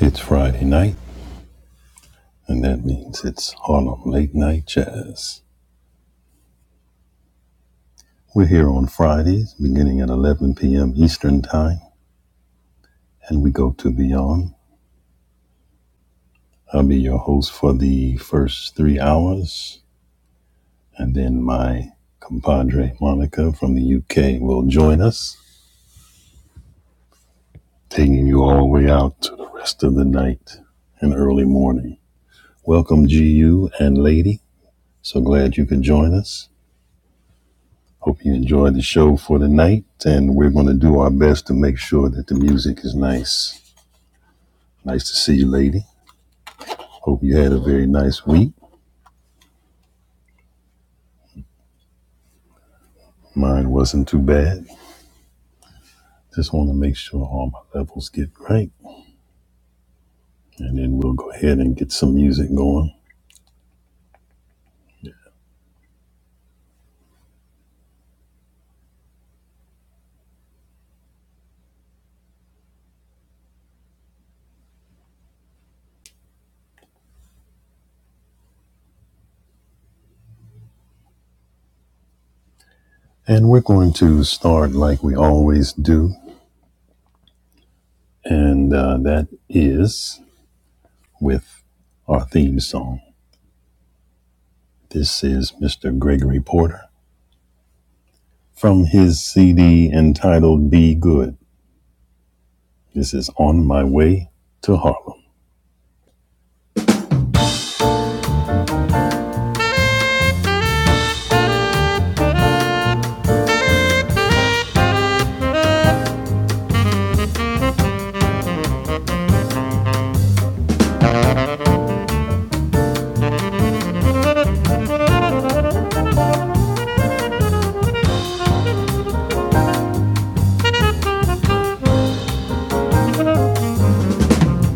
It's Friday night, and that means it's Harlem Late Night Jazz. We're here on Fridays, beginning at 11 p.m. Eastern Time, and we go to Beyond. I'll be your host for the first three hours, and then my compadre Monica from the UK will join us, taking you all the way out to the rest of the night and early morning. Welcome, GU and Lady. So glad you could join us. Hope you enjoy the show for the night, and we're going to do our best to make sure that the music is nice. Nice to see you, lady. Hope you had a very nice week. Mine wasn't too bad. Just want to make sure all my levels get right, and then we'll go ahead and get some music going. And we're going to start like we always do, and uh, that is with our theme song. This is Mr. Gregory Porter from his CD entitled Be Good. This is On My Way to Harlem.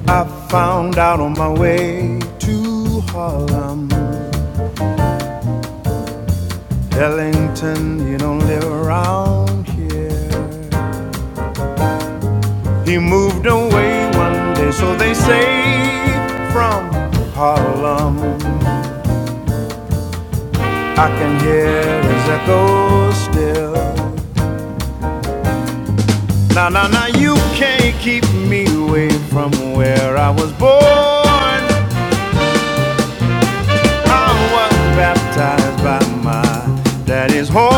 I found out on my way to Harlem. Ellington, you don't live around here. He moved away one day, so they say, from Harlem. I can hear his echo still. Now, now, now, you can't keep me away from where I was born. I was baptized by my daddy's horn.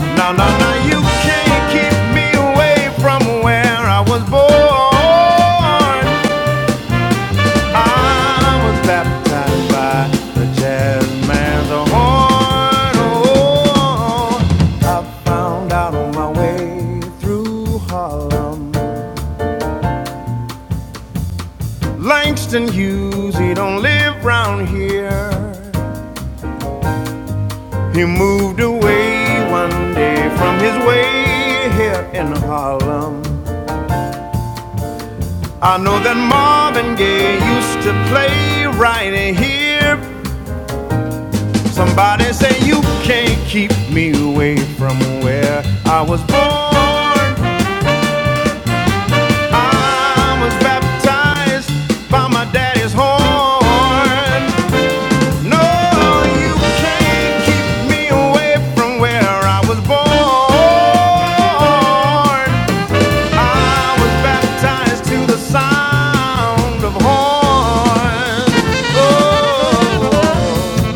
No, no, no, you can't keep me away from where I was born. I was baptized by the jazz man's horn. Oh, I found out on my way through Harlem. Langston Hughes, he don't live round here. He moved away one day from his way here in Harlem. I know that Marvin Gaye used to play right here. Somebody say you can't keep me away from where I was born. I was baptized by my daddy's horn. No, you can't keep me away from where I was born. I was baptized to the sound of horns. Oh,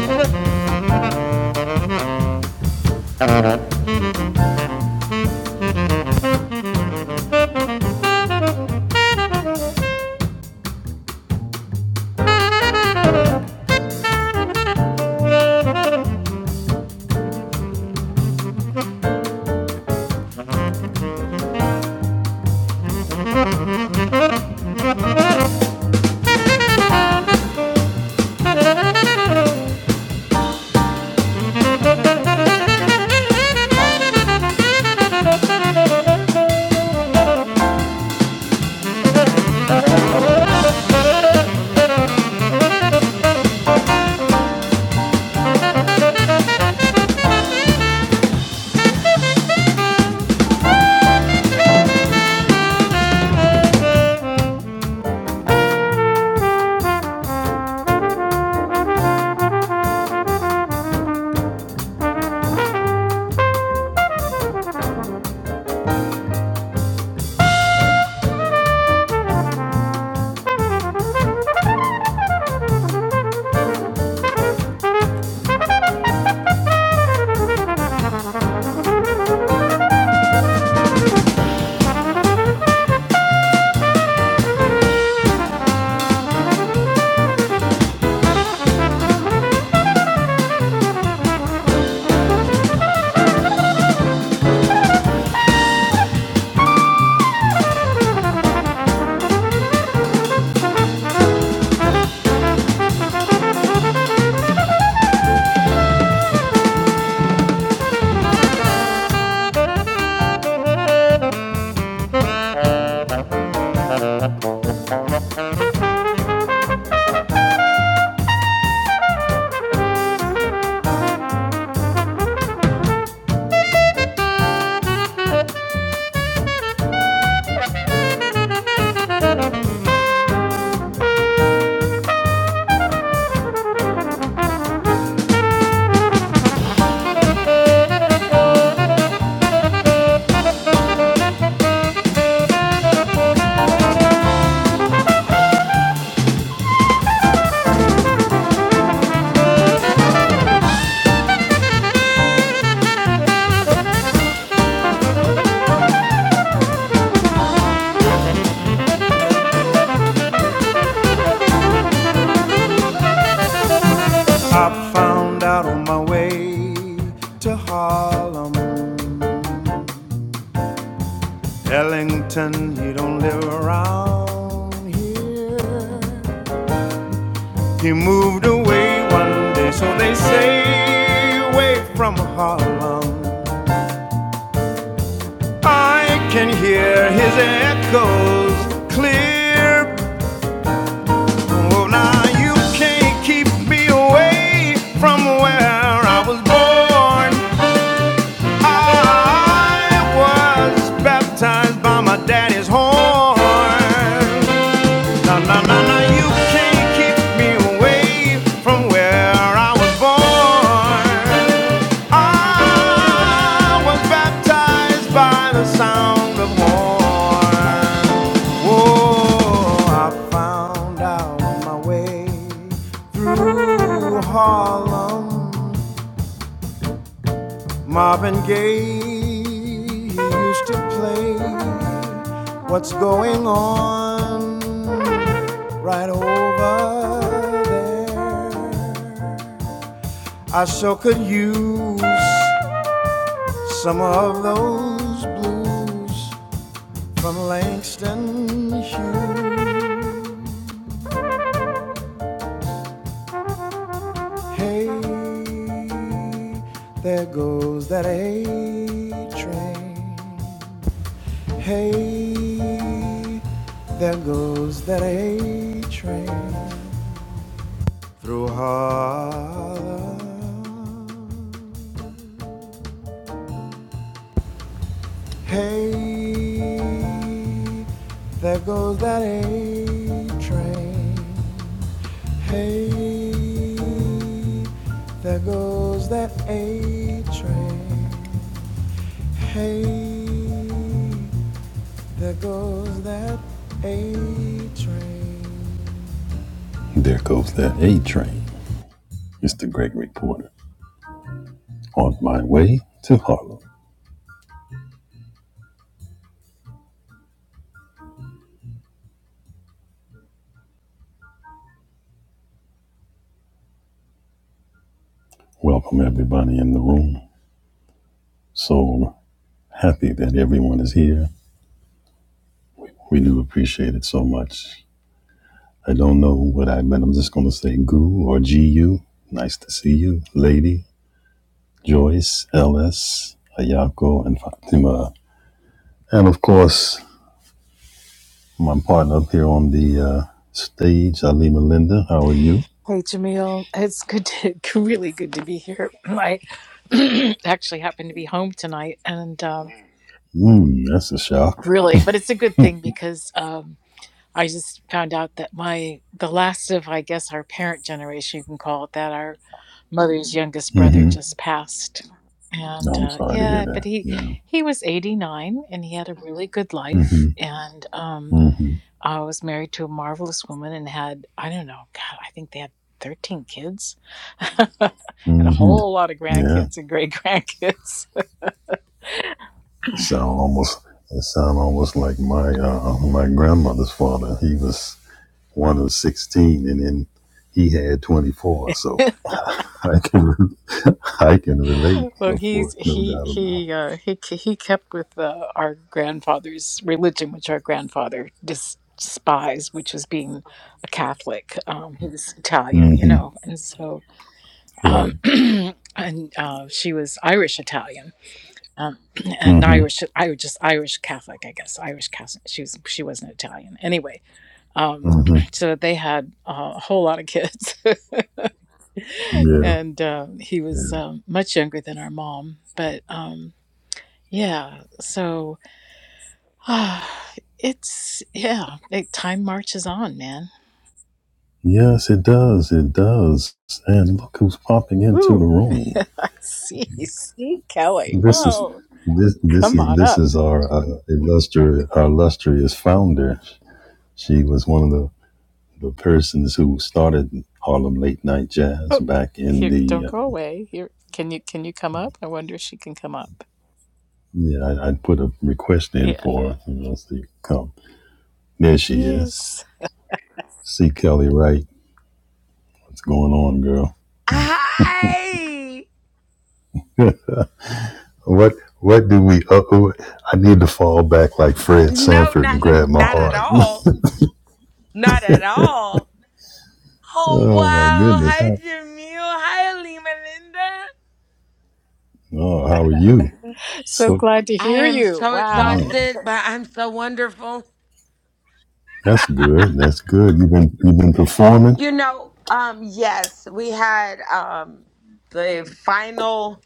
I found out on my way to Harlem. Ellington, he don't live around here. He moved away one day, so they say, away from Harlem. I can hear his echoes clear Oh, now you can't keep me away from where I was born. I was baptized by my daddy's horn. Na na na na, you can't keep me away from where I was born. I was baptized by the sound of horn. Oh, I found out my way through Harlem. Marvin Gaye he used to play What's Going On right over there. I sure could use some of those blues from Langston Hughes. Hey, there goes that A train. Hey, there goes that A train through Harlem. Hey, there goes that A train. Hey, there goes that A train. Hey, there goes that A train. There goes that A train. Mr. Gregory Porter. On my way to Harlem. Welcome everybody in the room. So happy that everyone is here. We, we do appreciate it so much. I don't know what I meant. I'm just going to say Goo or GU. Nice to see you, lady. Joyce, LS, Ayako, and Fatima. And of course, my partner up here on the uh, stage, Ali Melinda. How are you? Hey Jamil, it's good to really good to be here. I actually happen to be home tonight, and um, Mm, that's a shock. really, but it's a good thing because um, I just found out that my the last of I guess our parent generation, you can call it that, our mother's youngest brother Mm-hmm. just passed, No, and I'm uh, sorry to hear yeah, but that. he Yeah. he was eighty nine and he had a really good life, Mm-hmm. and um, Mm-hmm. I was married to a marvelous woman and had, I don't know, God, I think they had 13 kids and a hmm whole lot of Yeah. grandkids and great grandkids. Sound almost it sound almost like my uh my grandmother's father. He was one of sixteen and then he had twenty four, so I can re- I can relate, well, no he's for no he doubt about he uh, he he kept with uh, our grandfather's religion, which our grandfather dis- despised, which was being a Catholic. Um, he was it. Italian, you know, Mm-hmm. and so um, Right. and uh, she was Irish Italian um, an Mm-hmm. Irish, I was just Irish Catholic, I guess. Irish Catholic. She was, she wasn't Italian. Anyway, um, Mm-hmm. so they had uh, a whole lot of kids, Yeah. and um, he was yeah. um, much younger than our mom. But um, yeah, so it's yeah, it, time marches on, man. Yes, it does. It does. And look who's popping into the Woo! room. I see, see Kelly. This is Whoa, this this come is on this up. is our uh, illustrious our illustrious founder. She was one of the, the persons who started Harlem Late Night Jazz Oh, back in here, don't the. go Um, away. Here, can you can you come up? I wonder if she can come up. yeah, I, I put a request in Yeah. for her. You know, see, come. There she is. Yes. See Kelly Wright. What's going on, girl? I What What do we? Uh, uh, I need to fall back like Fred no, Sanford and not grab in, my not at heart. all, not at all. Oh oh my wow! goodness! Hi How? Jamil, hi Alima Linda. Oh, how are you? So So glad to I hear am you. so Wow. yeah, exhausted, but I'm so wonderful. that's good. That's good. You've been you've been performing. You know, um, yes, we had um the final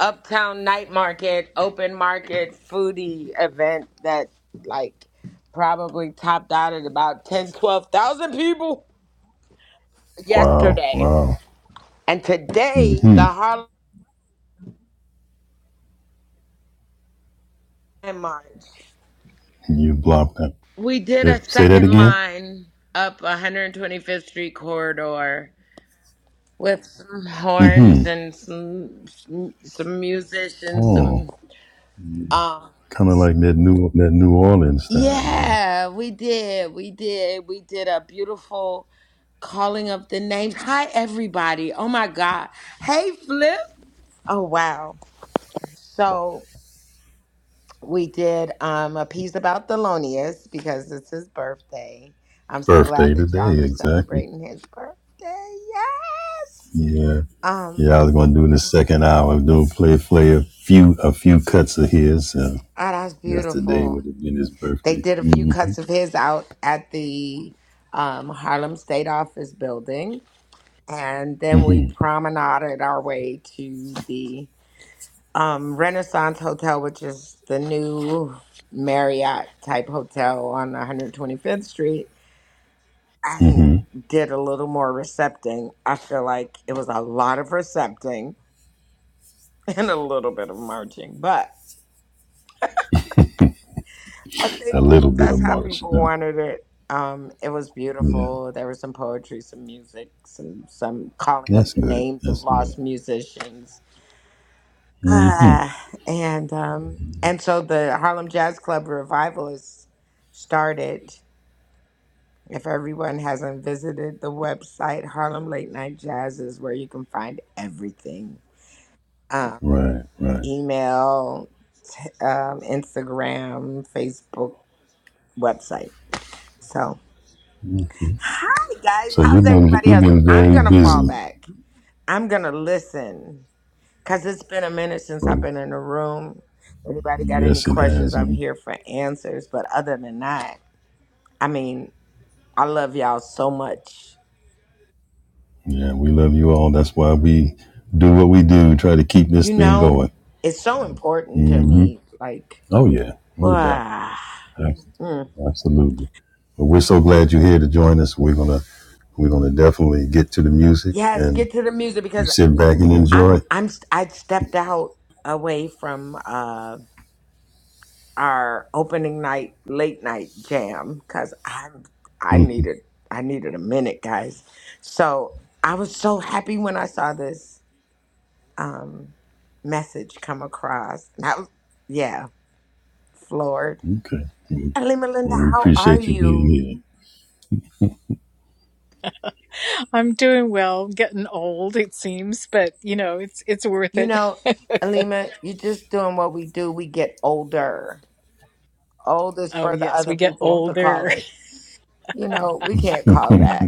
Uptown Night Market open market foodie event that like probably topped out at about 10, 12,000 people Wow! yesterday. Wow! And today, the Mm-hmm. Harlem March. You blocked that. We did Yeah, a say that second again. line up 125th Street corridor with some Mm-hmm. horns and some some, some musicians. Oh, Some um, kind of like that new that New Orleans time, you know. yeah, we did, we did, we did a beautiful calling up the names. Hi, everybody! Oh my God! Hey, Flip! Oh wow! So We did um, a piece about Thelonious because it's his birthday. I'm so glad Birthday that y'all today, are exactly. celebrating his birthday. Yes. Yeah, Um, yeah. I was going to do the second hour. Do play play a few a few cuts of his. Uh, oh, that's yesterday beautiful. would have been his They birthday. did a few Mm-hmm. cuts of his out at the um, Harlem State Office building. And then we Mm-hmm. promenaded our way to the um, Renaissance Hotel, which is the new Marriott type hotel on 125th Street and Mm-hmm. did a little more recepting. I feel like it was a lot of recepting and a little bit of marching, but I A think little bit of that's how March, you people know. wanted it. Um, it was Yeah, beautiful. There was some poetry, some music, some some calling that's up the good. names of That's good. lost musicians, Mm-hmm. ah, and um, and so the Harlem Jazz Club revival is started. If everyone hasn't visited the website, Harlem Late Night Jazz is where you can find everything um, Right. Right. email, um, Instagram, Facebook, website. So, Okay. hi guys, So how's you've been everybody you've else? been I'm very gonna fall busy. back. I'm gonna listen because it's been a minute since I've Well, been in a room. Anybody got any yes, it questions? has. I'm Um, here for answers. But other than that, I mean, I love y'all so much. Yeah, we love you all. That's why we do what we do, try to keep this You thing know, going. it's so important to hmm me. Like, Oh, yeah, no doubt. wow. Mm. Absolutely. But we're so glad you're here to join us. We're going to we're gonna definitely get to the music Yes, and get to the music you because sit back and enjoy. I'm I'm I'd stepped out away from uh our opening night late night jam cuz I'm I Mhm. needed I needed a minute guys. So I was so happy when I saw this um message come across. And I was yeah, floored. okay. Mhm. Alima Linda, Well, we how are appreciate you you? being I'm doing well, getting old it seems, but you know, it's it's worth You it. know, Alima, you're just doing what we do. We get older. Old is oh for the yes, other we get people to call older. it. You know, we can't call that.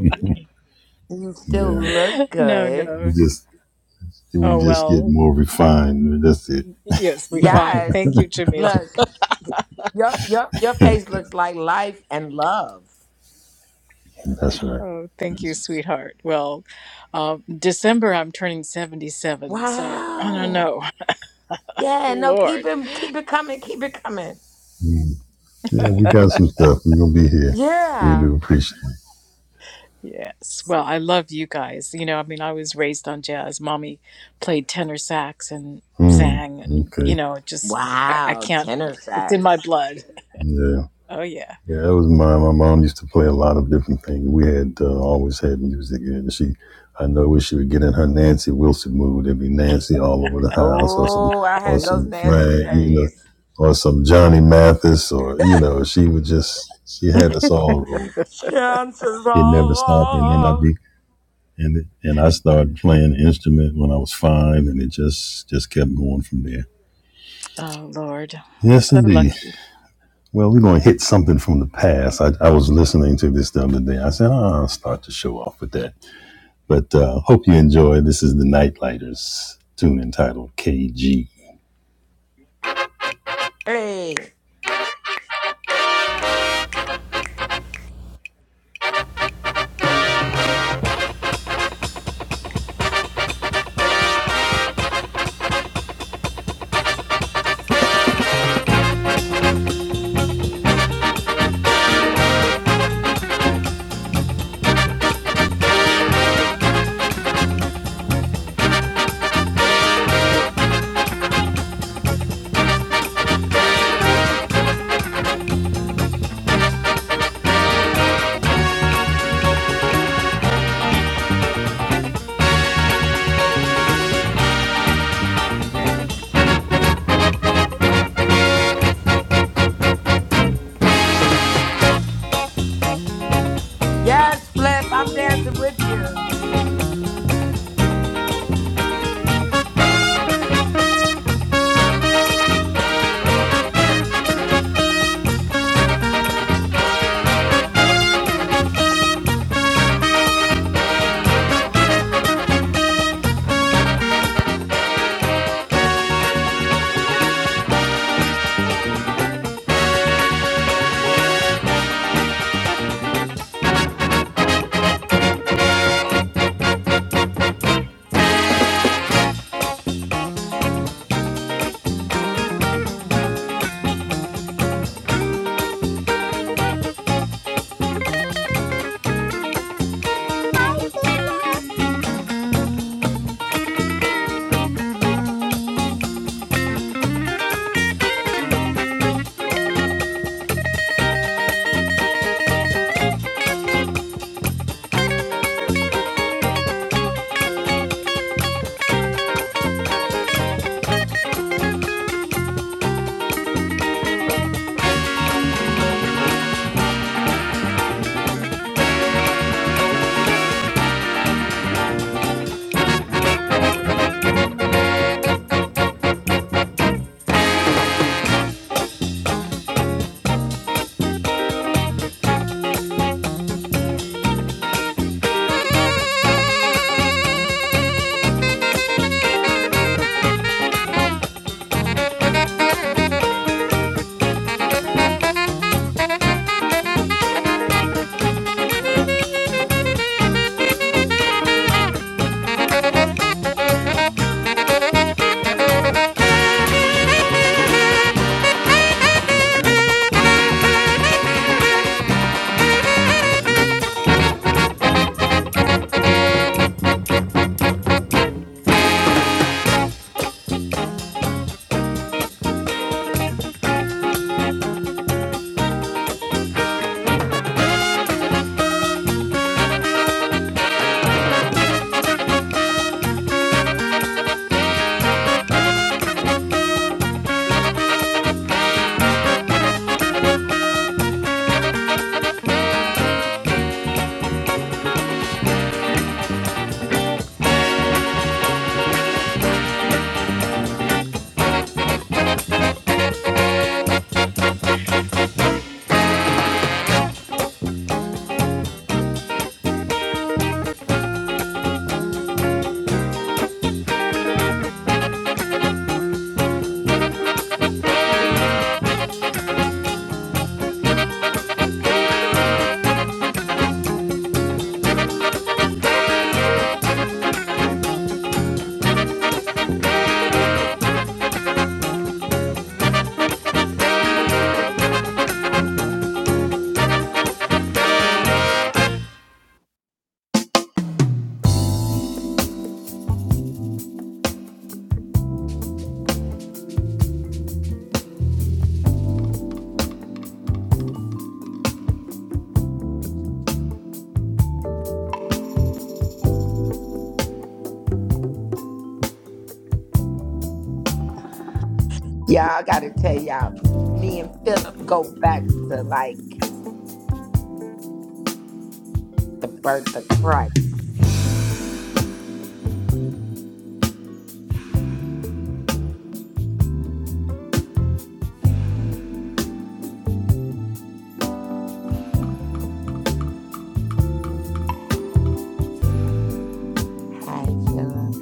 You here. still Yeah, look no, good. we no. just we Oh just get well. more refined. That's it. Yes, we fine. Yes. Thank you, Jamil. Look, your your your face looks like life and love. That's right. Oh, thank you, That's- sweetheart. Well, uh, December I'm turning 77, so I don't Wow. know. Yeah, no, keep Lord. it keep it coming, keep it coming. mm. Yeah, we got some stuff. We're going to be here. We Yeah. do appreciate it. Yes. Well, I love you guys. You know, I mean, I was raised on jazz. Mommy played tenor sax and Mm. sang, and, Okay. you know, just, I, I Wow, can't, tenor it's in my sax. blood. Yeah, Oh, yeah. yeah, that was mine. My mom used to play a lot of different things. We had uh, always had music, and she, I know, when she would get in her Nancy Wilson mood, it'd be Nancy all over the house, or some, Oh, I or had those some Nancy Frank, you know, days. or some Johnny Mathis, or you know, she would just, she had us all rolling. Chances It never stopped, and then I'd are. be, and and I started playing an instrument when I was five, and it just just kept going from there. Oh, Lord. Yes, So indeed. lucky. Well, we're going to hit something from the past. I, I was listening to this the other day. I said, oh, I'll start to show off with that. But uh, hope you enjoy. This is the Nightlighters tune entitled KG. Hey. Yes, Flip, I'm dancing with you. Hi, Yeah, I gotta tell y'all, me and Philip go back to like the birth of Christ. Hi, Philip.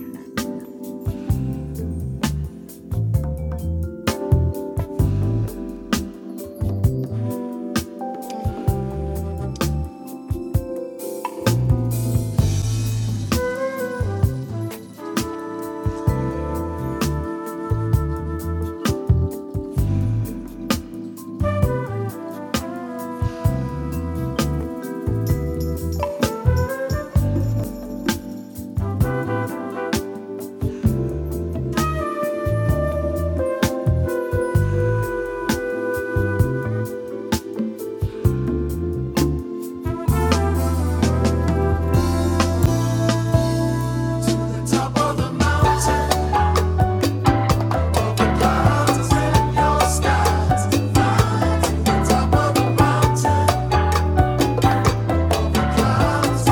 the Top of the mountain, clouds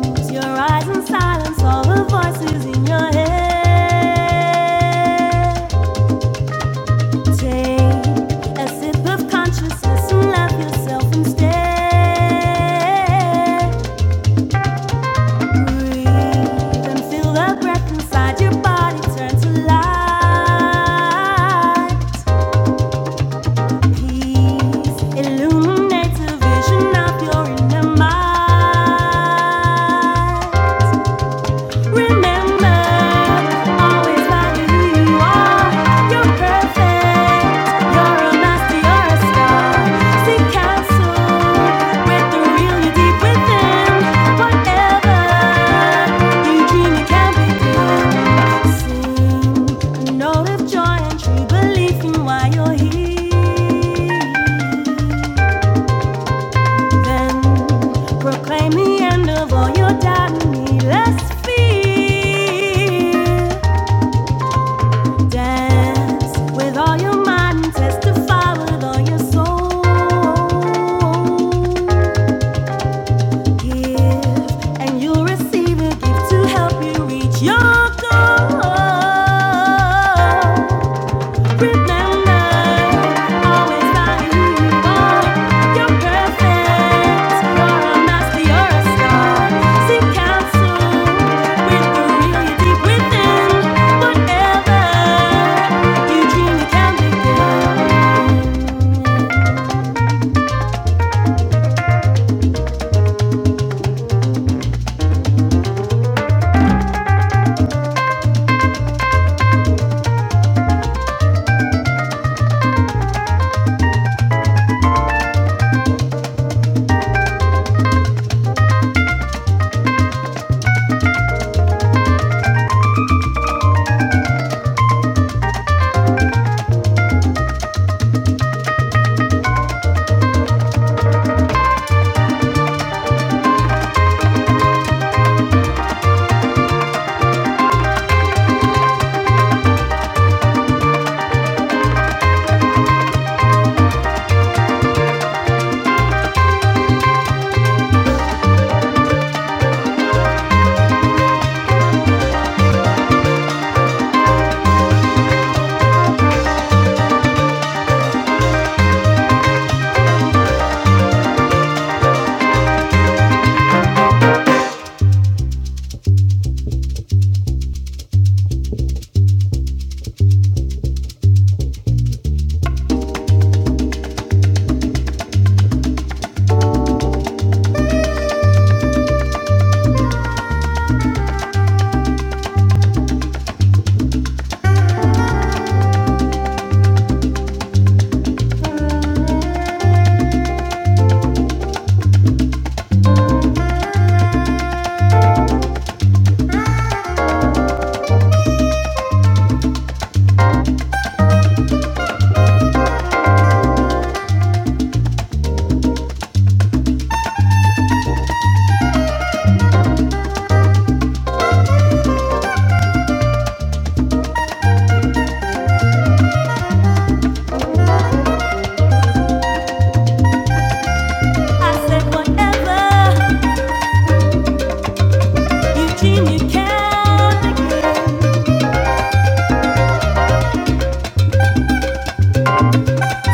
Close your eyes and silence all the voices in your head. Take a sip of consciousness and love yourself instead. Breathe and feel the breath inside your body turn to light. Peace illuminates a vision of your inner mind. Remember, always value who you are. You're perfect. You're a master. You're a star. Seek counsel with the real you deep within. Whatever you dream, you can begin. Sing a note of joy and true belief in why you're here. Then proclaim the end of all your doubt needless fear. Dance with all your mind, testify with all your soul. Give and you'll receive a gift to help you reach your goal can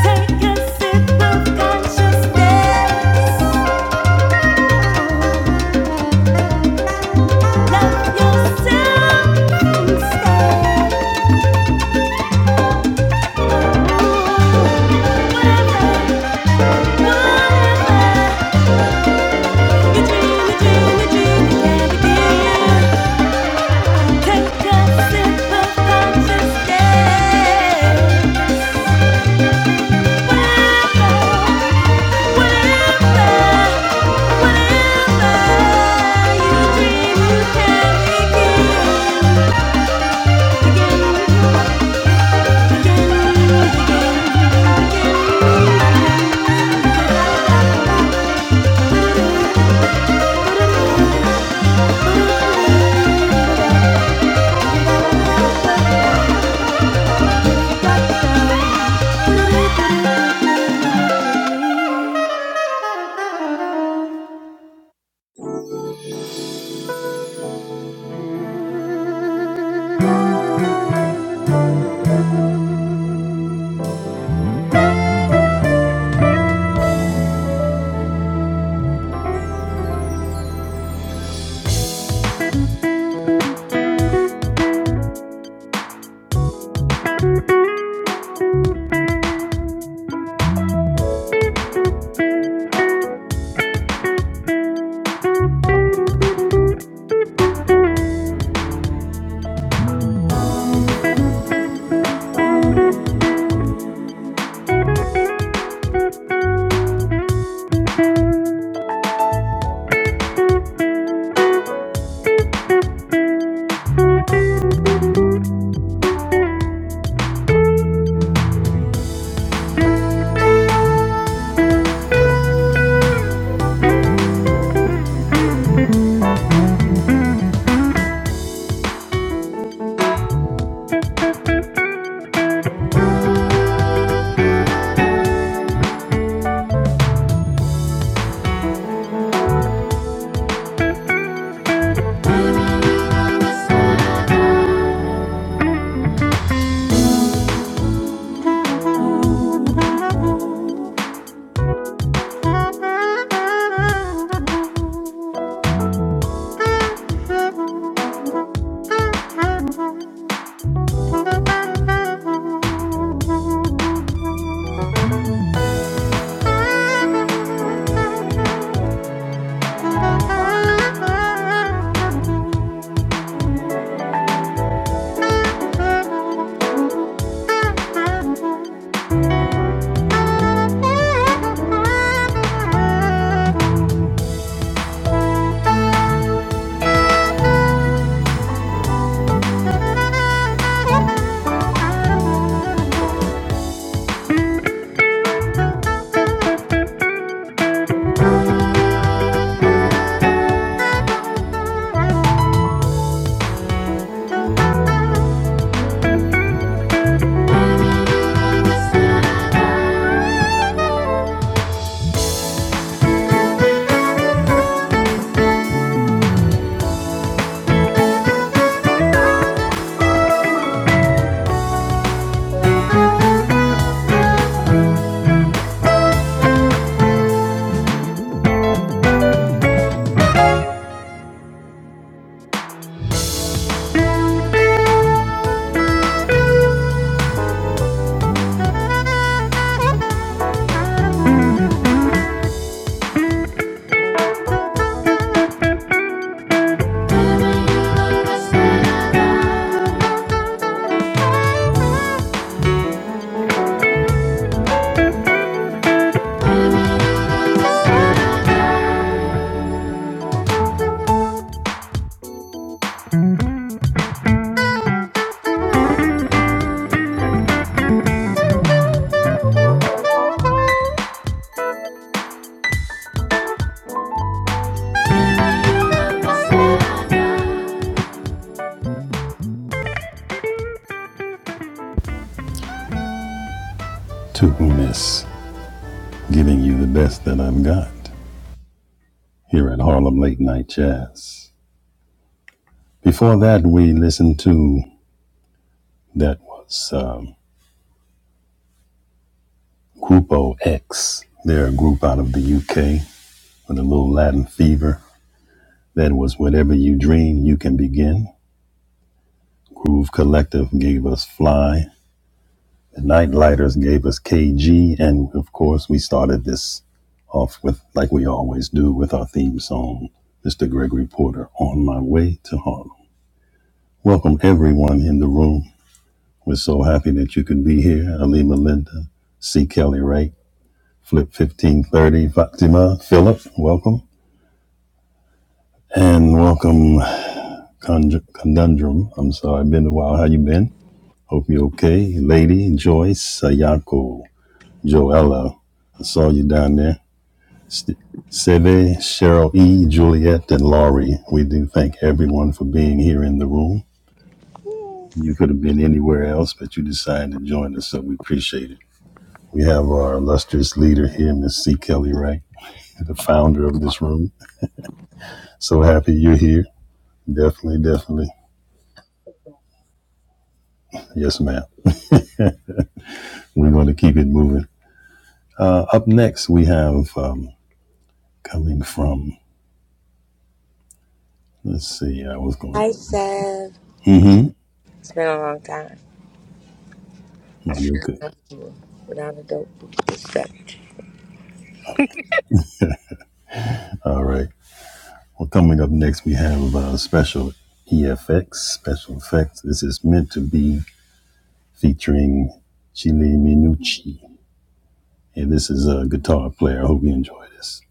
Take a sip of consciousness. Love yourself instead. Whatever, whatever your dream, your dream, your dream can begin. Take a sip of conscious day. Whatever, whatever, whatever you dream, you can begin. Begin. Thank you. To miss, giving you the best that I've got here at Harlem Late Night Jazz. Before that, we listened to that was um, Grupo X. They're a group out of the UK with a little Latin fever. That was Whatever You Dream, You Can Begin. Groove Collective gave us Fly. The Nightlighters gave us KG. And of course, we started this off with, like we always do, with our theme song, Mr. Gregory Porter, On My Way to Harlem. Welcome, everyone in the room. We're so happy that you could be here. Alima Linda, C. Kelly Ray, Flip 1530, Fatima, Philip, welcome. And welcome, Conj- Conundrum. I'm sorry, been a while. How you been? Hope you're okay. Lady Joyce Sayako. Joella. I saw you down there. St- Seve, Cheryl E., Juliet, and Laurie. We do thank everyone for being here in the room. You could have been anywhere else, but you decided to join us, so we appreciate it. We have our illustrious leader here, Miss C. Kelly Wright, the founder of this room. So happy you're here. Definitely, definitely. Yes, ma'am. We're going to keep it moving. Uh, up next, we have um, coming from, let's see, I was going Hi, to. Seth. Mm hmm. It's been a long time. Well, you're good. Without a dope. Oh. All right. Well, coming up next, we have uh, special EFX, special effects. This is meant to be featuring Chile Minucci, and this is a guitar player. I hope you enjoy this.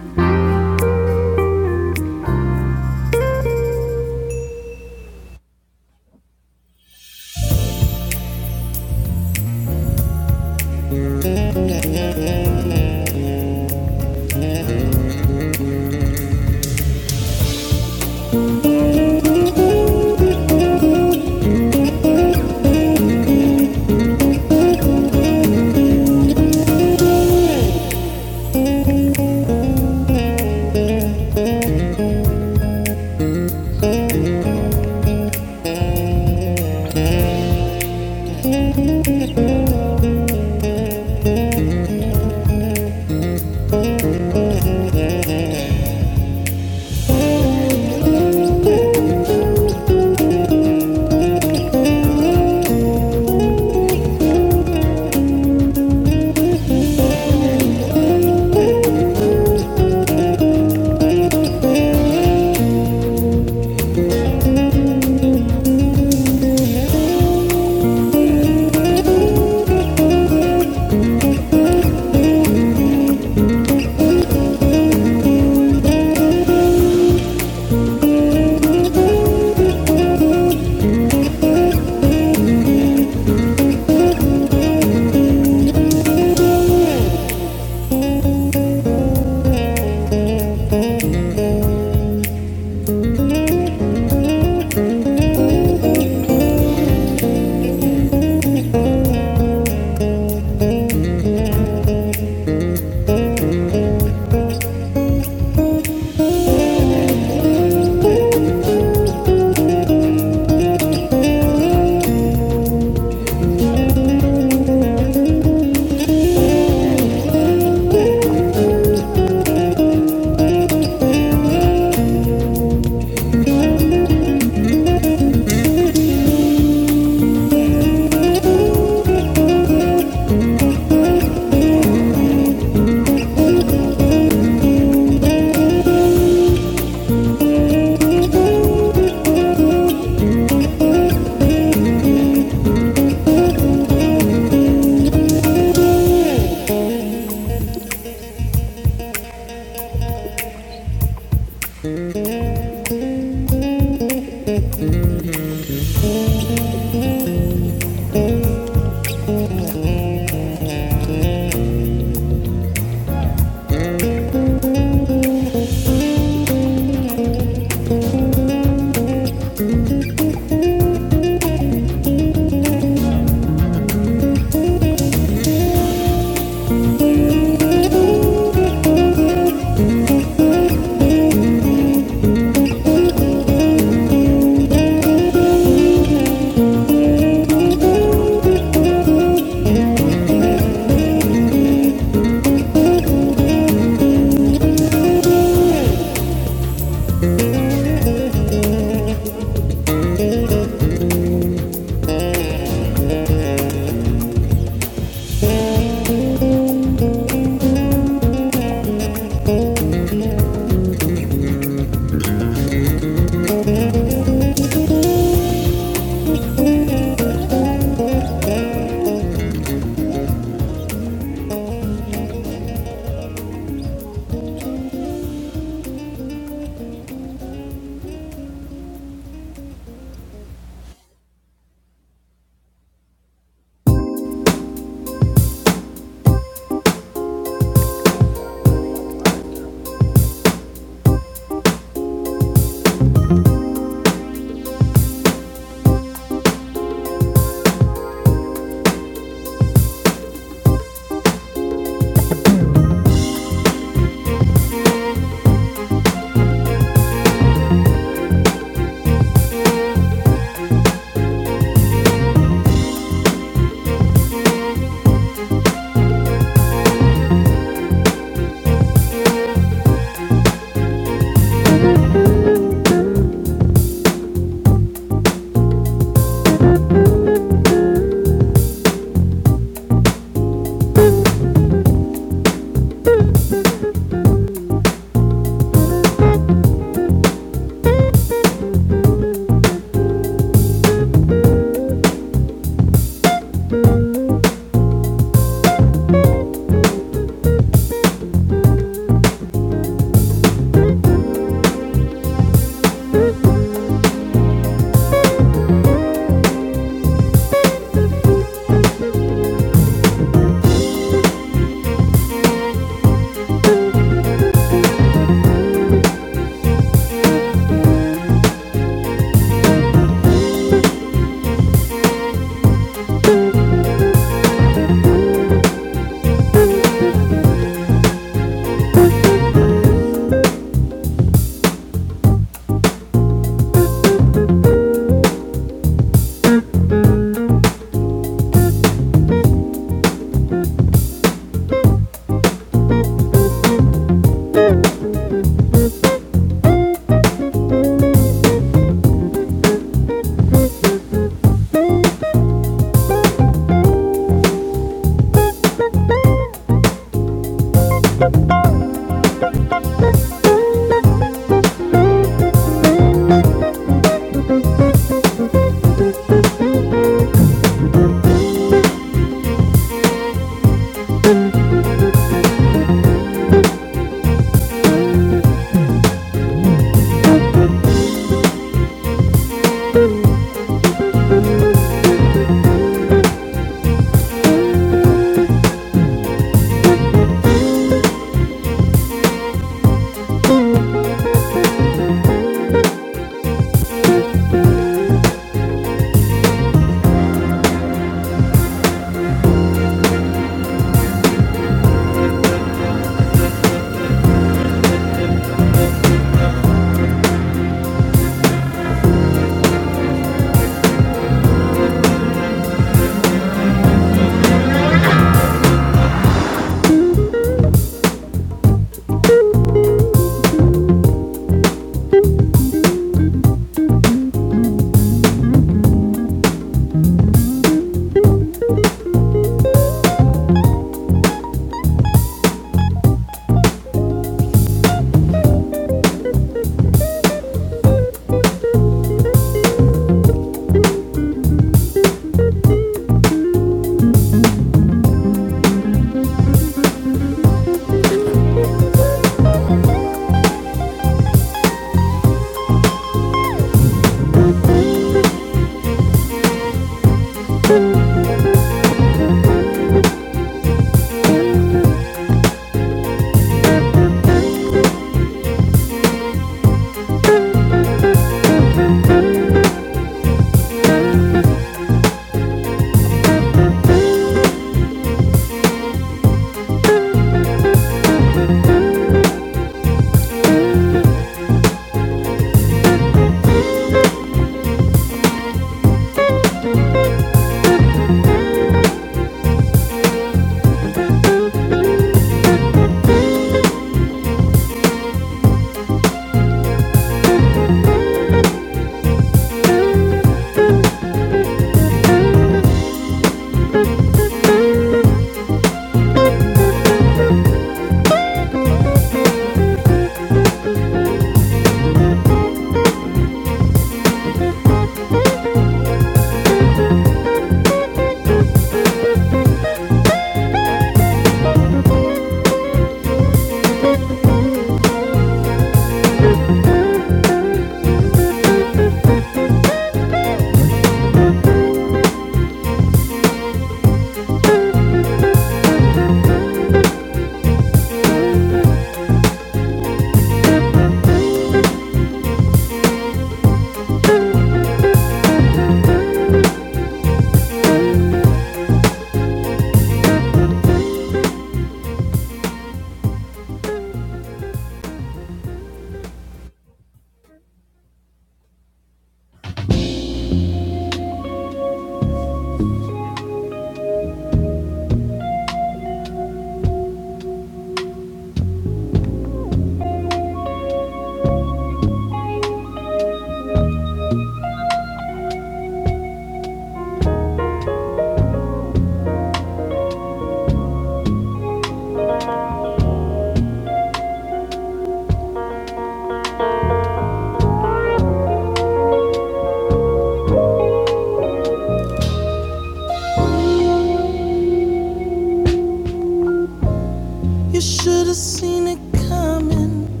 You should have seen it coming.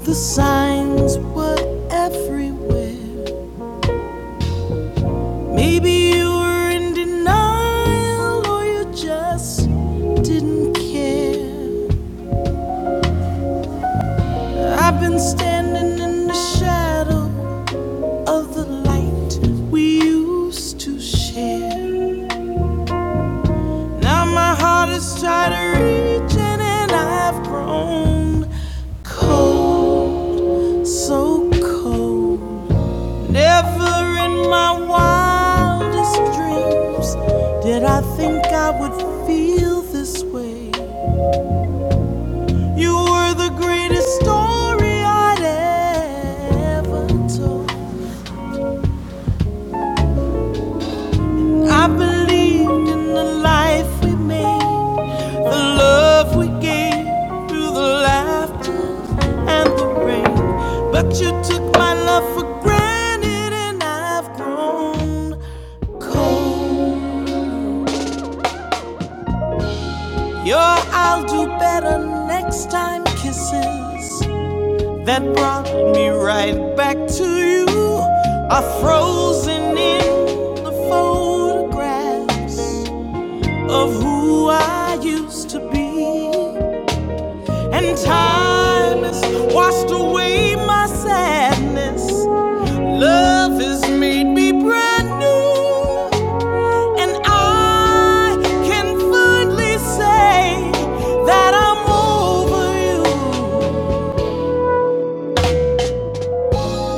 The signs were everywhere. Maybe you were in denial, or you just didn't care. I've been standing in the shadows of the light we used to share. Now my heart is tired of reaching and I've grown cold, so cold. Never in my wildest dreams did I think I would feel this way. You were the greatest story I'd ever told. I believed in the life we made. The love we gave through the laughter and the rain. But you took my love for granted, and I've grown cold. Your I'll do better next time kisses that brought me right back to you are frozen in the photographs of who I used to be. and time has washed away my sadness. Love has made me brand new, and I can finally say that I'm over you.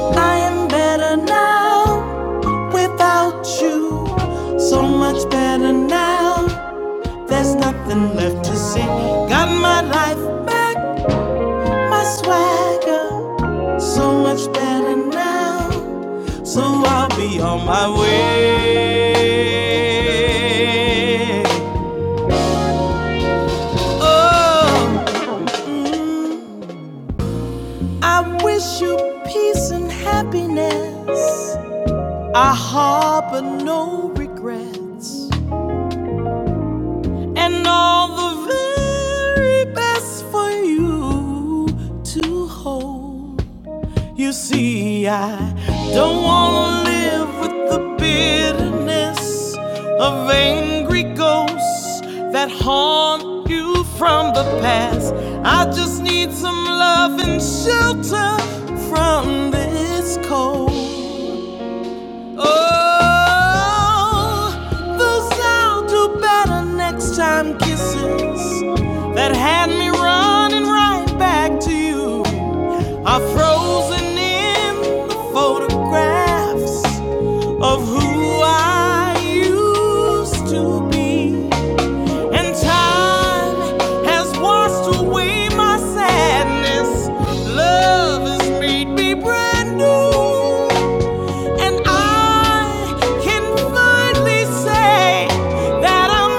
I am better now without you, so much better now. There's nothing left to say. Got my life back, my swagger, so much better now. So I'll be on my way. Oh, mm, I wish you peace and happiness. I harbor no regrets. And all the very best for you to hold. You see, I don't want to live with the bitterness of angry ghosts that haunt you from the past. I just need some love and shelter from this cold. Oh, those I'll do better next time kisses that had me running right back to you are frozen in the photographs of who I used to be. And time has washed away my sadness. Love has made me brand new. And I can finally say that I'm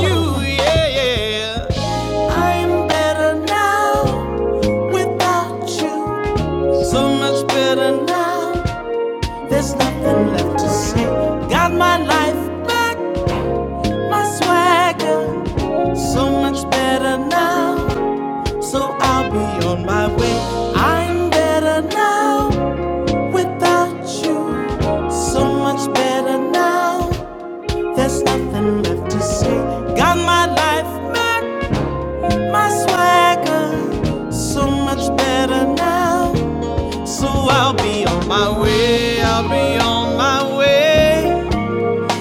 over you. Yeah, yeah. I'm better now without you. So much better now. There's nothing left to say. Got my life back, my swagger. So much better now. So I'll be on my way. I'm better now without you. So much better now. There's nothing left to say. Got my life back, my swagger. So much better now. So I'll be on my way, I'll be on my way.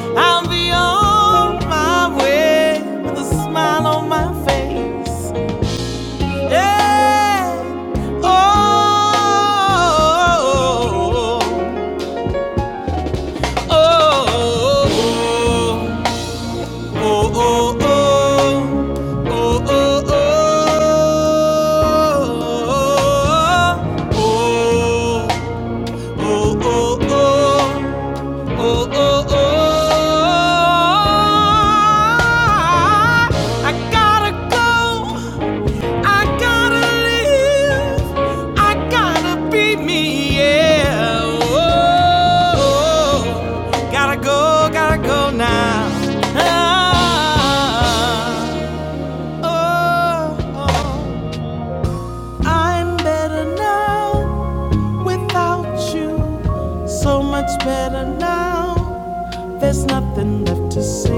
I'll be on my way with a smile on my face. Yeah. Oh, oh, oh, oh, oh, oh, oh, oh, oh. Oh. Oh. oh, oh, oh, oh. oh. Oh, oh, oh. I gotta go. I gotta live. I gotta be me, yeah. Oh, gotta go, gotta go now. Ah, oh, oh. I'm better now without you. So much better now. There's nothing left to say.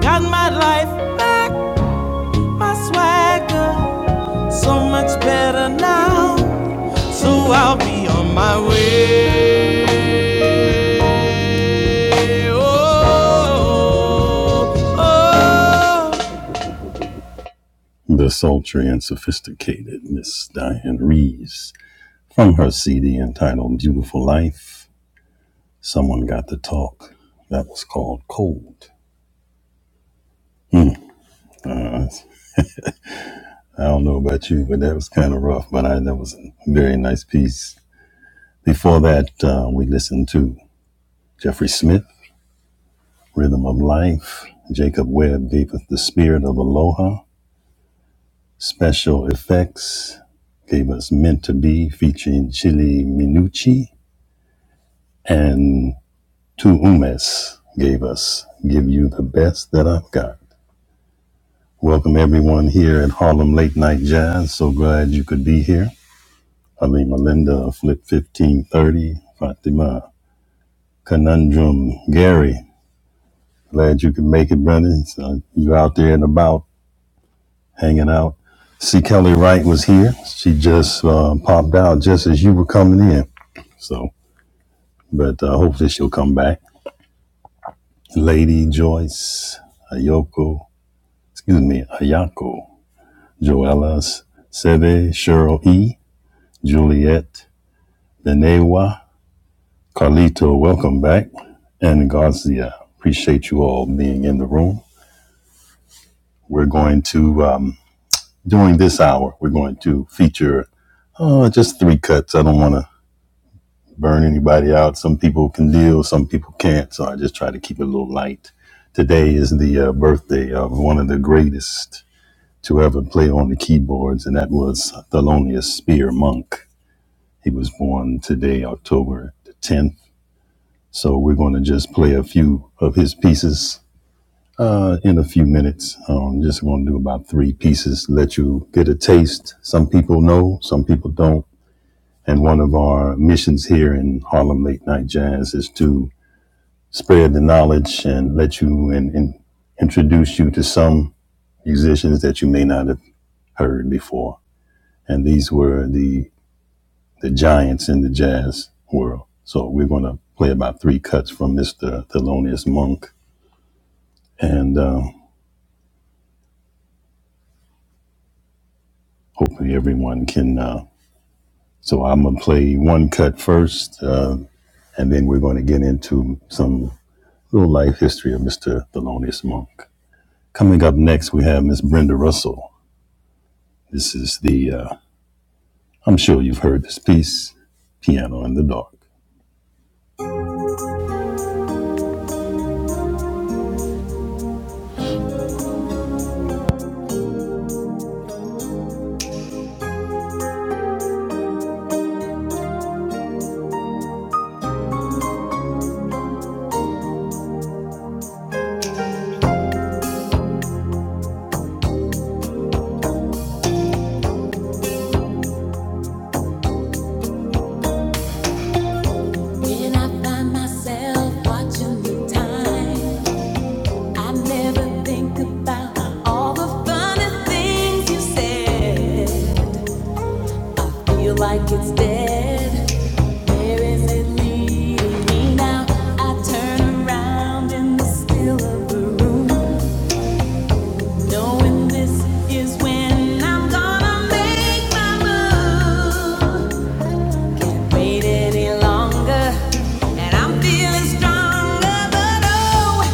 Got my life back, my swagger, so much better now. So I'll be on my way. Oh, oh. oh. The sultry and sophisticated Miss Diane Reeves from her CD entitled Beautiful Life. Someone got to talk. That was called Cold. Uh, I don't know about you, but that was kind of rough, but I, that was a very nice piece. Before that, uh, we listened to Jeffrey Smith, Rhythm of Life. Jacob Webb gave us the spirit of Aloha. Special effects gave us Meant to Be featuring Chili Minucci. And Tu Umes gave us Give You the Best That I've Got. Welcome everyone here at Harlem Late Night Jazz. So glad you could be here. Ali Melinda, Flip 1530, Fatima, Conundrum, Gary, Glad you could make it, brother. So you out there and about, hanging out. See, Kelly Wright was here. She just uh, popped out just as you were coming in. So, but uh, hopefully she'll come back. Lady Joyce, Ayoko, excuse me, Ayako, Joella's, Sebe, Cheryl E, Juliet, Denewa, Carlito, welcome back, and Garcia. Appreciate you all being in the room. We're going to. Um, during this hour, we're going to feature uh, just three cuts. I don't want to burn anybody out. Some people can deal, some people can't. So I just try to keep it a little light. Today is the uh, birthday of one of the greatest to ever play on the keyboards, and that was Thelonious Spear Monk. He was born today, October the 10th. So we're going to just play a few of his pieces Uh, in a few minutes, um, just going to do about three pieces. Let you get a taste. Some people know, some people don't. And one of our missions here in Harlem Late Night Jazz is to spread the knowledge and let you and, and introduce you to some musicians that you may not have heard before. And these were the the giants in the jazz world. So we're going to play about three cuts from Mr. Thelonious Monk, and uh, hopefully everyone can. Uh, So I'm gonna play one cut first, uh, and then we're going to get into some little life history of Mr. Thelonious Monk. Coming up next, we have Miss Brenda Russell. This is the uh, I'm sure you've heard this piece, Piano in the Dark. When I find myself watching the time, I never think about all the funny things you said. Feel like it's dead. Where is it leading me now? I turn around in the still of the room, knowing this is when I'm gonna make my move. Wait any longer, and I'm feeling stronger, but oh.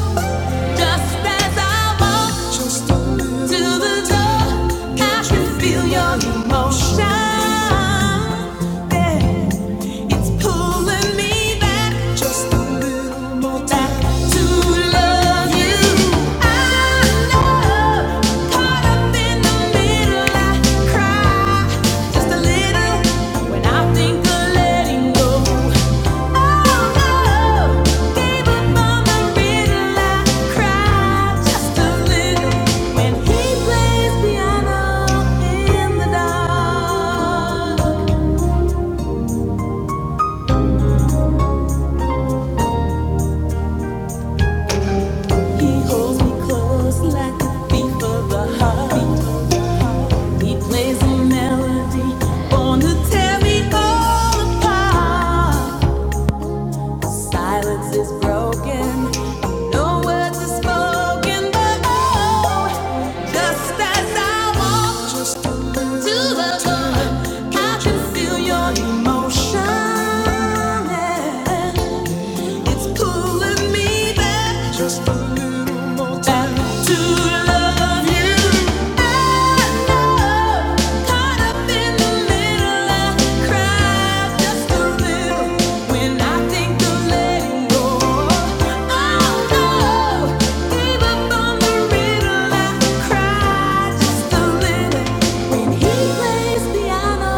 Just as I walk to the door, I can feel your emotion. Yeah. It's pulling me back, just a little more back to love you. I know, caught up in the middle, I cry just a little when I think of letting go. He plays a melody, born to tear me all apart. Silence is broken. No words are spoken, but oh, just as I walked to the door, I can feel your emotion. Yeah. It's pulling me back just a little more time to love you. I know, caught up in the middle, I cry just a little when I think of letting go. Oh no, gave up on the riddle, I cry just a little when he plays piano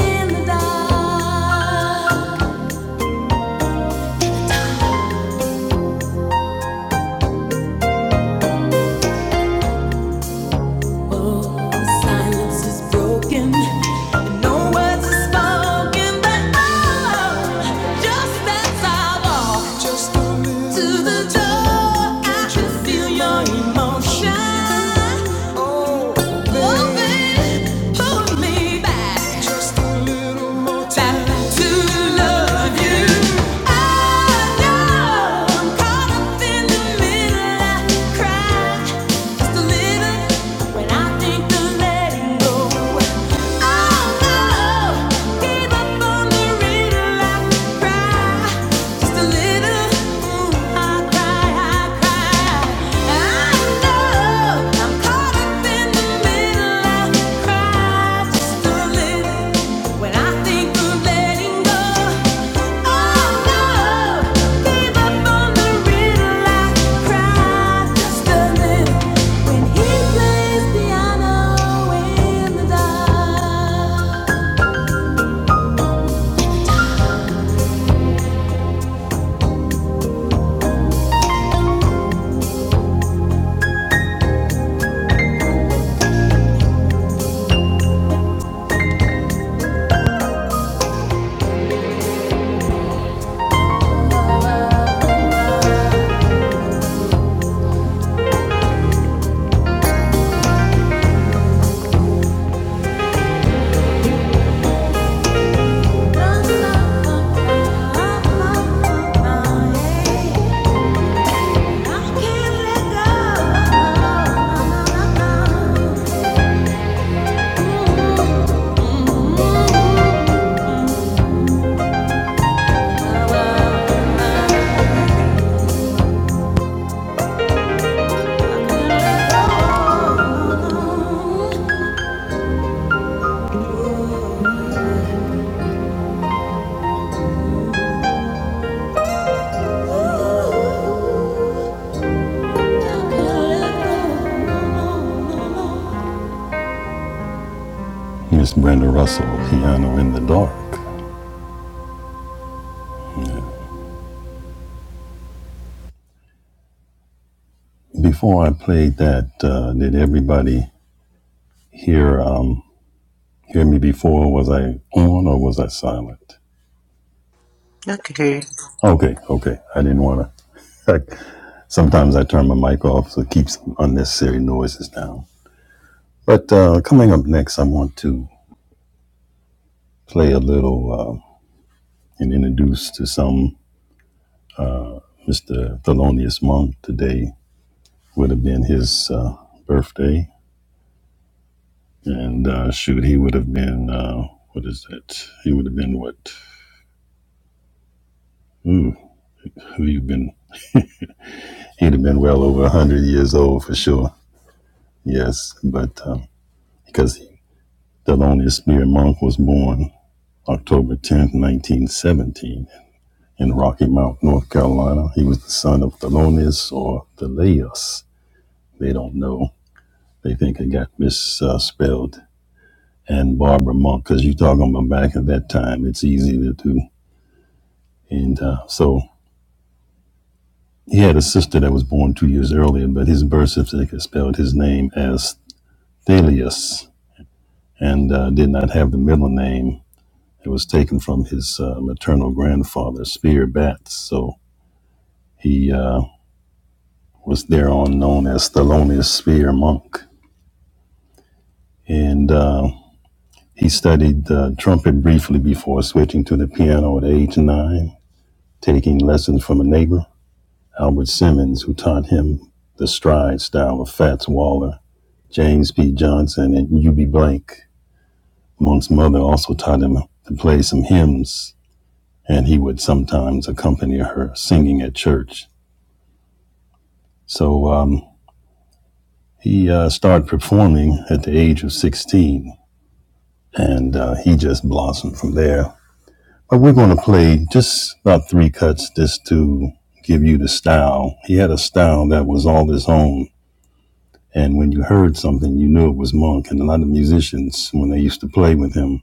in the dark. Your Emotion. Oh, baby. When I think of letting go just a Thank you Miss Brenda Russell, Piano in the Dark. Yeah. Before I played that, uh, did everybody hear um, hear me before? Was I on or was I silent? Okay. Okay. Okay, okay. I didn't want to. Sometimes I turn my mic off, so it keeps unnecessary noises down. But uh, coming up next, I want to play a little uh, and introduce to some. Mr. Thelonious Monk. Today would have been his uh, birthday. And uh, shoot, he would have been, uh, what is that? He would have been what? Ooh, who you been? He'd have been well over 100 years old for sure. Yes, but um, because he, Thelonious Spear Monk was born October 10th, 1917 in Rocky Mount, North Carolina. He was the son of Thelonious or Thelaeus. They don't know. They think it got misspelled and Barbara Monk, because you're talking about back at that time, it's easy to do. And uh, so he had a sister that was born two years earlier, but his birth certificate spelled his name as Thalius and uh, did not have the middle name. It was taken from his uh, maternal grandfather, Spear Batts. So he uh, was thereon known as Thelonious Spear Monk. And uh, he studied uh, trumpet briefly before switching to the piano at age nine, taking lessons from a neighbor. Albert Simmons, who taught him the stride style of Fats Waller, James P. Johnson, and UB Blank. Monk's mother also taught him to play some hymns, and he would sometimes accompany her singing at church. So um, he uh, started performing at the age of 16, and uh, he just blossomed from there. But we're going to play just about three cuts just to give you the style. He had a style that was all his own And when you heard something, you knew it was Monk. And a lot of musicians, when they used to play with him,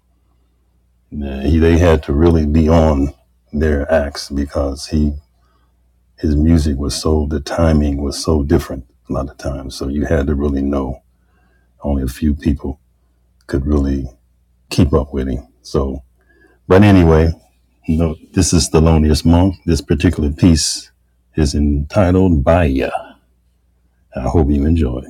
they had to really be on their acts because he his music was so the timing was so different a lot of times. So you had to really know. Only a few people could really keep up with him. So, but anyway, no, this is Thelonious Monk. This particular piece is entitled Baya. I hope you enjoy.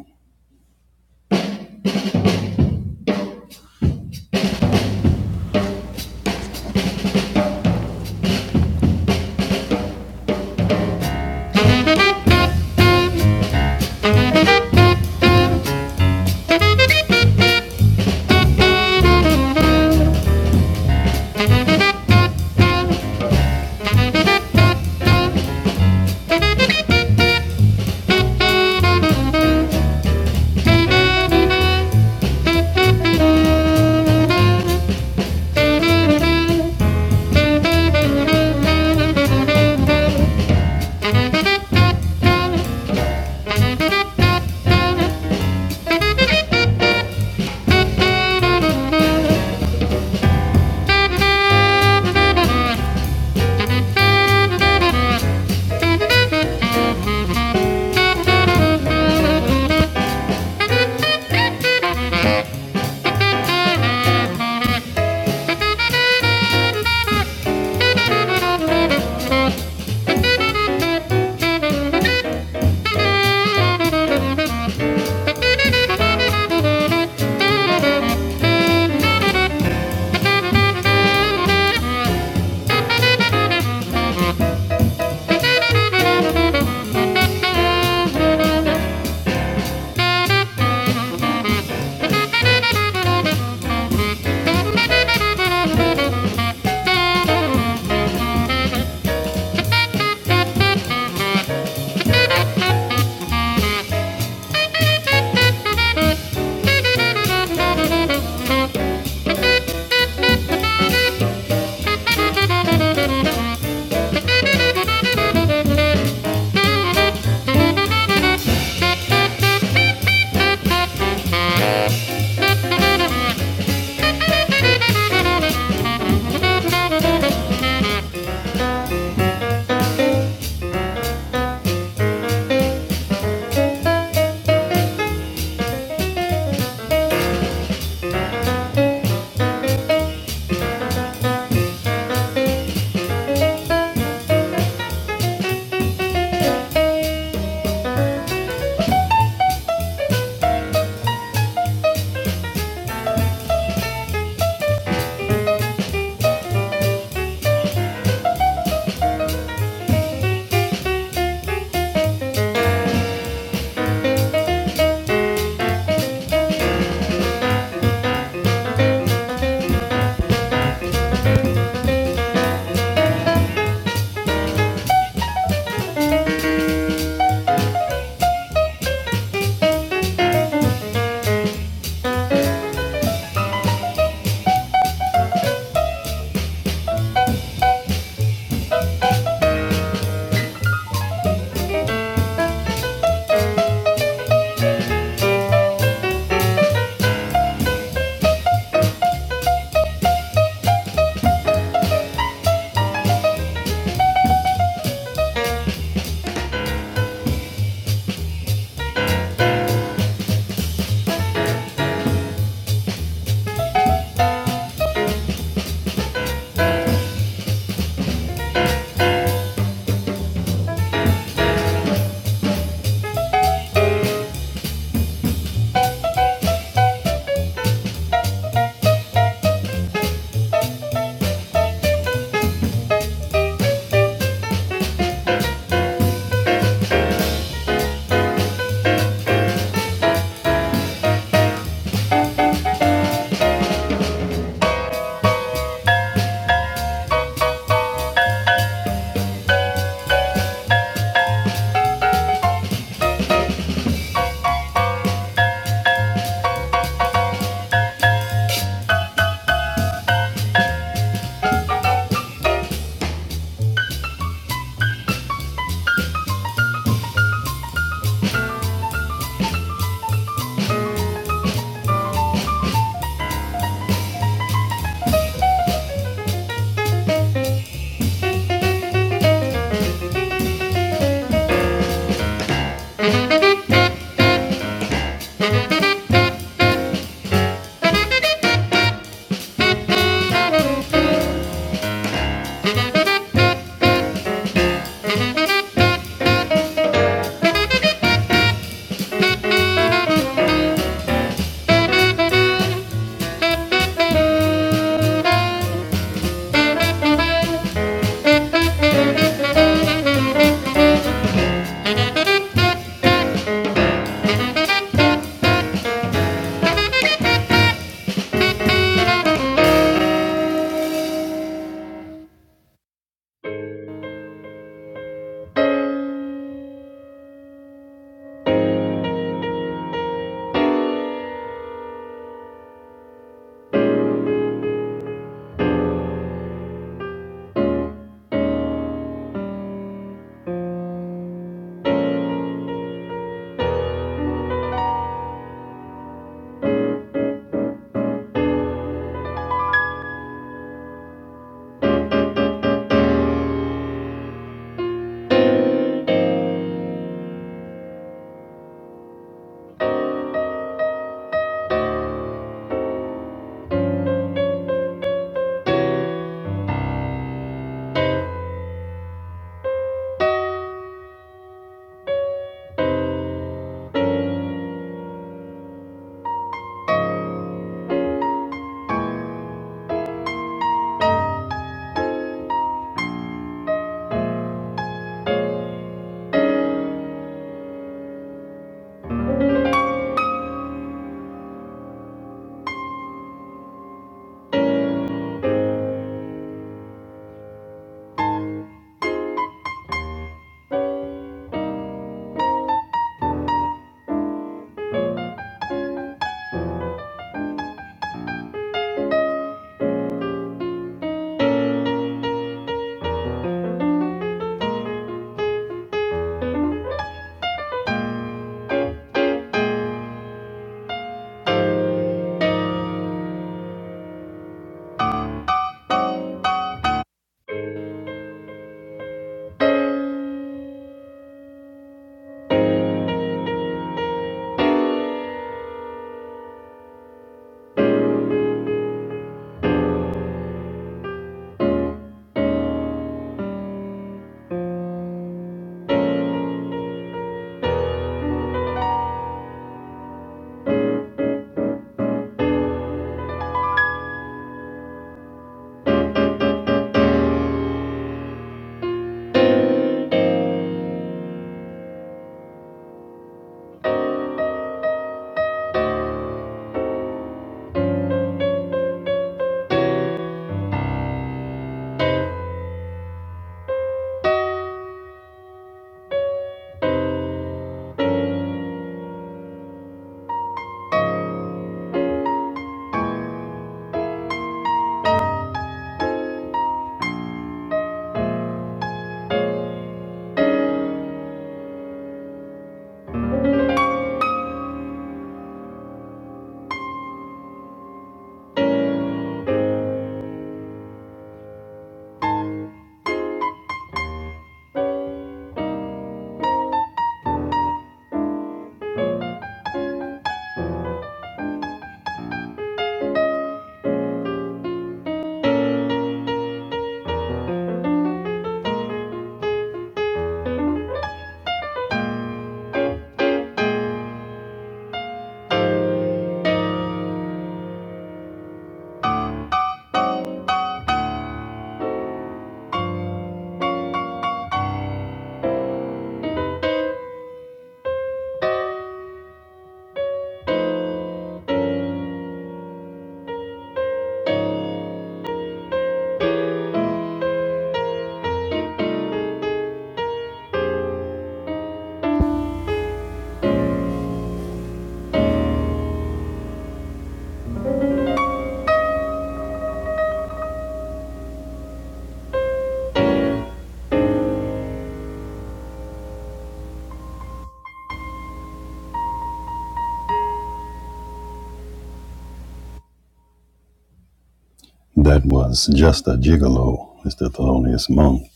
That was Just a Gigolo, Mr. Thelonious Monk.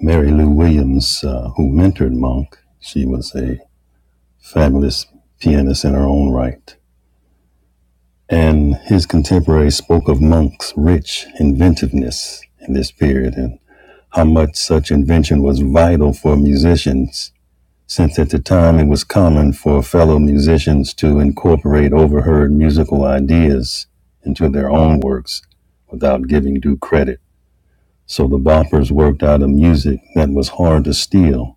Mary Lou Williams, uh, who mentored Monk, she was a fabulous pianist in her own right. And his contemporaries spoke of Monk's rich inventiveness in this period and how much such invention was vital for musicians, since at the time it was common for fellow musicians to incorporate overheard musical ideas into their own works without giving due credit. So the boppers worked out a music that was hard to steal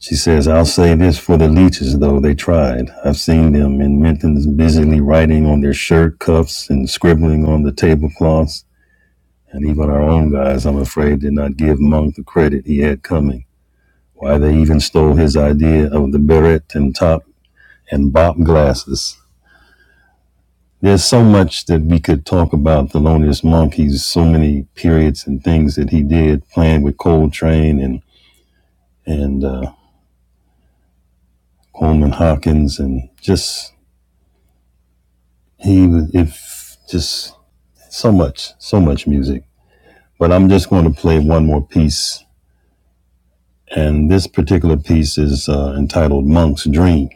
She says, I'll say this for the leeches, though they tried. I've seen them in Minton's busily writing on their shirt cuffs and scribbling on the tablecloths. And even our own guys, I'm afraid, did not give Monk the credit he had coming. Why they even stole his idea of the beret and top and bop glasses. There's so much that we could talk about Thelonious Monk. He's so many periods and things that he did, playing with Coltrane and and uh, Coleman Hawkins, and just he was if just so much so much music but i'm just going to play one more piece and this particular piece is uh, entitled monk's dream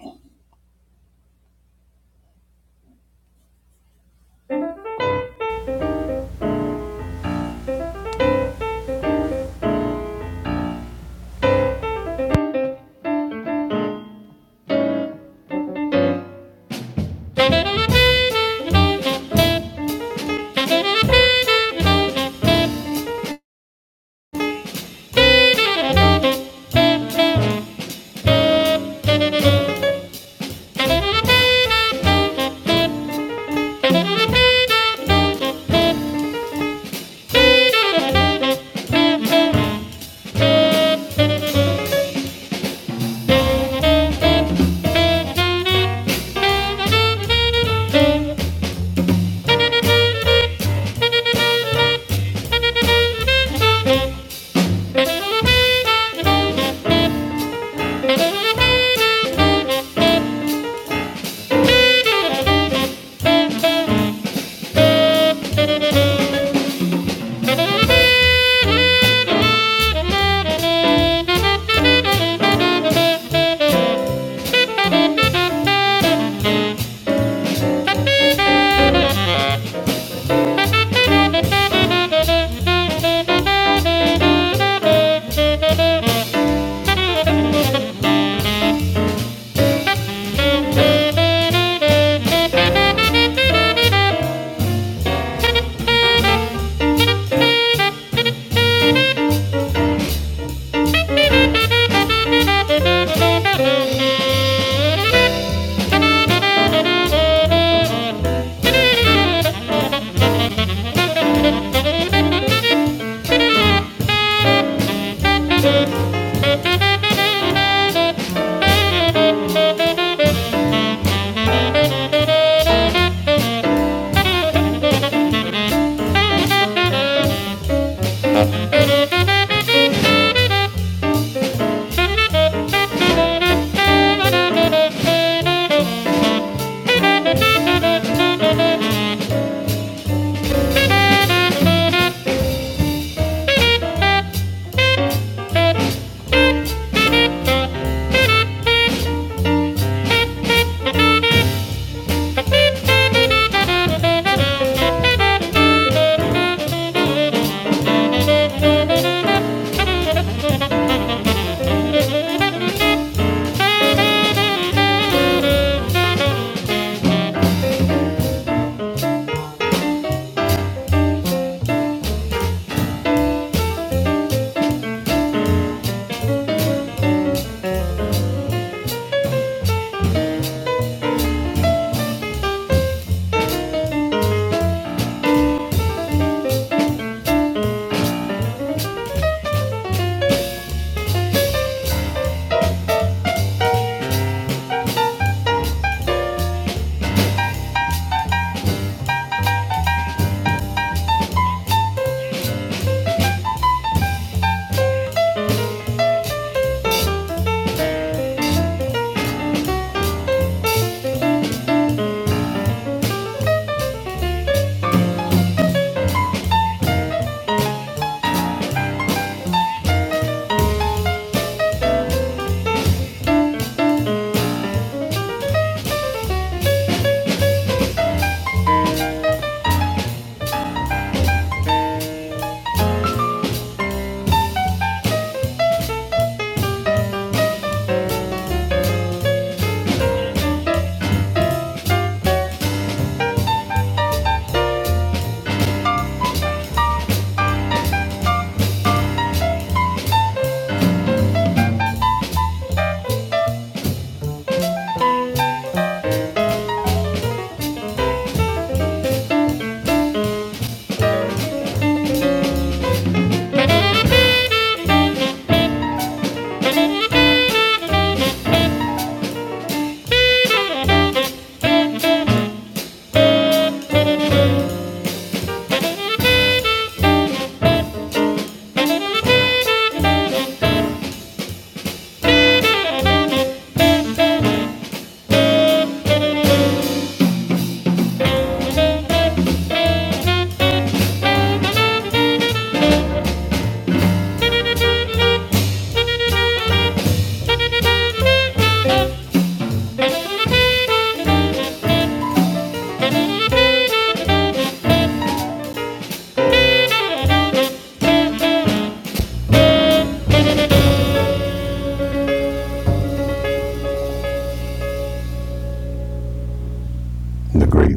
the great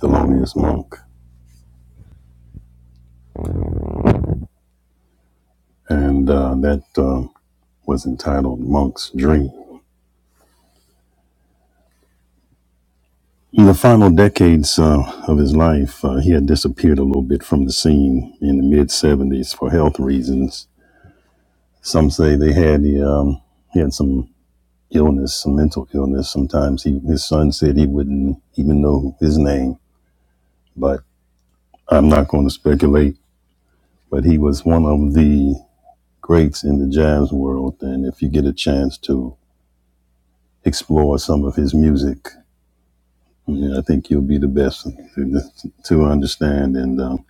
thelonious monk and uh, that uh, was entitled monk's dream in the final decades uh, of his life uh, he had disappeared a little bit from the scene in the mid 70s for health reasons some say they had um, he had some illness, some mental illness. Sometimes he, his son said he wouldn't even know his name, but I'm not going to speculate. But he was one of the greats in the jazz world, and if you get a chance to explore some of his music, yeah, I think you'll be the best to, to understand, and um,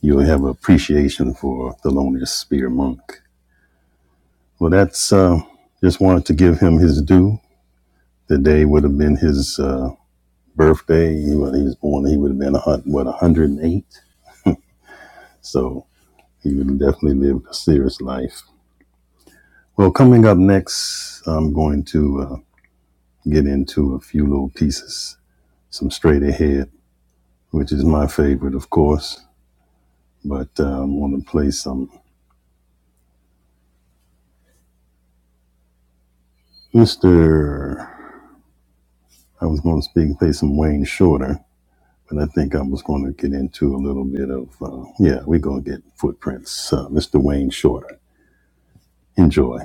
you'll have appreciation for Thelonious Spear Monk. Well, that's uh, just wanted to give him his due. The day would have been his. Uh, birthday. He, when he was born, he would have been, what, 108? So he would have definitely lived a serious life. Well, coming up next, I'm going to uh, get into a few little pieces, some straight ahead, which is my favorite, of course. But uh, I'm going to play some Mr. I was going to speak, play some Wayne Shorter, but I think I was going to get into a little bit of, uh, yeah, we're going to get footprints. Uh, Mr. Wayne Shorter. Enjoy.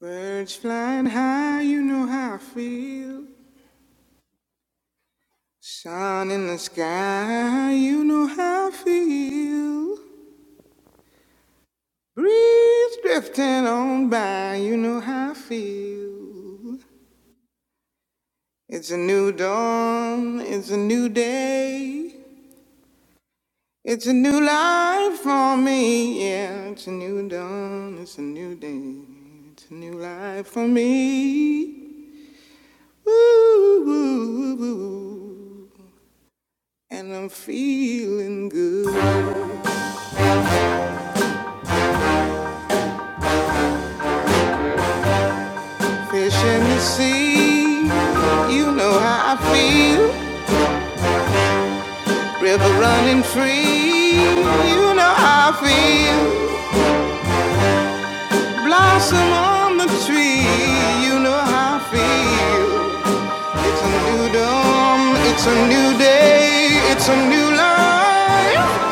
Birds flying high, you know how I feel. Sun in the sky, you know how I feel. Breeze drifting on by, you know how I feel. It's a new dawn, it's a new day. It's a new life for me, yeah. It's a new dawn, it's a new day. It's a new life for me. Ooh, ooh, ooh, ooh. And I'm feeling good. Fish in the sea, you know how I feel. River running free, you know how I feel. Blossom on the tree, you know how I feel. It's a new dawn, it's a new day, it's a new life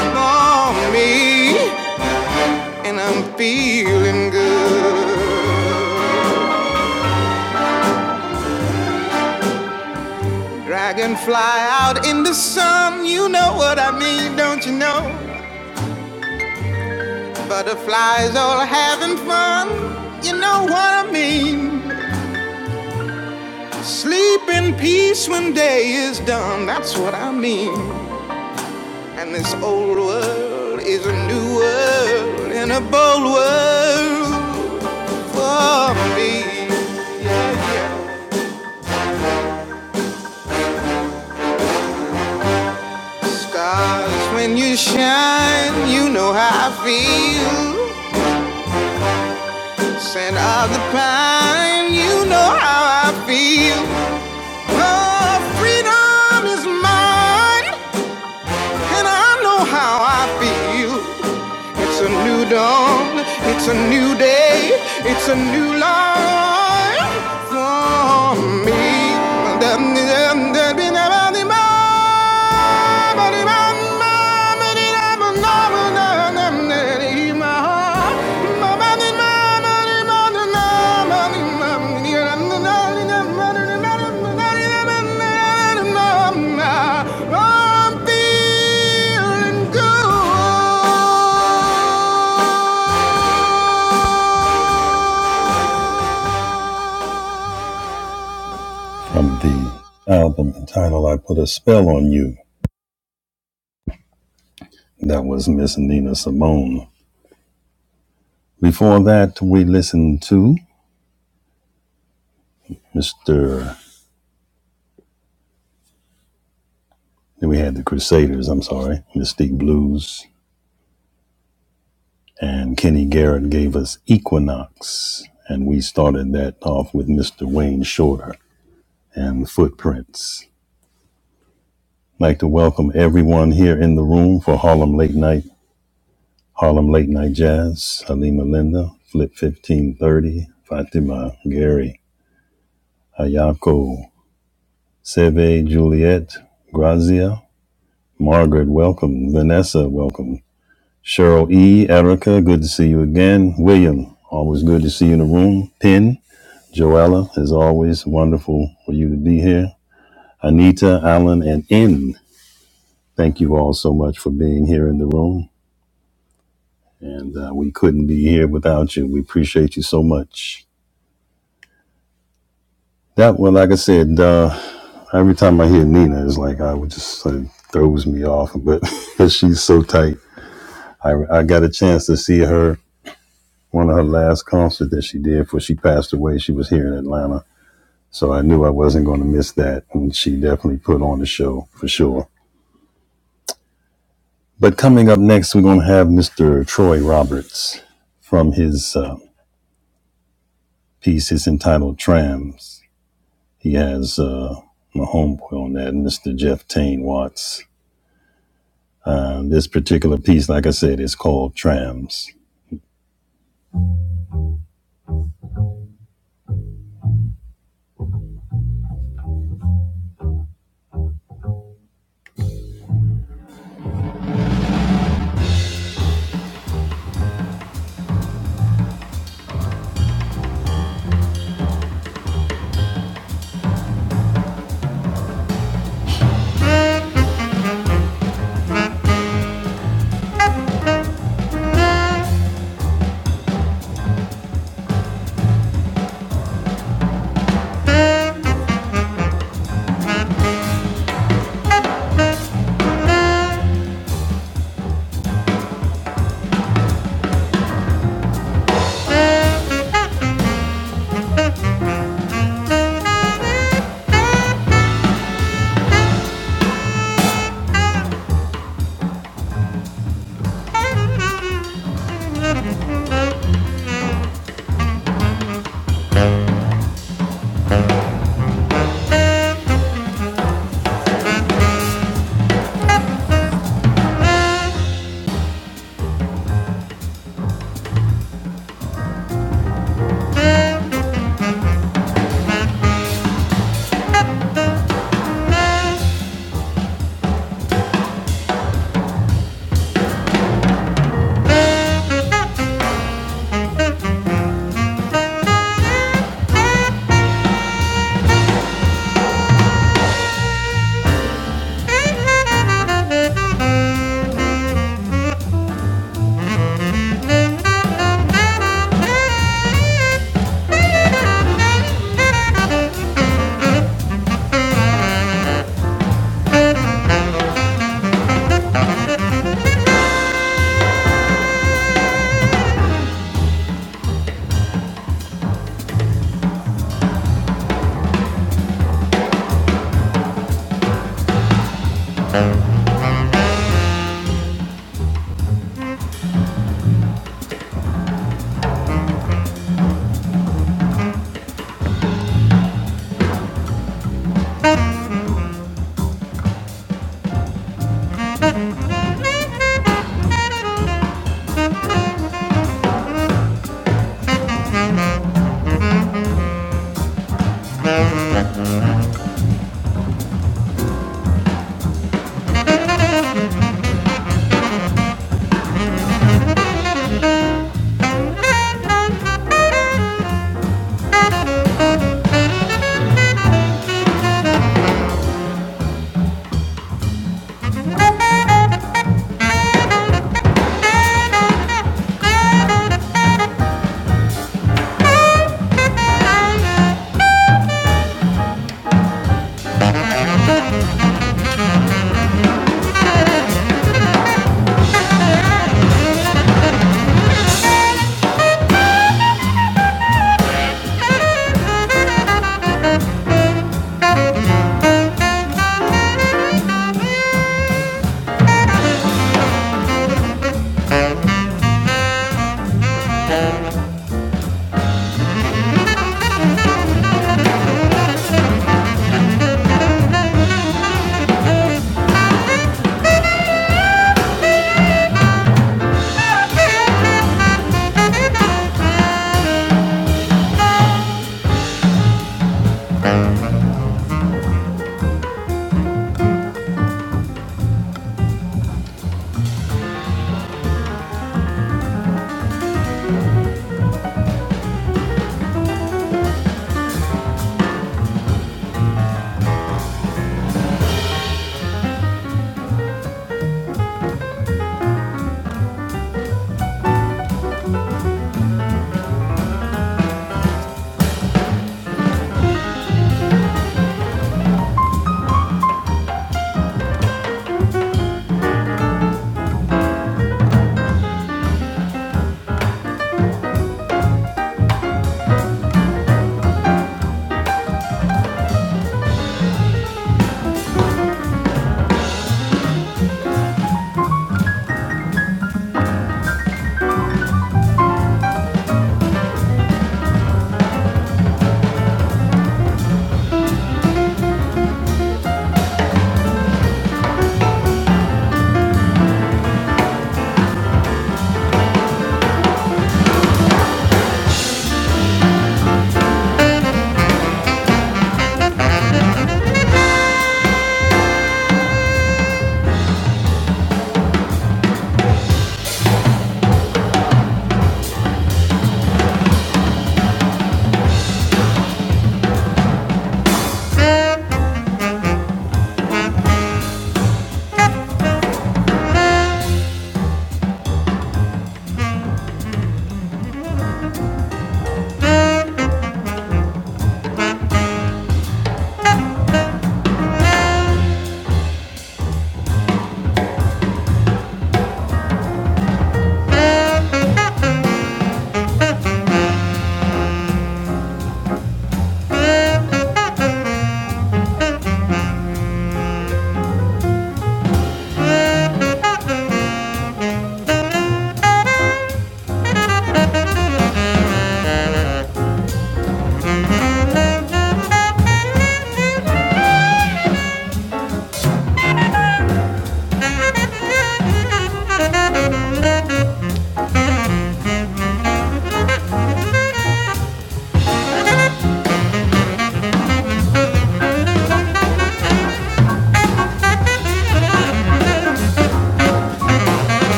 for me, and I'm feeling good. Dragonfly out in the sun, you know what I mean, don't you know? Butterflies all having fun, you know what I mean. Sleep in peace when day is done, that's what I mean. And this old world is a new world and a bold world. for me. Stars, when you shine, you know how I feel. Scent of the pine, you know how I feel. Oh, freedom is mine, and I know how I feel. It's a new dawn, it's a new day, it's a new life for me. From the album entitled I Put a Spell on You. That was Miss Nina Simone. Before that, we listened to Mr. Then we had the Crusaders, I'm sorry, Mystique Blues, and Kenny Garrett gave us Equinox, and we started that off with Mr. Wayne Shorter and Footprints. I'd like to welcome everyone here in the room for Harlem Late Night, Harlem Late Night Jazz, Halima Linda, Flip 1530, Fatima, Gary, Ayako, Seve, Juliet, Grazia, Margaret, welcome, Vanessa, welcome. Cheryl E., Erica, good to see you again. William, always good to see you in the room. Penn, Joella, as always, wonderful for you to be here. Anita, Alan, and N, thank you all so much for being here in the room. And uh, we couldn't be here without you. We appreciate you so much. That one, like I said, uh, every time I hear Nina, it's like I would just uh, throws me off, but she's so tight. I, I got a chance to see her one of her last concerts that she did before she passed away. She was here in Atlanta So I knew I wasn't going to miss that. And she definitely put on the show for sure. But coming up next, we're going to have Mr. Troy Roberts from his uh, piece. It's entitled Trams. He has uh, my homeboy on that, Mr. Jeff Tane Watts. Uh, this particular piece, like I said, is called Trams.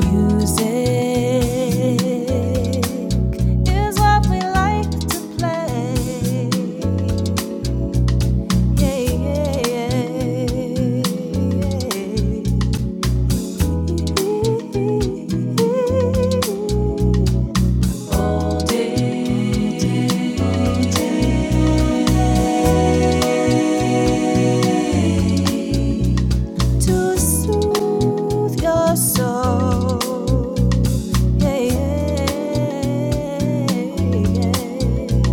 to soothe your soul. Yeah, yeah, yeah. yeah.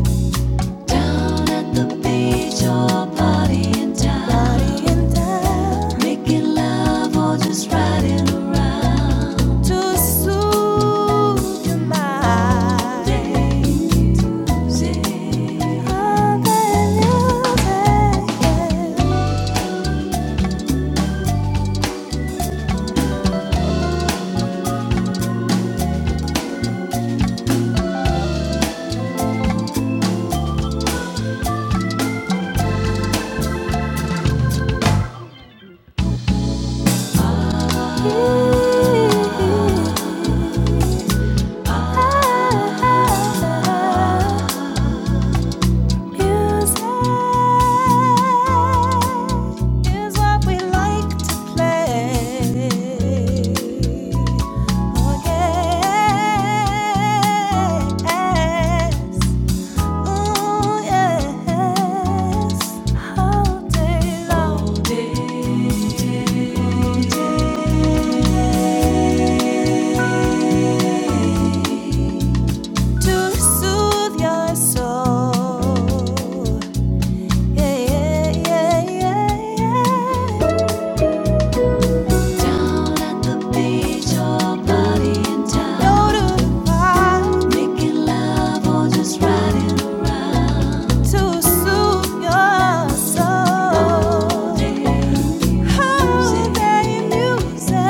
Down at the beach or partying down, making love or just riding around. To soothe your mind. Daisy, Unbelievable. Music is what we like to play. Yes. Oh, yes. Ooh, yes. All day long. To soothe your soul. Yeah, yeah, yeah, yeah, yeah. Down at the beach or party in town. Making love or just riding around. All day music.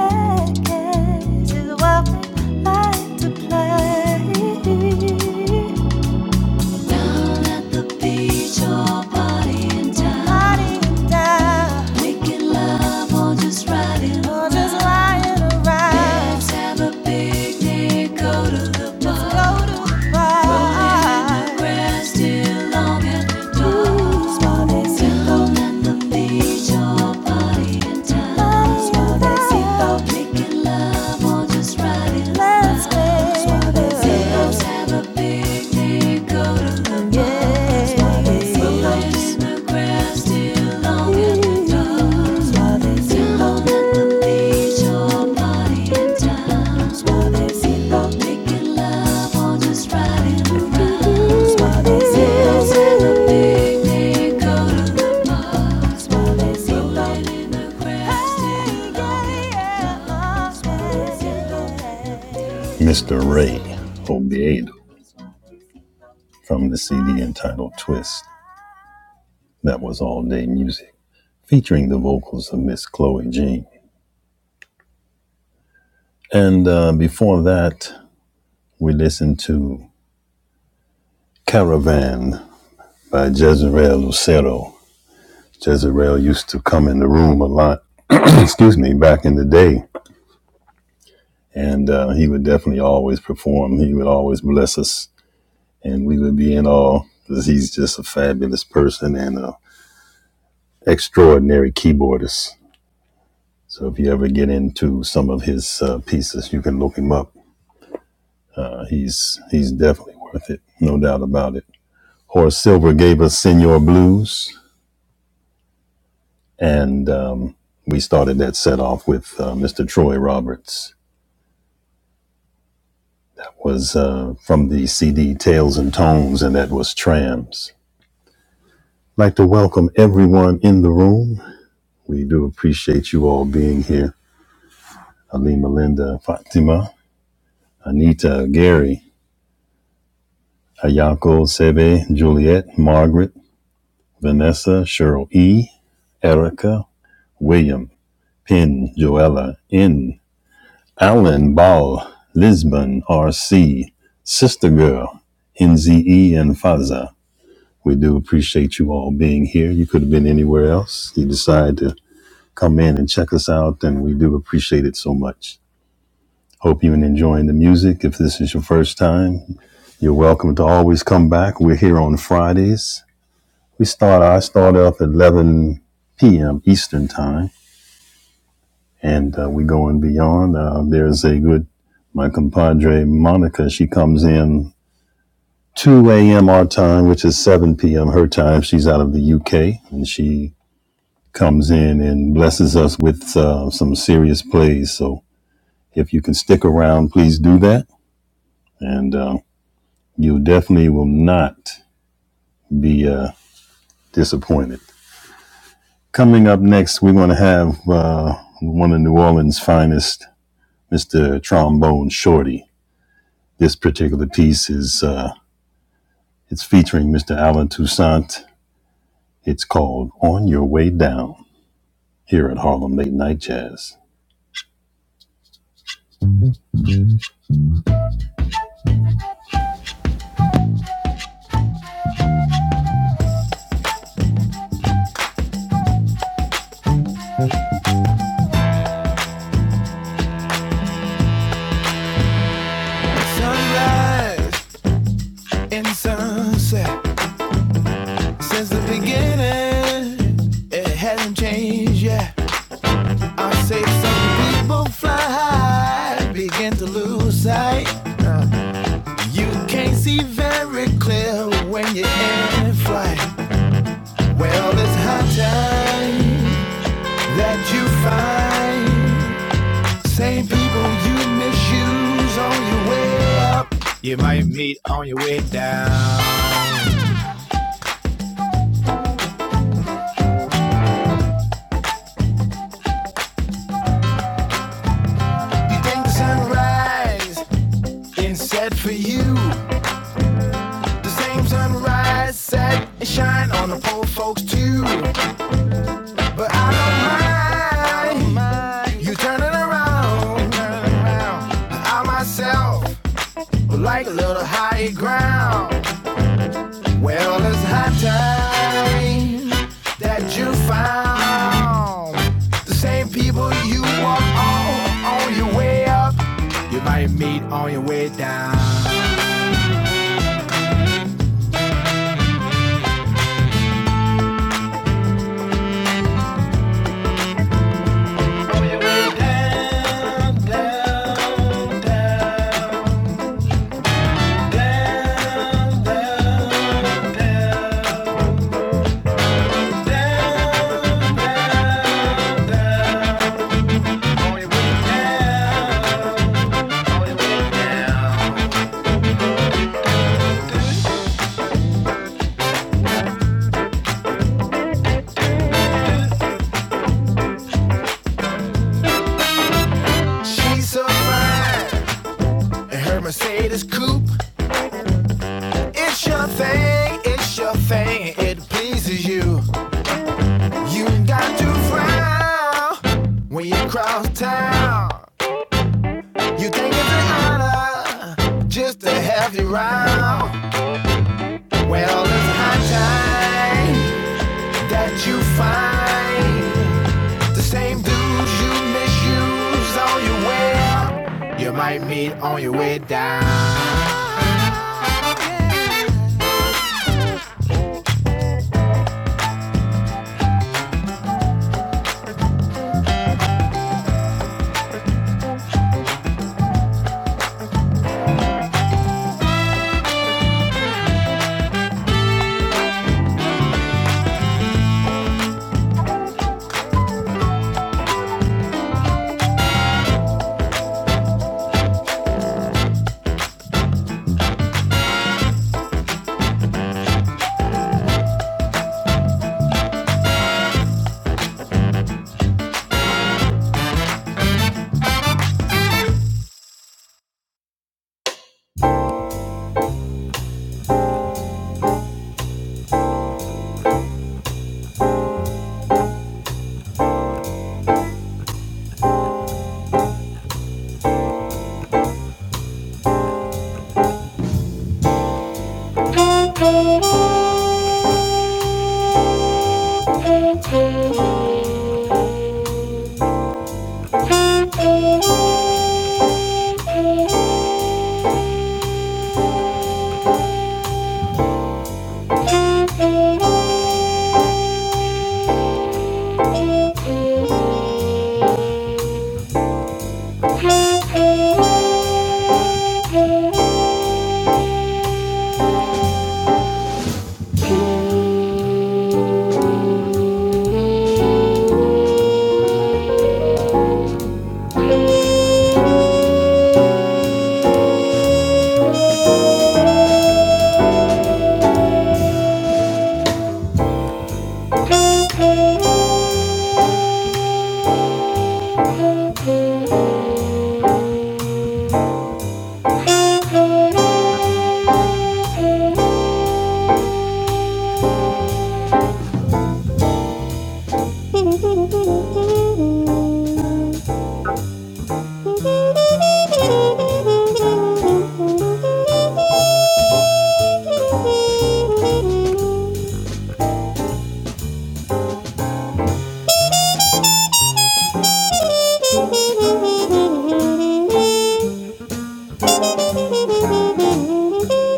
Is what we like to play. Down at the beach or party in Making love or just riding around. Let's have a picnic, go to the bar. Go in the grass till long after dark. Down at the beach or party in Making love or just riding around. Let's have a picnic. Mr. Ray Obiado from the CD entitled Twist, that was All Day Music, featuring the vocals of Miss Chloe Jean. And uh, before that, we listened to Caravan by Jezreel Lucero. Jezreel used to come in the room a lot, excuse me, back in the day. And uh, he would definitely always perform. He would always bless us, and we would be in awe because he's just a fabulous person and an extraordinary keyboardist. So if you ever get into some of his uh, pieces, you can look him up. Uh, he's he's definitely worth it, no doubt about it. Horace Silver gave us Senor Blues, and um, we started that set off with uh, Mr. Troy Roberts. Was uh, from the CD Tales and Tones, and that was Trams. I'd Like to welcome everyone in the room. We do appreciate you all being here. Ali, Melinda, Fatima, Anita, Gary, Ayako, Sebe, Juliet, Margaret. Vanessa, Cheryl E., Erica, William, Penn, Joella N., Alan Ball, Lisbon R.C., Sister Girl, NZE, and Faza. We do appreciate you all being here. You could have been anywhere else. You decided to come in and check us out, and we do appreciate it so much. Hope you're enjoying the music. If this is your first time, you're welcome to always come back. We're here on Fridays We start. I start off at 11 p.m. Eastern time, and uh, we go and beyond. Uh, there's a good. My compadre Monica. She comes in 2 a.m. our time, which is 7 p.m. her time. She's out of the UK, and she comes in and blesses us with uh, some serious plays. So if you can stick around, please do that, and uh, you definitely will not be uh, disappointed. Coming up next, we're going to have uh, one of New Orleans' finest, Mr. Trombone Shorty. This particular piece is uh, it's featuring Mr. Alan Toussaint. It's called "On Your Way Down" here at Harlem Late Night Jazz. Sunrise and sunset since the beginning, it hasn't changed yet. I say some people fly high, begin to lose sight. You can't see very clear when you're in flight. Well, it's high time that you find same people you misuse on your way up. You might meet on your way down. You think the sunrise is set for you. The same sunrise set and shine on the poor folks too. But I don't mind. You turn it around. I myself She's so fine. And her Mercedes coupe. It's your thing, it's your thing. It pleases you. You got to frown when you cross town. You think it's an honor just to have you round. Well, it's high time that you find. Thank you. Thank you.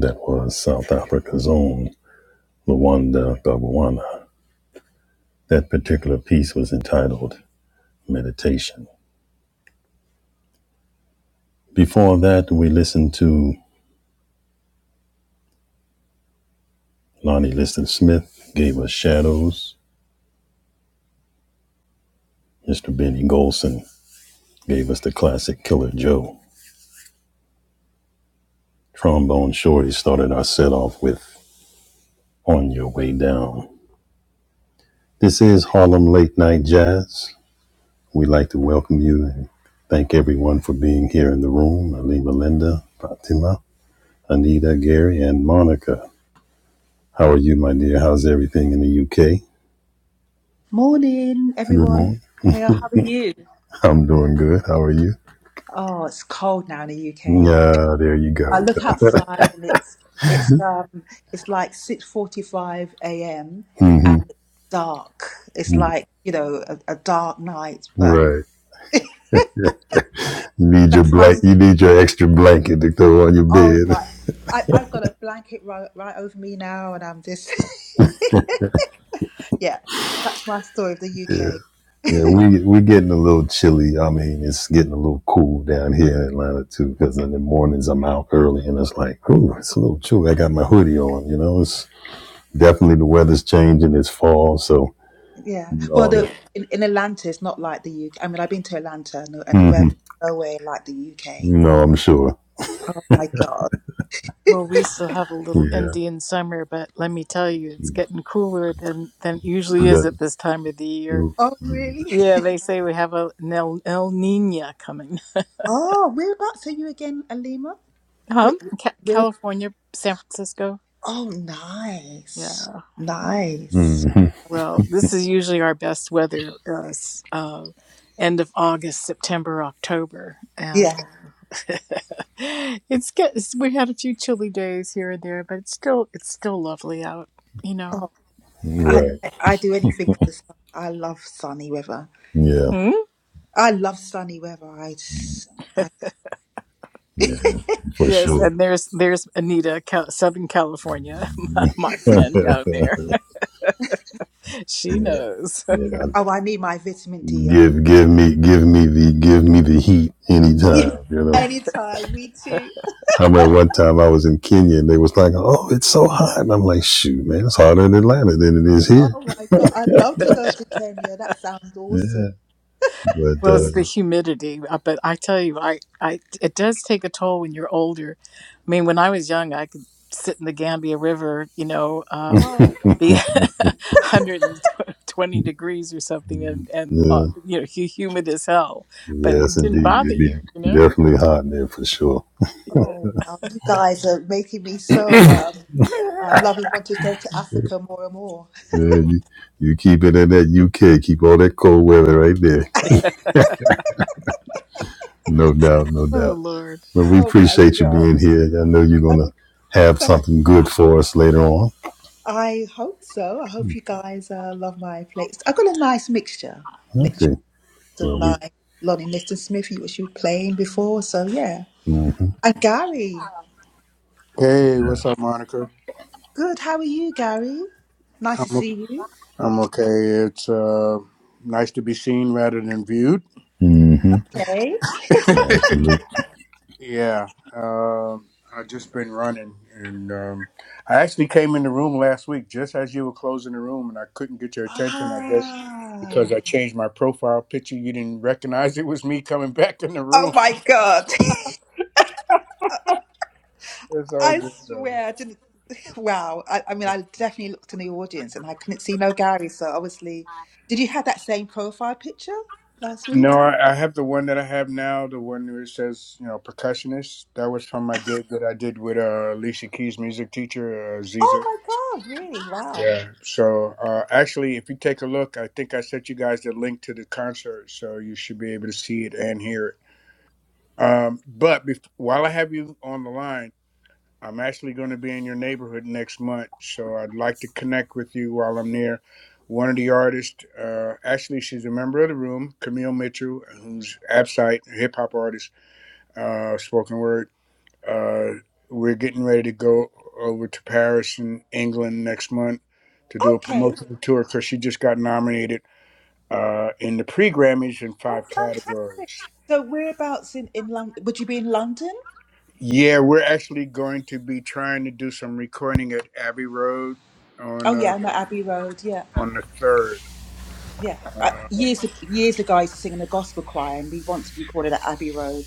That was South Africa's own Luanda Gabuana. That particular piece was entitled Meditation. Before that, we listened to Lonnie Liston Smith gave us Shadows. Mr. Benny Golson gave us the classic Killer Joe. Trombone Shorty started our set off with On Your Way Down. This is Harlem Late Night Jazz. We'd like to welcome you and thank everyone for being here in the room. Ali Melinda, Fatima, Anita, Gary, and Monica. How are you, my dear? How's everything in the UK? Morning, everyone. Ramon? Jamil, how are you? I'm doing good. How are you? Oh, it's cold now in the UK. Yeah, there you I go. look outside and it's it's um it's like 6:45 a.m. and hmm it's dark. It's like, you know, a, a dark night, but Right. You need your that's my blank. You need your extra blanket to throw on your oh bed. my I, I've got a blanket right, right over me now and I'm just yeah, that's my story of the UK. Yeah, we we getting a little chilly. I mean, it's getting a little cool down here in Atlanta too. Because in the mornings I'm out early, and it's like, ooh, it's Yeah. a little chilly. I got my hoodie on. You know, it's definitely the weather's changing. It's fall, so Yeah. Well, all that. the in, in Atlanta, it's not like the UK. I mean, I've been to Atlanta and, the- and the hmm weather's nowhere like the UK. No, I'm sure. Oh my God. Well, we still have a little Yeah, Indian summer, but let me tell you, it's getting cooler than, than it usually is that. at this time of the year. Oh, hmm really? Yeah, they say we have a, an El, El Nino coming. Oh, whereabouts are you again, Alima? Where, Um, Ca- where, California, San Francisco. oh, nice. Yeah. yeah. Nice. Well, this is usually our best weather, uh, s- uh, end of August, September, October, and Yeah. it's good. It's, we had a few chilly days here and there, but it's still it's still lovely out. You know. I, Right. I do anything for the sun. I love sunny weather. Yeah. Hmm? I love sunny weather. I, just, I Yeah. For Yes, sure. and there's there's Anita, Cal- Southern California, my, my yeah. friend down there. She knows. Yeah. yeah. I- oh, I need my vitamin D. Give give me give me the give me the heat Yeah, anytime. You know. anytime. Me too. I remember one time I was in Kenya and they was like, "Oh, it's so hot," and I'm like, "Shoot, man, it's hotter in Atlanta than it is here." Oh my god, I'd love to go to Kenya. That sounds awesome. Yeah, but Well, it's uh, the humidity, uh, but I tell you, I, I it does take a toll when you're older. I mean, when I was young, I could sit in the Gambia River, you know, um, Oh be wow! 120 degrees or something, and and uh, yeah, you know, hu- humid as hell, but it yes, didn't indeed, bother it'd be you, you know. definitely hot there for sure. Yeah. Oh wow! You guys are making me so um, I uh, loving want to go to Africa more and more. Yeah, you you keep it in that UK, keep all that cold weather right there. No doubt, no Oh doubt. Lord, But we Oh my appreciate you god! being here. I know you're gonna have something good for us later on. I hope so. I hope you guys uh, love my plates. I've got a nice mixture. Okay. sort of Well, we. like Lonnie Liston Smith, who- she was playing before. So yeah. Mm-hmm. And Gary, Hey, what's up, Monica? good. How are you, Gary? Nice I'm to o- see you. I'm okay. It's uh, nice to be seen rather than viewed. hmm Okay. Yeah, absolutely. yeah, um, I've just been running, and um, I actually came in the room last week just as you were closing the room, and I couldn't get your attention. I guess Ah. because I changed my profile picture, you didn't recognize it was me coming back in the Oh room. my God. It's all I good though. swear, I didn't. Wow. I, I mean, I definitely looked in the audience and I couldn't see no Gary. So obviously, did you have that same profile picture last week? No, I, I have the one that I have now, the one where it says, you know, percussionist. That was from my gig that I did with uh, Alicia Keys' music teacher, uh, Ziza. Oh my God, really? Wow. Yeah. So uh, actually, if you take a look, I think I sent you guys the link to the concert, so you should be able to see it and hear it. Um, but bef- while I have you on the line, I'm actually going to be in your neighborhood next month, so I'd like to connect with you while I'm there. One of the artists, uh, actually, she's a member of the room, Camille Mitchell, who's Absite, a hip hop artist, uh, spoken word. Uh, we're getting ready to go over to Paris and England next month to do a Okay. promotional tour because she just got nominated uh, in the pre Grammys in Oh, five fantastic. categories. So whereabouts in in London? Would you be in London? Yeah, we're actually going to be trying to do some recording at Abbey Road on Oh uh, yeah, I'm the at Abbey Road. Yeah. on the third. Yeah. Uh, Um, years years ago, I used to sing in a gospel choir, and we once recorded at Abbey Road.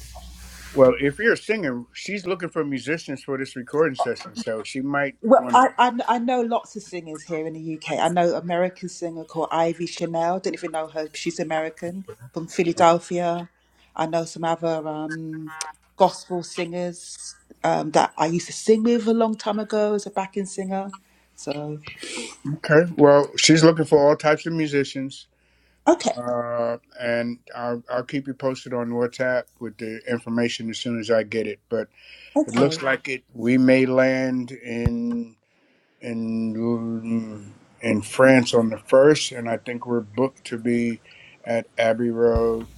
well, if you're a singer, she's looking for musicians for this recording session, so she might Well, want to. I, I I know lots of singers here in the UK. I know an American singer called Ivy Chanel. Don't even know her. She's American from Philadelphia. I know some other um, gospel singers um, that I used to sing with a long time ago as a backing singer. So Okay. Well, she's looking for all types of musicians, okay, uh, and I'll, I'll keep you posted on WhatsApp with the information as soon as I get it. But it looks okay. like it. We may land in in in France on the first, and I think we're booked to be at Abbey Road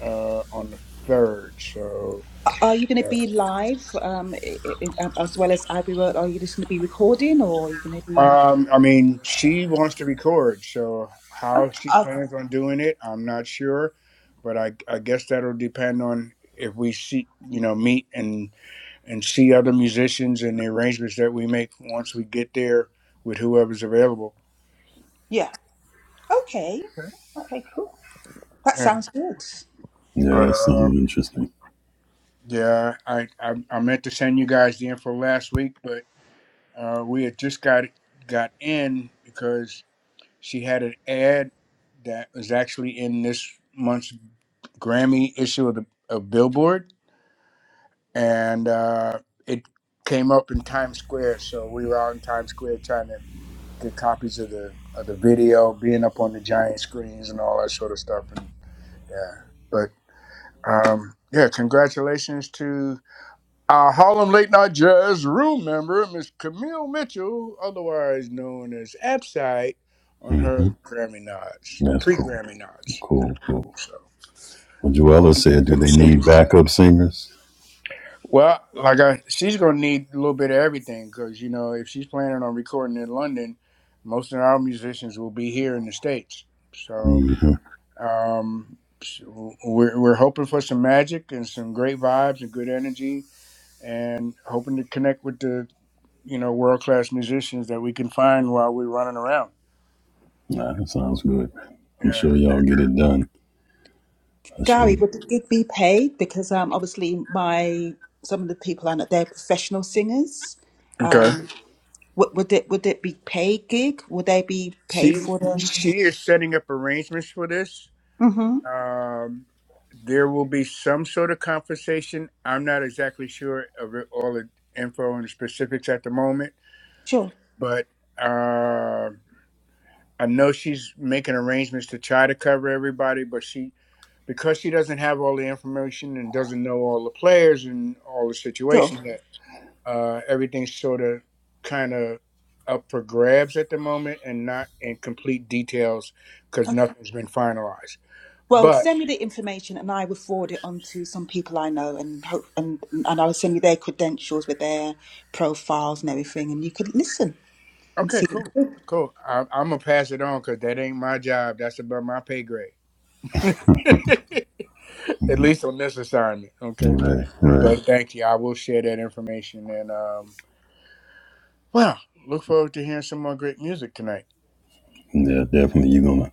uh, on the third. So. Are you going to be live um, i i i- as well as Abbey Road? Are you just going to be recording, or are you going to be? Um, I mean, she wants to record, so Oh, how she okay. plans on doing it, I'm not sure, but I I guess that'll depend on if we see, you know, meet and and see other musicians and the arrangements that we make once we get there with whoever's available. Yeah. Okay. Okay. Okay, cool. That Yeah. sounds good. Yeah, But that's so uh, interesting. yeah, I, I I meant to send you guys the info last week, but uh, we had just got got in because she had an ad that was actually in this month's Grammy issue of the of Billboard, and uh, it came up in Times Square. So we were out in Times Square trying to get copies of the of the video, being up on the giant screens and all that sort of stuff. And yeah, but um, yeah, congratulations to our Harlem Late Night Jazz room member, Miss Camille Mitchell, otherwise known as Abside, on her Grammy nods, Yeah, That's pre cool. Grammy It's nods. cool, cool. So Well, Joella hopefully we said, get do to they see need you. backup singers? Well, like I, she's gonna need a little bit of everything because you know if she's planning on recording in London, most of our musicians will be here in the states. So um, so we're we're hoping for some magic and some great vibes and good energy, and hoping to connect with the you know world class musicians that we can find while we're running around. Nah, that sounds good. man. I'm Yeah. sure y'all get it done. I sure Gary, you. would it be paid? Because um, obviously my some of the people on it, they're professional singers. Okay. Um, would, would it would it be paid gig? Would they be paid She for them? she is setting up arrangements for this. Mm-hmm. Um, there will be some sort of conversation. I'm not exactly sure of it- all the info and the specifics at the moment, Sure, but uh, I know she's making arrangements to try to cover everybody. But she, because she doesn't have all the information and doesn't know all the players and all the sure. situations, that uh, everything's sort of kind of up for grabs at the moment and not in complete details because Okay. nothing's been finalized. Well, send me the information, and I will forward it on to some people I know, and hope and and I'll send you their credentials with their profiles and everything, and you could listen and Okay, see. cool, cool. I, I'm gonna pass it on because that ain't my job. That's above my pay grade. At least on this assignment, okay. Right, right. But thank you. I will share that information, and um, well, look forward to hearing some more great music tonight. Yeah, definitely. You're gonna.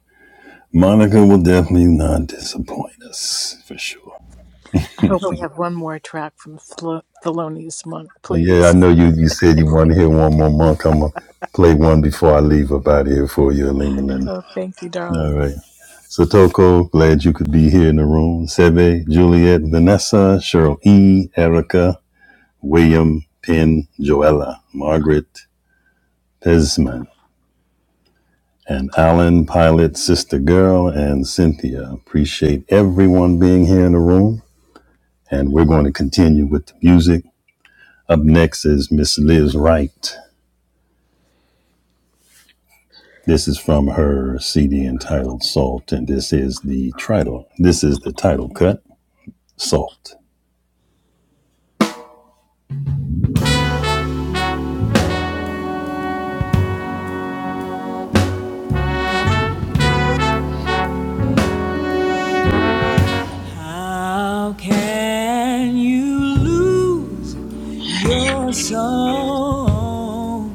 Monica will definitely not disappoint us for sure. I hope we have one more track from Thel- Thelonious Monk, And Yeah, I please. know you. You said you want to hear one more monk. I'm gonna play one before I leave up out of here for you, Lima Linda. Oh, thank you, All darling. right. So Toko, glad you could be here in the room. Seve, Juliet, Vanessa, Cheryl E, Erica, William Penn Joella, Margaret Pesman, and Alan Pilot, Sister Girl, and Cynthia. Appreciate everyone being here in the room. And we're going to continue with the music. Up next is Miss Liz Wright. This is from her CD entitled Salt, and this is the title. This is the title cut, Salt. How can you lose your soul?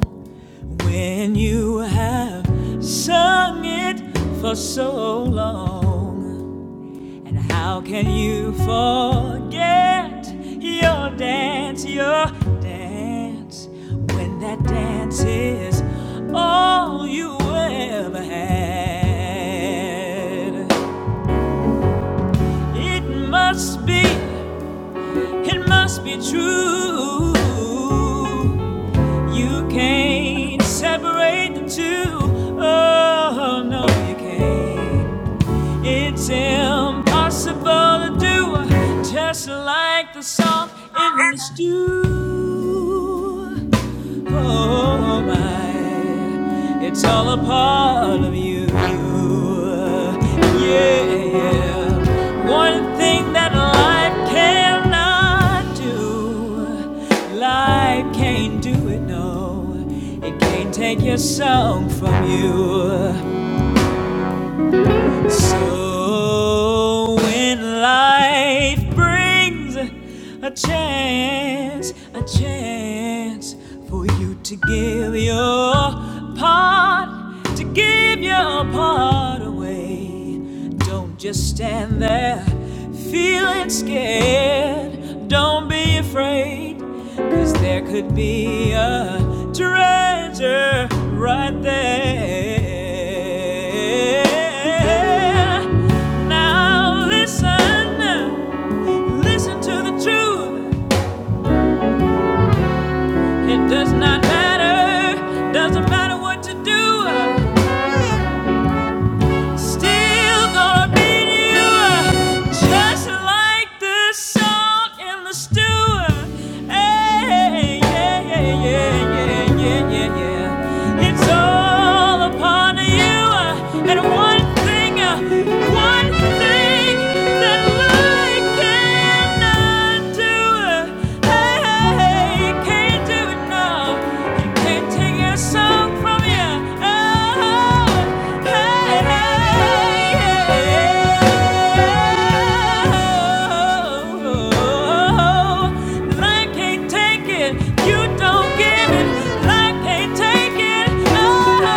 When you have sung it for so long, and how can you forget your dance, your dance, when that dance is all you ever had? It must be, it must be true. You can't separate the two. Oh, no, you can't. It's impossible to do, just like the salt in the stew. Oh my, it's all a part of you. Yeah, yeah. one thing that life cannot do, life can't do it. No, it can't take your song from you. So when life brings a chance, a chance for you to give your part, to give your part away. Don't just stand there feeling scared. Don't be afraid, cause there could be a treasure right there. Now listen, listen to the truth. It does not matter, doesn't matter what you do. Still gonna beat you just like the salt in the stew. Hey, yeah, yeah, yeah, yeah, yeah, yeah, yeah. It's all upon you. And one thing, one thing that I cannot do. Hey, hey, hey, can't do it now. Can't take your song from you. Oh, hey, hey, yeah. I can't take it. You don't give it. I can't take it. Oh,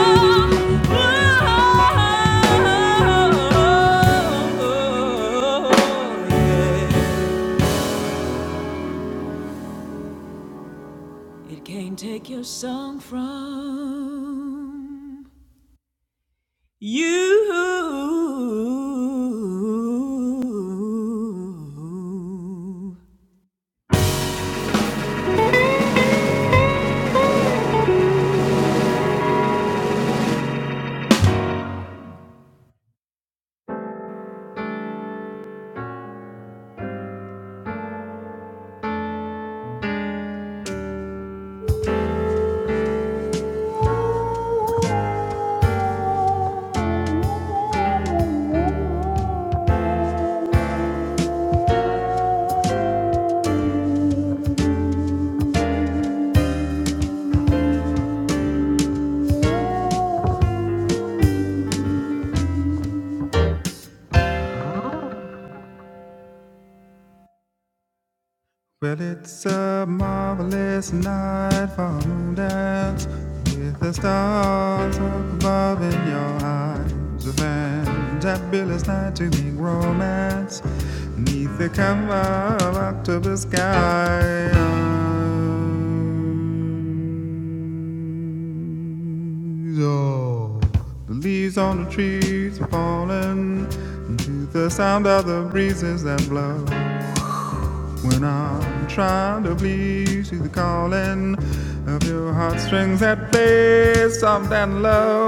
oh, oh, yeah. It can't take your song from. You. Well, it's a marvelous night for a moon dance with the stars up above in your eyes. A fantabulous night to make romance neath the cover of October sky. Yo. The leaves on the trees are falling to the sound of the breezes that blow. When I'm trying to please to the calling of your heartstrings that play soft and low.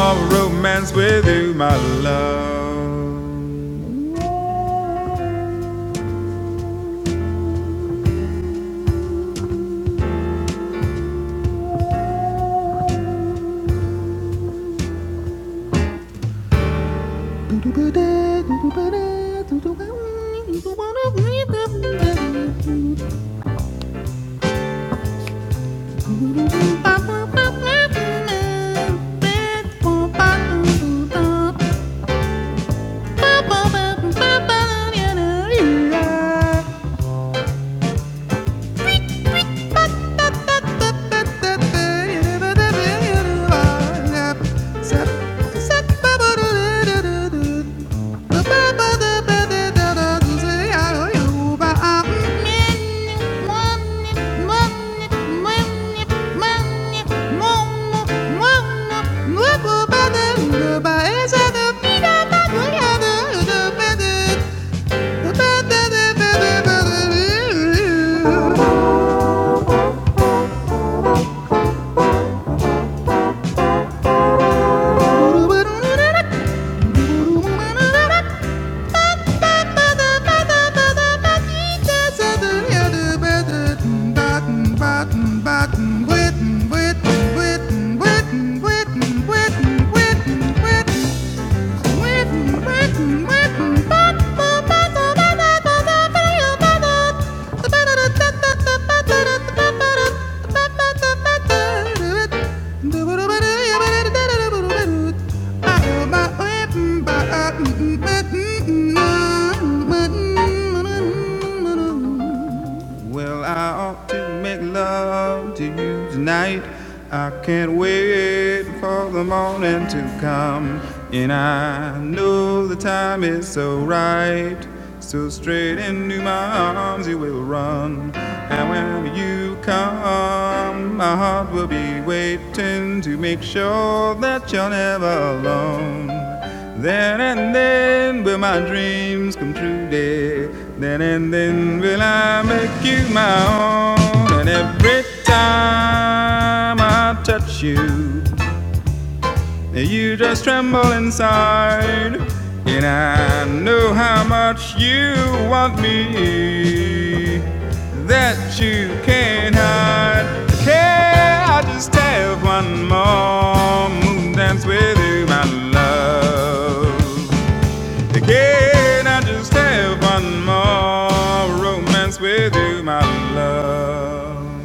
All romance with you, my love. Bye. Mm-mm. Well, I ought to make love to you tonight. I can't wait for the morning to come. And I know the time is so right. So straight into my arms you will run. And when you come, my heart will be waiting to make sure that you're never alone. Just have one more moon dance with you, my love. Can I just have one more romance with you, my love?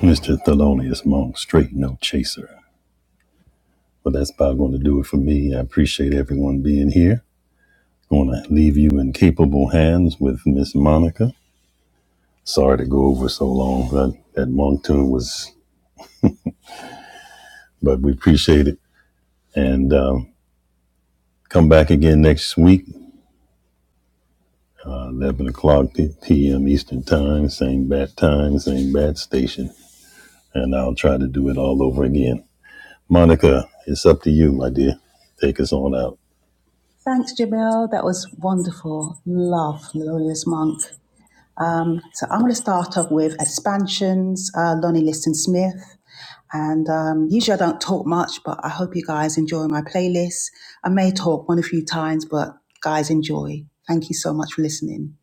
Mr. Thelonious Monk, straight no chaser. Well, that's about going to do it for me. I appreciate everyone being here. Going to leave you in capable hands with Miss Monica. Sorry to go over so long. That, that Monk tune was, but we appreciate it. And um, Come back again next week, uh, 11 o'clock p.m. Eastern Time, same bat time, same bat station. And I'll try to do it all over again. Monica, it's up to you, my dear. Take us on out. Thanks, Jamil. That was wonderful. Love Melodious Monk. Um, so I'm going to start off with expansions, uh, Lonnie Liston Smith. And um, usually I don't talk much, but I hope you guys enjoy my playlist. I may talk one or few times, but guys, enjoy. Thank you so much for listening.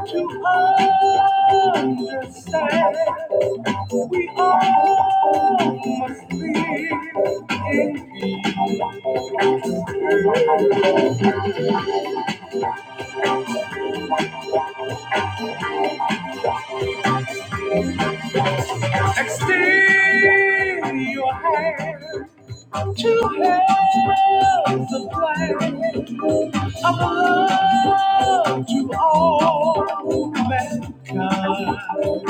Understand we all must be in Extend your hand to help the flag of love to all mankind.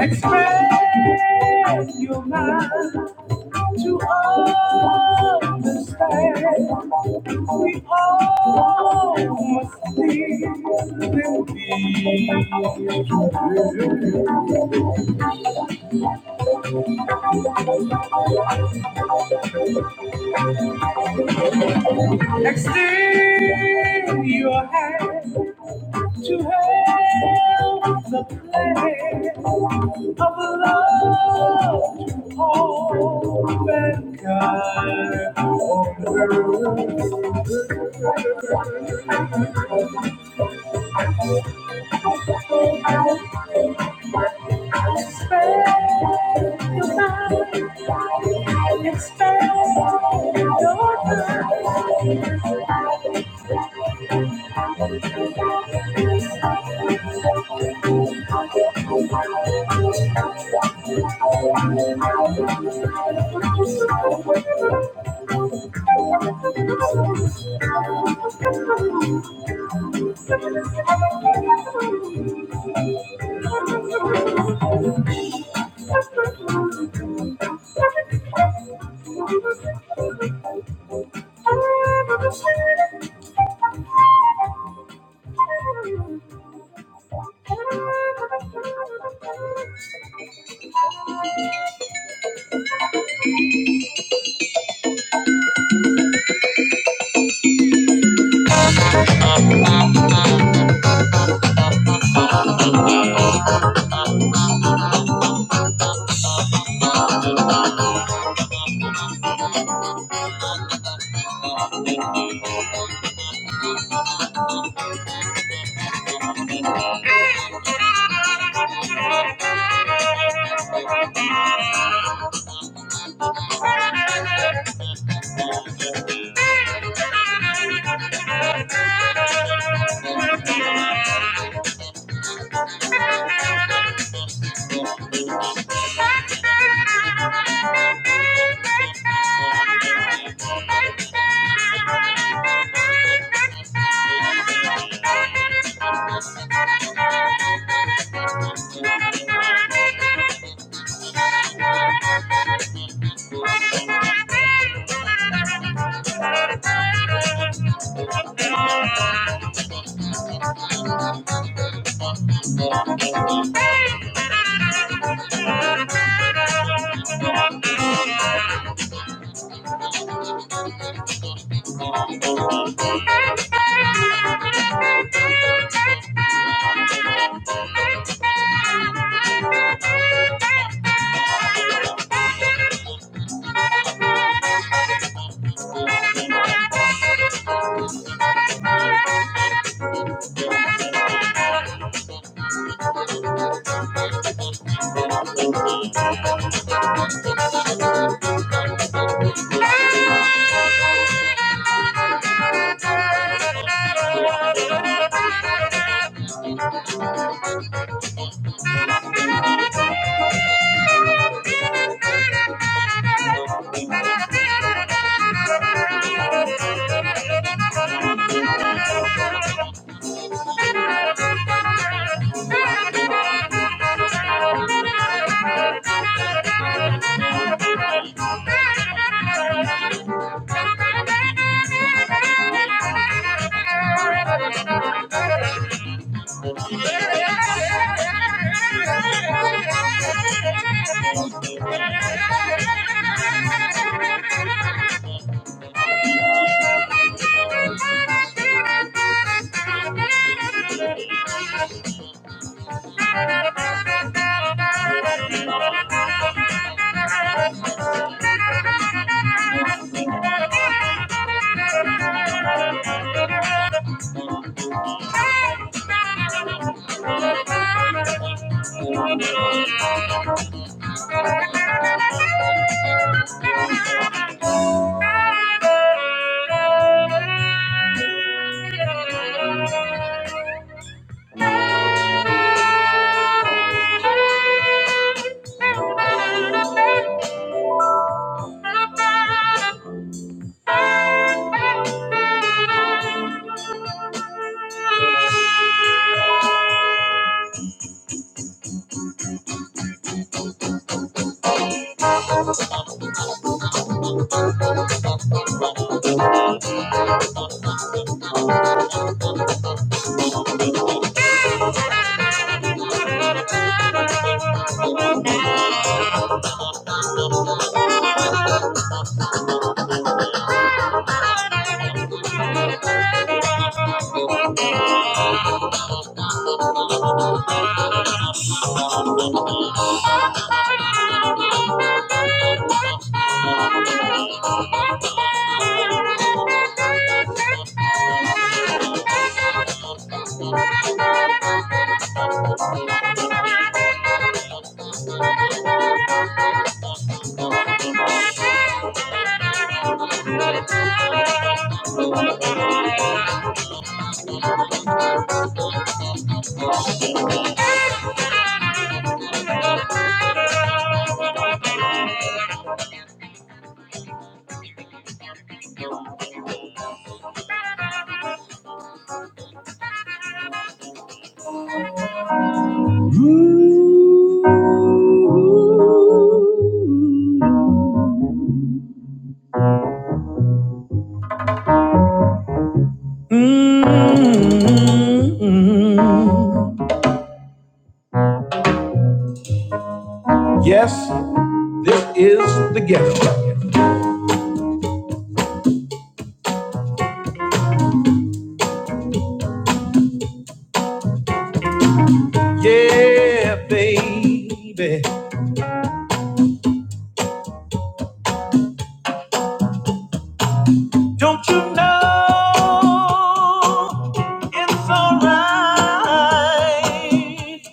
Expand your mind to understand we all must live and be together. Extend your hand to help the plan of love to all mankind on the earth. Expand your mind, expand your mind. Thank you. Thank you. Thank you. Thank you. Thank you. Thank you. Thank you. Thank you. Thank you. Yes, this is the ghetto. Yeah, baby. Don't you know it's alright?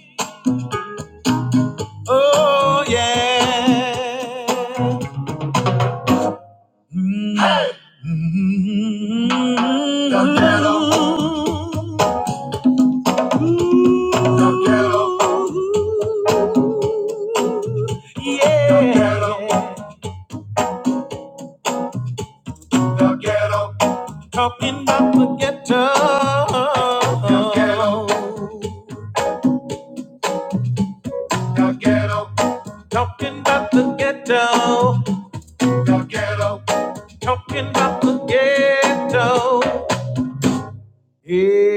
Oh, yeah. Mm. Yo quiero, yo quiero, yo quiero, yo quiero, Talking about the ghetto. yo quiero, ghetto. yo quiero, Talking about the ghetto. yo quiero, Talking about the ghetto. Yeah,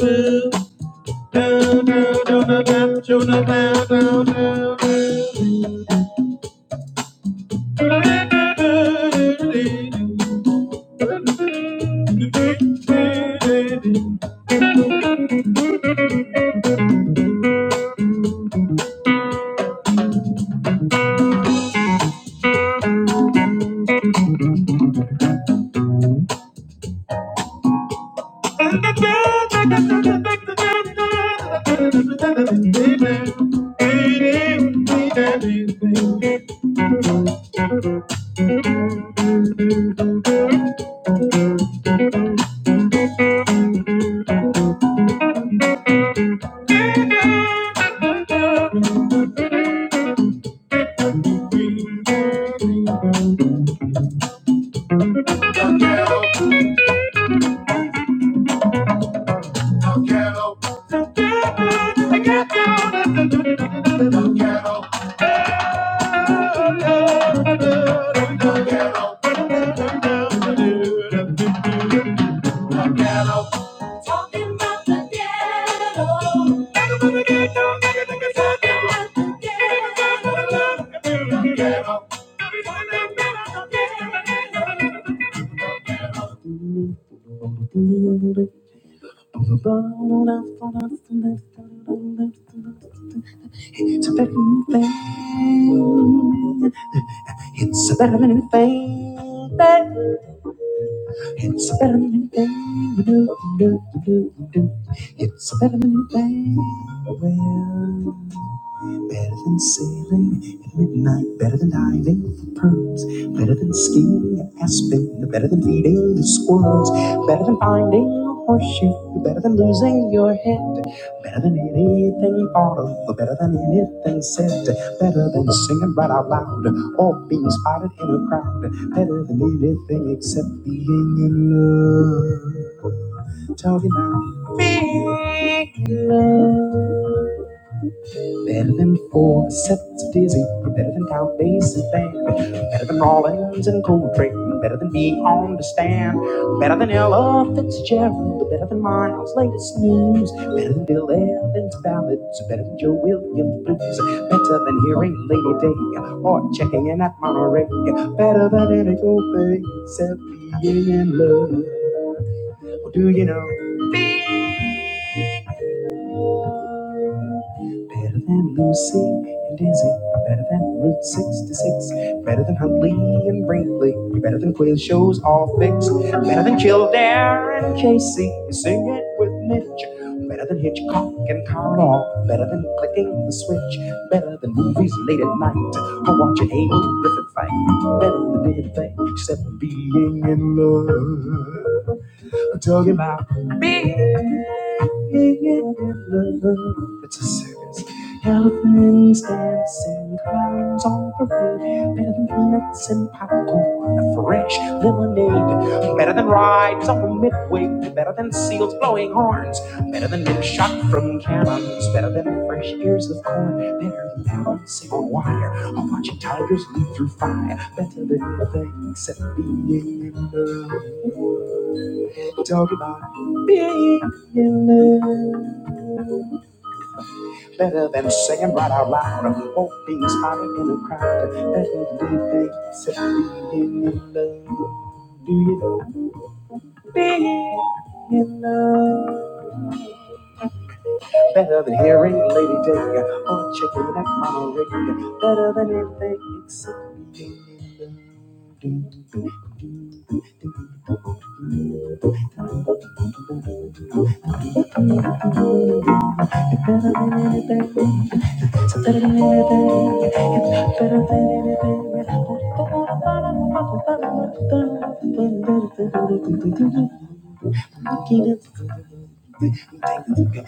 yeah, yeah. do do do do do do do do do do do do. Anything that It's a better than anything you do, you do, you do, you do. It's a better thing, well. Better than sailing at midnight, better than diving for pearls, better than skiing at Aspen, better than feeding the squirrels, better than finding a horseshoe, better than losing your head, better than anything thought of, better than anything said, better than singing right out loud or being spotted in a crowd, better than anything except being in love. Talking about being in love. Better than four sets of dizzy, better than Count Basie's band, better than Rollins and Coltrane, better than being on the stand, better than Ella Fitzgerald, better than Miles' latest news, better than Bill Evans' ballads, better than Joe Williams' blues, better than hearing Lady Day or checking in at Monterey, better than any go except being in love. Well, Do you know? Better than Lucy and Dizzy. Better than Route 66. Better than Huntley and Brinkley. Better than quiz shows all fixed. Better than Kildare and Casey. you Sing it with Mitch. Better than Hitchcock and Carl. Better than clicking the switch. Better than movies late at night. Or watching Amy Griffith fight. Better than anything except being in love. I'm talking about being It's a circus. Elephants dancing, clowns on parade, better than peanuts and popcorn, a fresh lemonade, better than rides on midway, better than seals blowing horns, better than men shot from cannons, better than fresh ears of corn, better than balancing wire. I'm watching tigers leap through fire, better than anything except being in love. Talking about being in love, better than singing right out loud, won't be spotted in a crowd, better than anything except being in love. Do you know being in love? Better than hearing Lady Day or checking out Monterey, better than anything except being in love. Better than anything, better than anything, better than anything. Who girl, to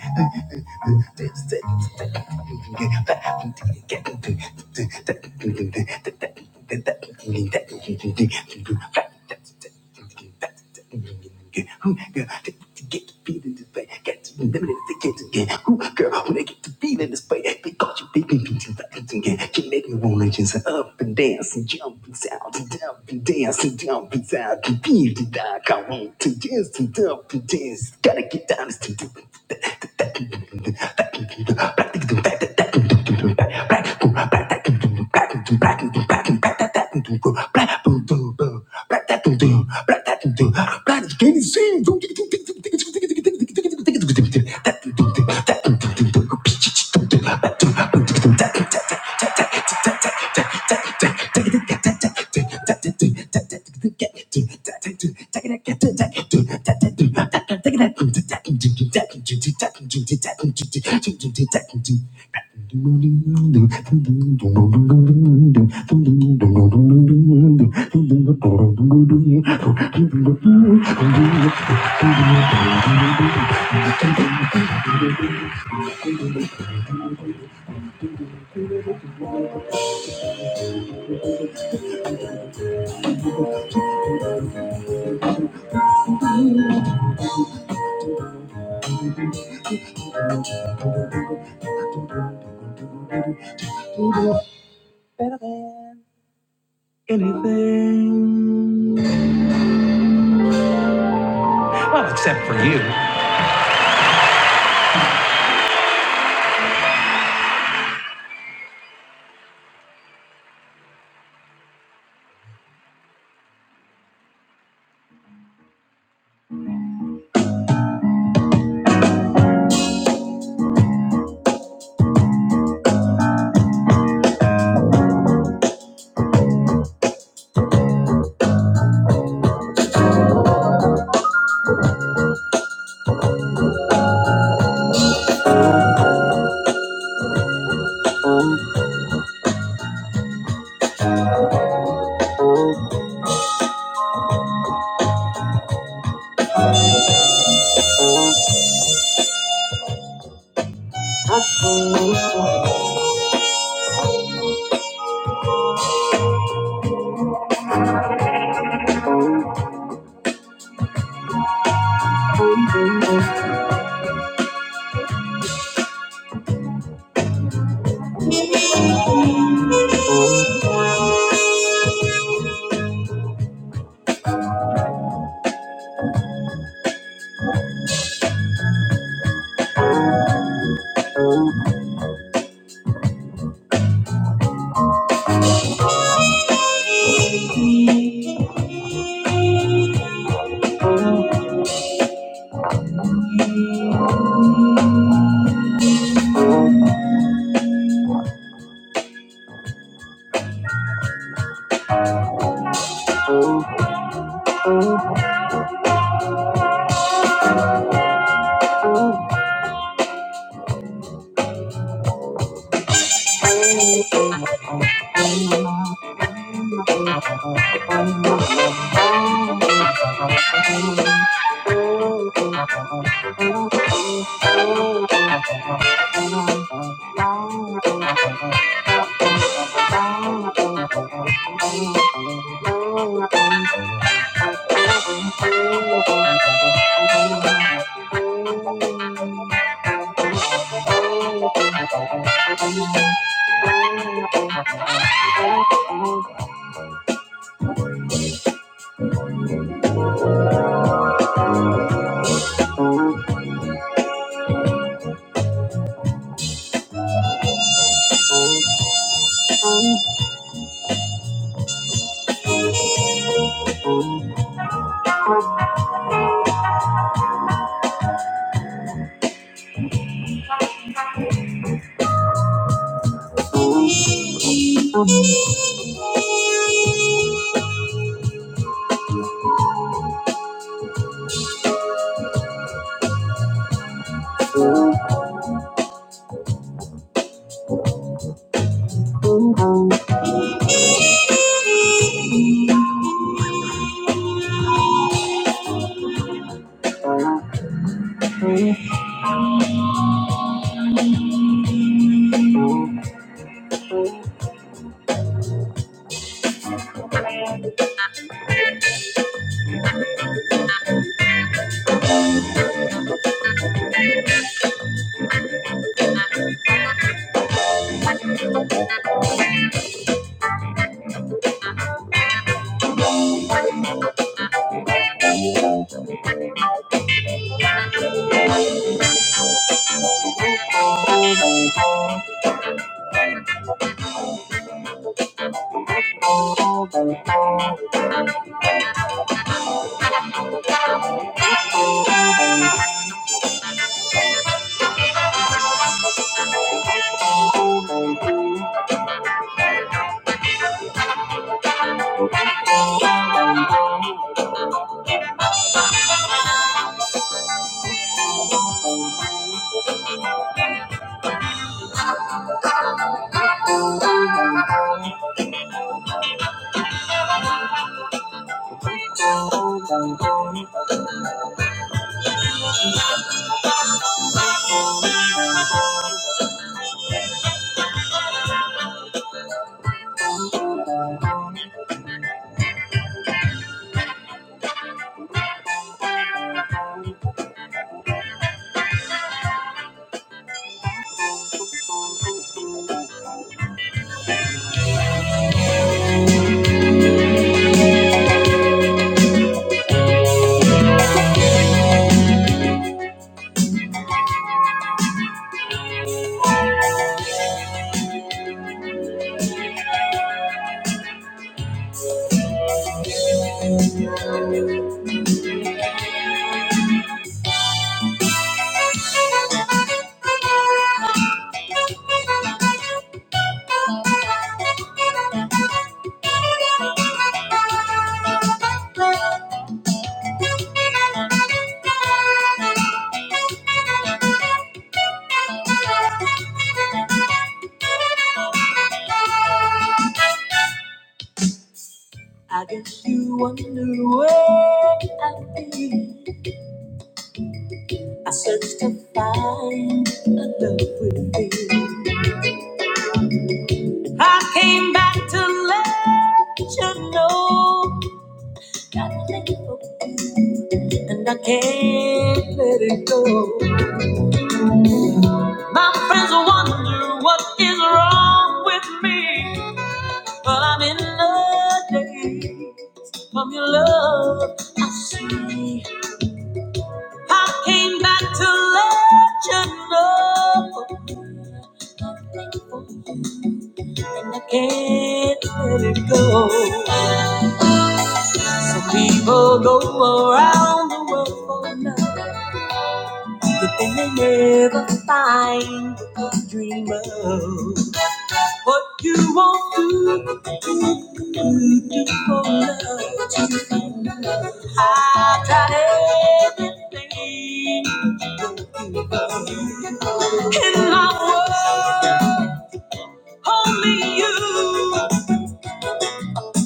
Get the beat in this way, get to them in the get to get. Ooh, girl, when they get the beat in this way, because you beat me, beat you, beat you, You make me wanna just up and dance and jump and sound and down up and dance and jump and to and feel the dark. I want to dance to jump and dance. Gotta get down to do. Better than. I guess you wonder where I've been. I searched to find a love with thee. I came back to let you know that I live for you, and I can't let it go. My friends wonder what is wrong with me, but I'm in the daze from your love. I see. I came back to let you know. I can't let it go. Some people go around the world for love, but then they never find what they dream of. What you won't do, you do for love. to find love. I've tried everything in my world, only you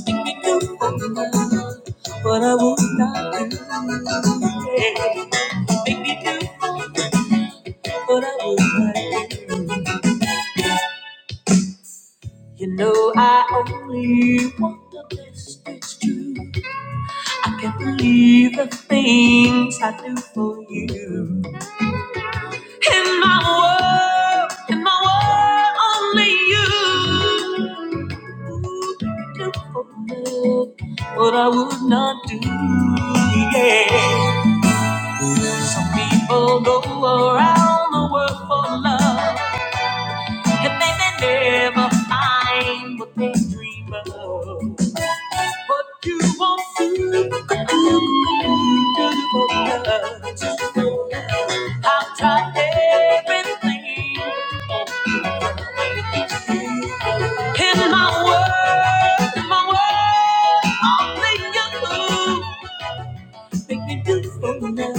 can do for love, but I will not do. Make me do what I would like. You know I only want the best, it's true. I can't believe the things I do for you. In my world, in my world, only you. Ooh, make me do what I would not do. Yeah. Some people go around the world for love. And they may never find what they dream of. But you won't see. I've tried everything in my world, in my world, only you make me do for love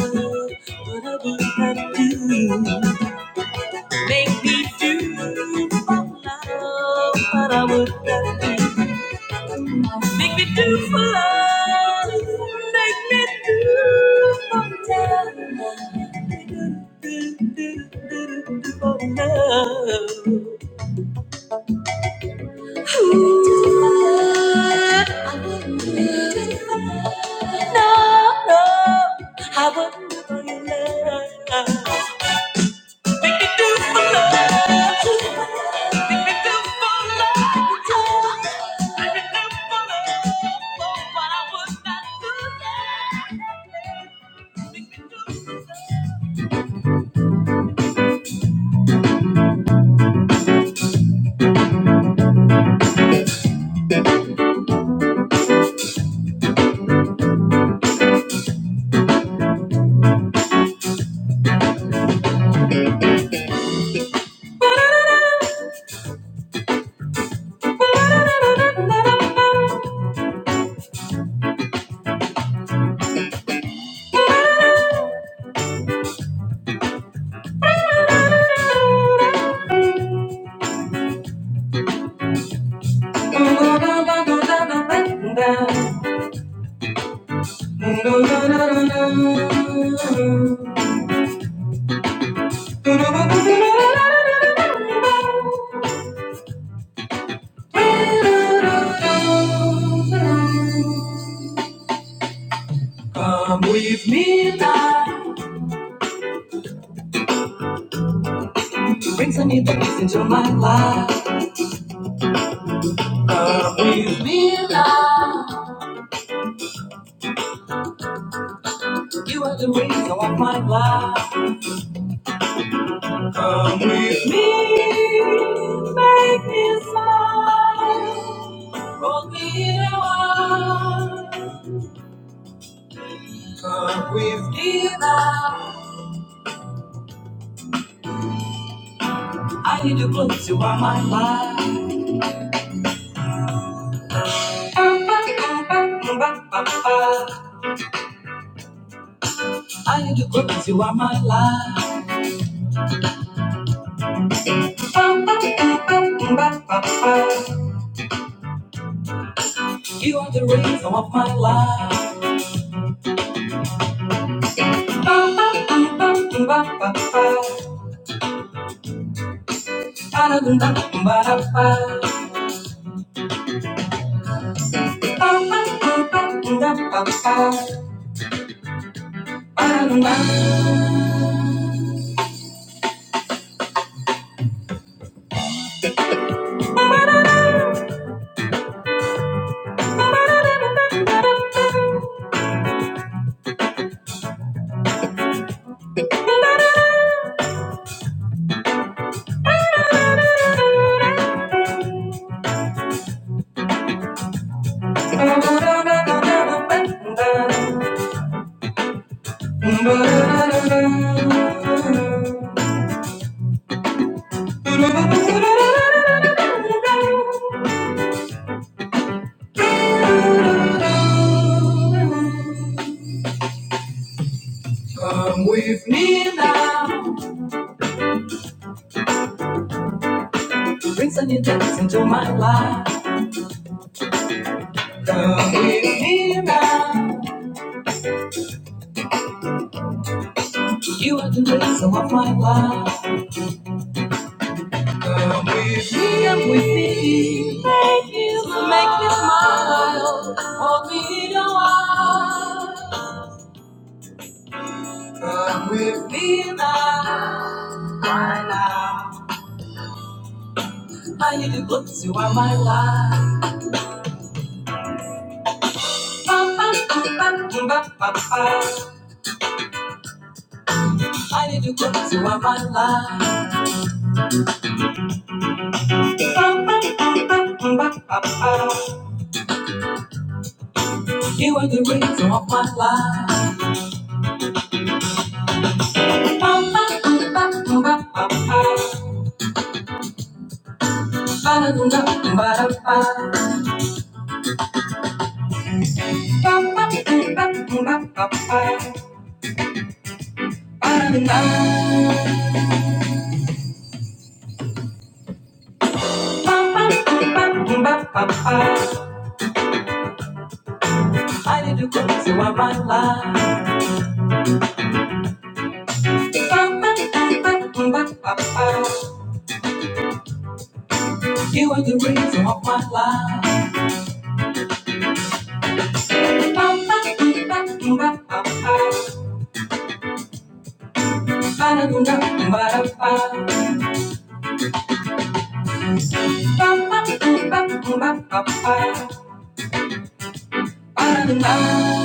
what I would not do. Make me do for love but I would not do. Make me do for love. Make me do for love. make me Do, do, do, do, do, do for love. Ooh, I wouldn't do it for love. No, no, I wouldn't do it for love. Come with me now. You bring some new things into my life. Come with me now. You are the reason of my life. Come with me. Make me smile. Roll me in a while. Come with me now. I need you close, you are my life. I need you close, you are my life. You are the reason of my life. Come with me now to bring some new things into my life. Come with me now. You are the reason of my life. Lift me up with me. Make me smile. Make me smile. Hold me a while. Come with me now. Right now. I need to go to where my life. I need to go to where my life. You are the reason of my life. I need to come to my life. You are the reason of my life. I don't know.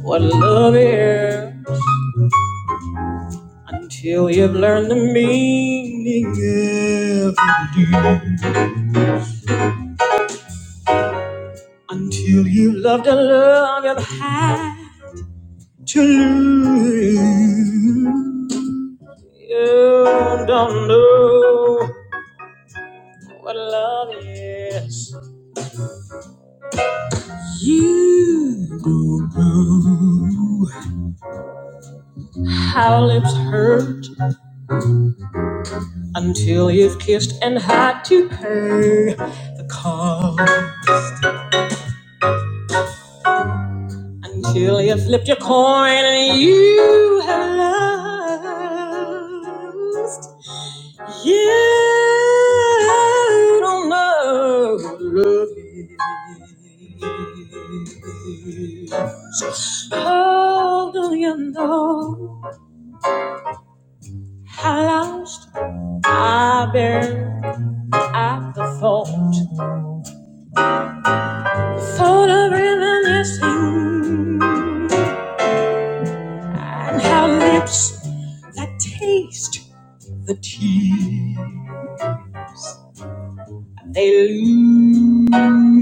What love is until you've learned the meaning of it. Until you love the love you've had to lose. You don't know what love is. You don't know how lips hurt until you've kissed and had to pay the cost. Until you flipped your coin and you have lost. You don't know who love is. How do you know how lost I've been at the thought, the thought of reminiscing, and how lips that taste the tea they lose.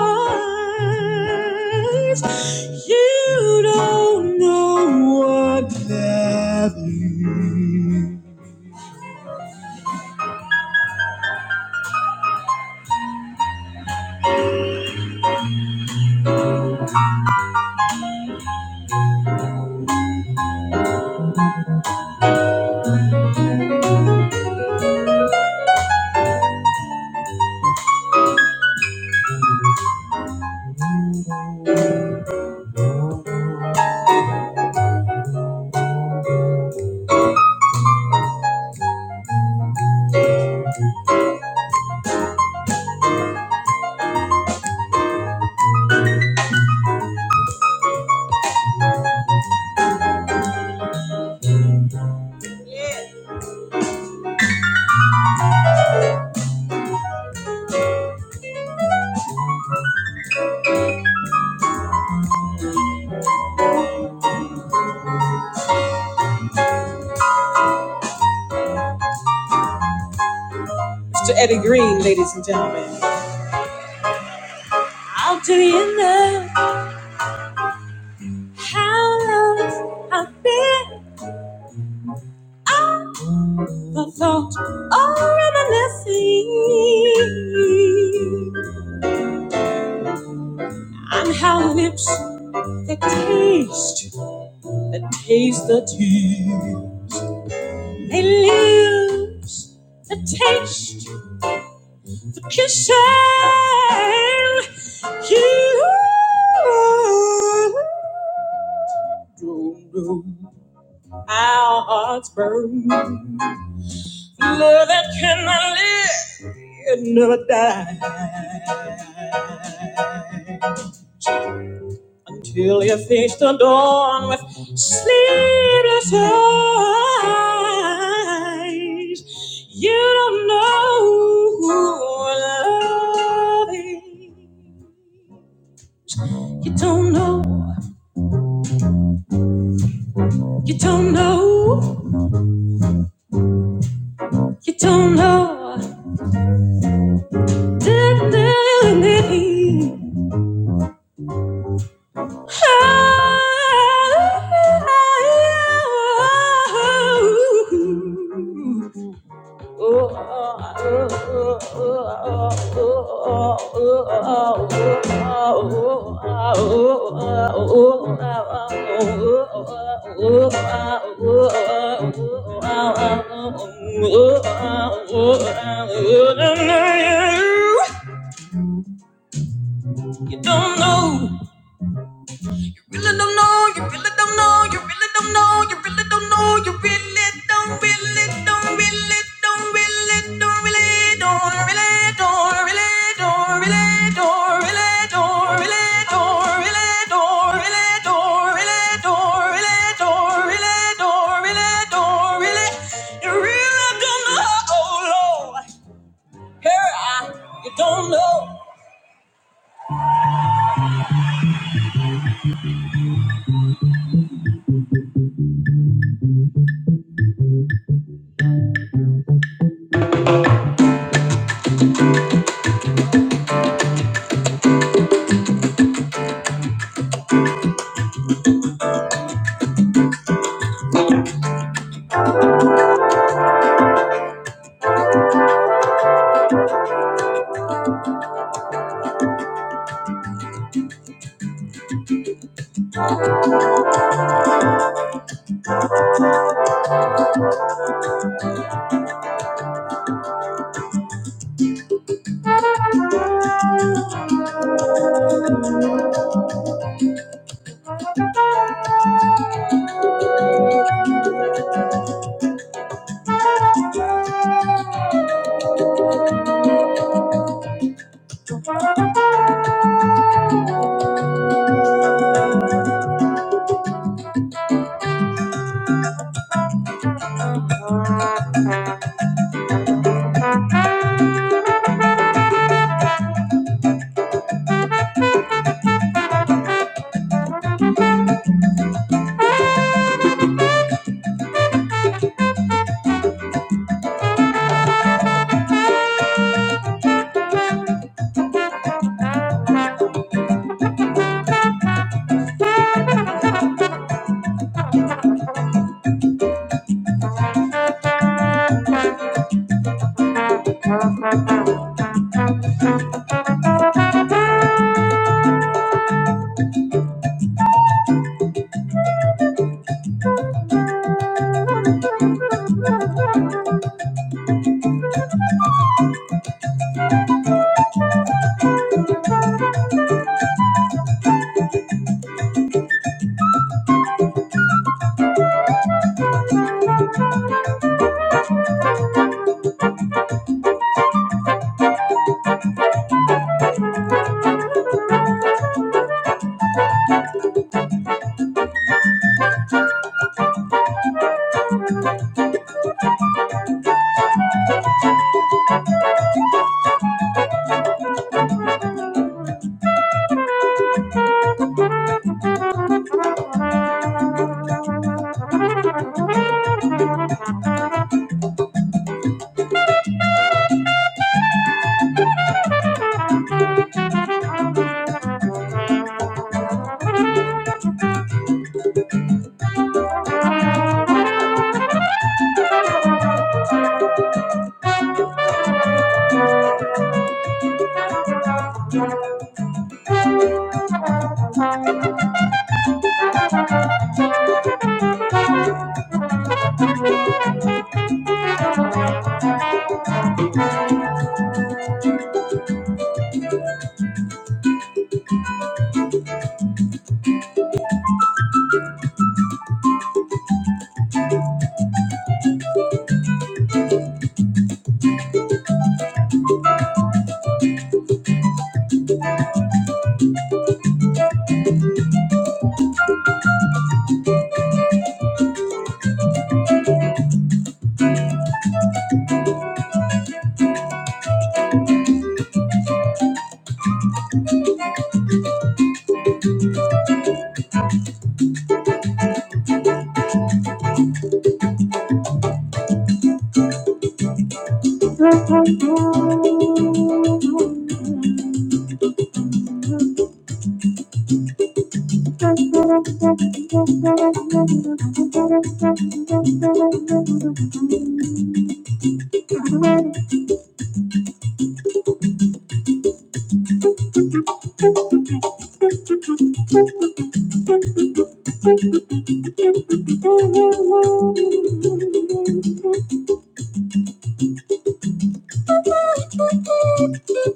lies. You don't know what that means. To Eddie Green, ladies and gentlemen. I'll do you now the thought of reminiscing on how lips that taste, that taste the tea. They lose the taste can sail you. Our hearts burn. Love that cannot live it never die. Until you face the dawn with sleepless eyes. You don't know who love is. You don't know. You don't know. You don't know me. You don't know really don't know, you really don't know, you really don't know, you really don't know, you really don't, really don't, really don't, really don't, really don't, really don't, really don't, really don't, really don't, really don't, really don't, really don't, really don't, really don't, really don't, really don't, really, you really don't know, oh Lord, here I, you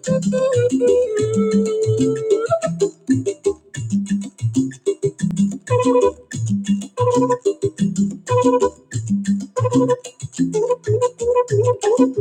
don't know. Thank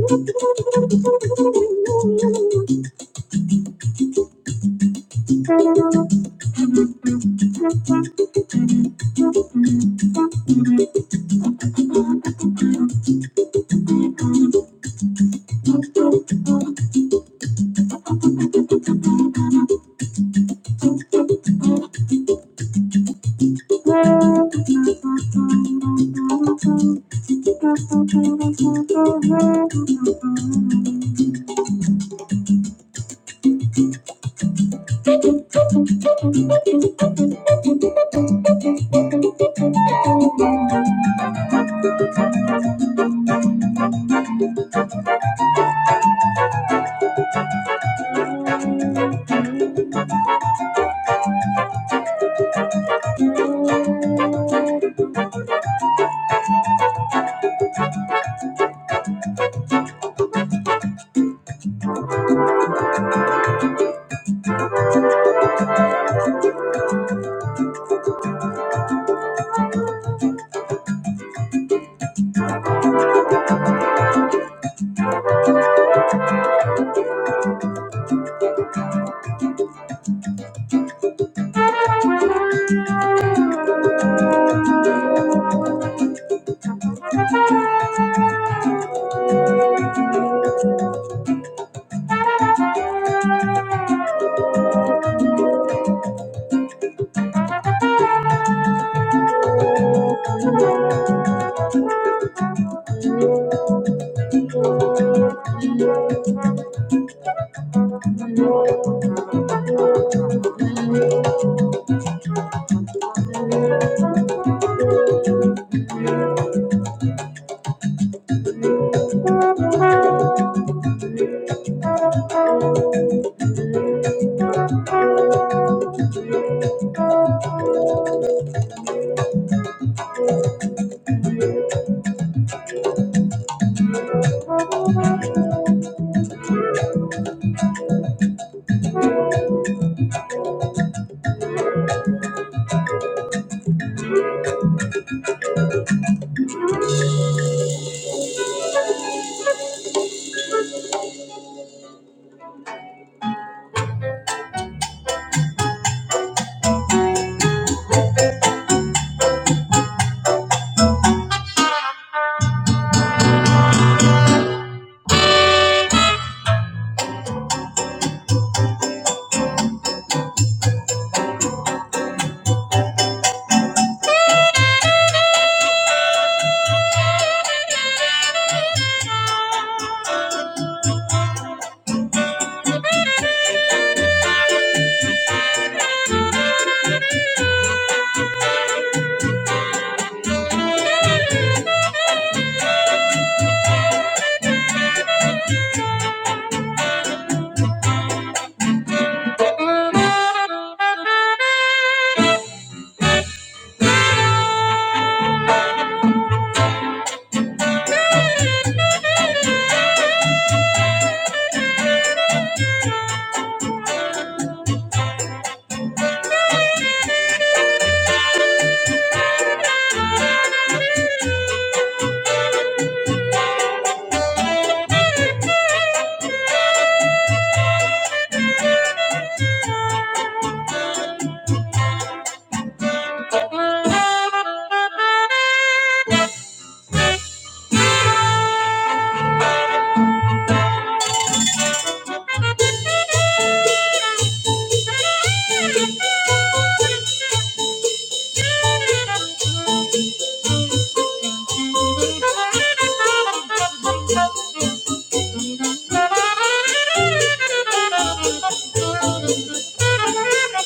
you.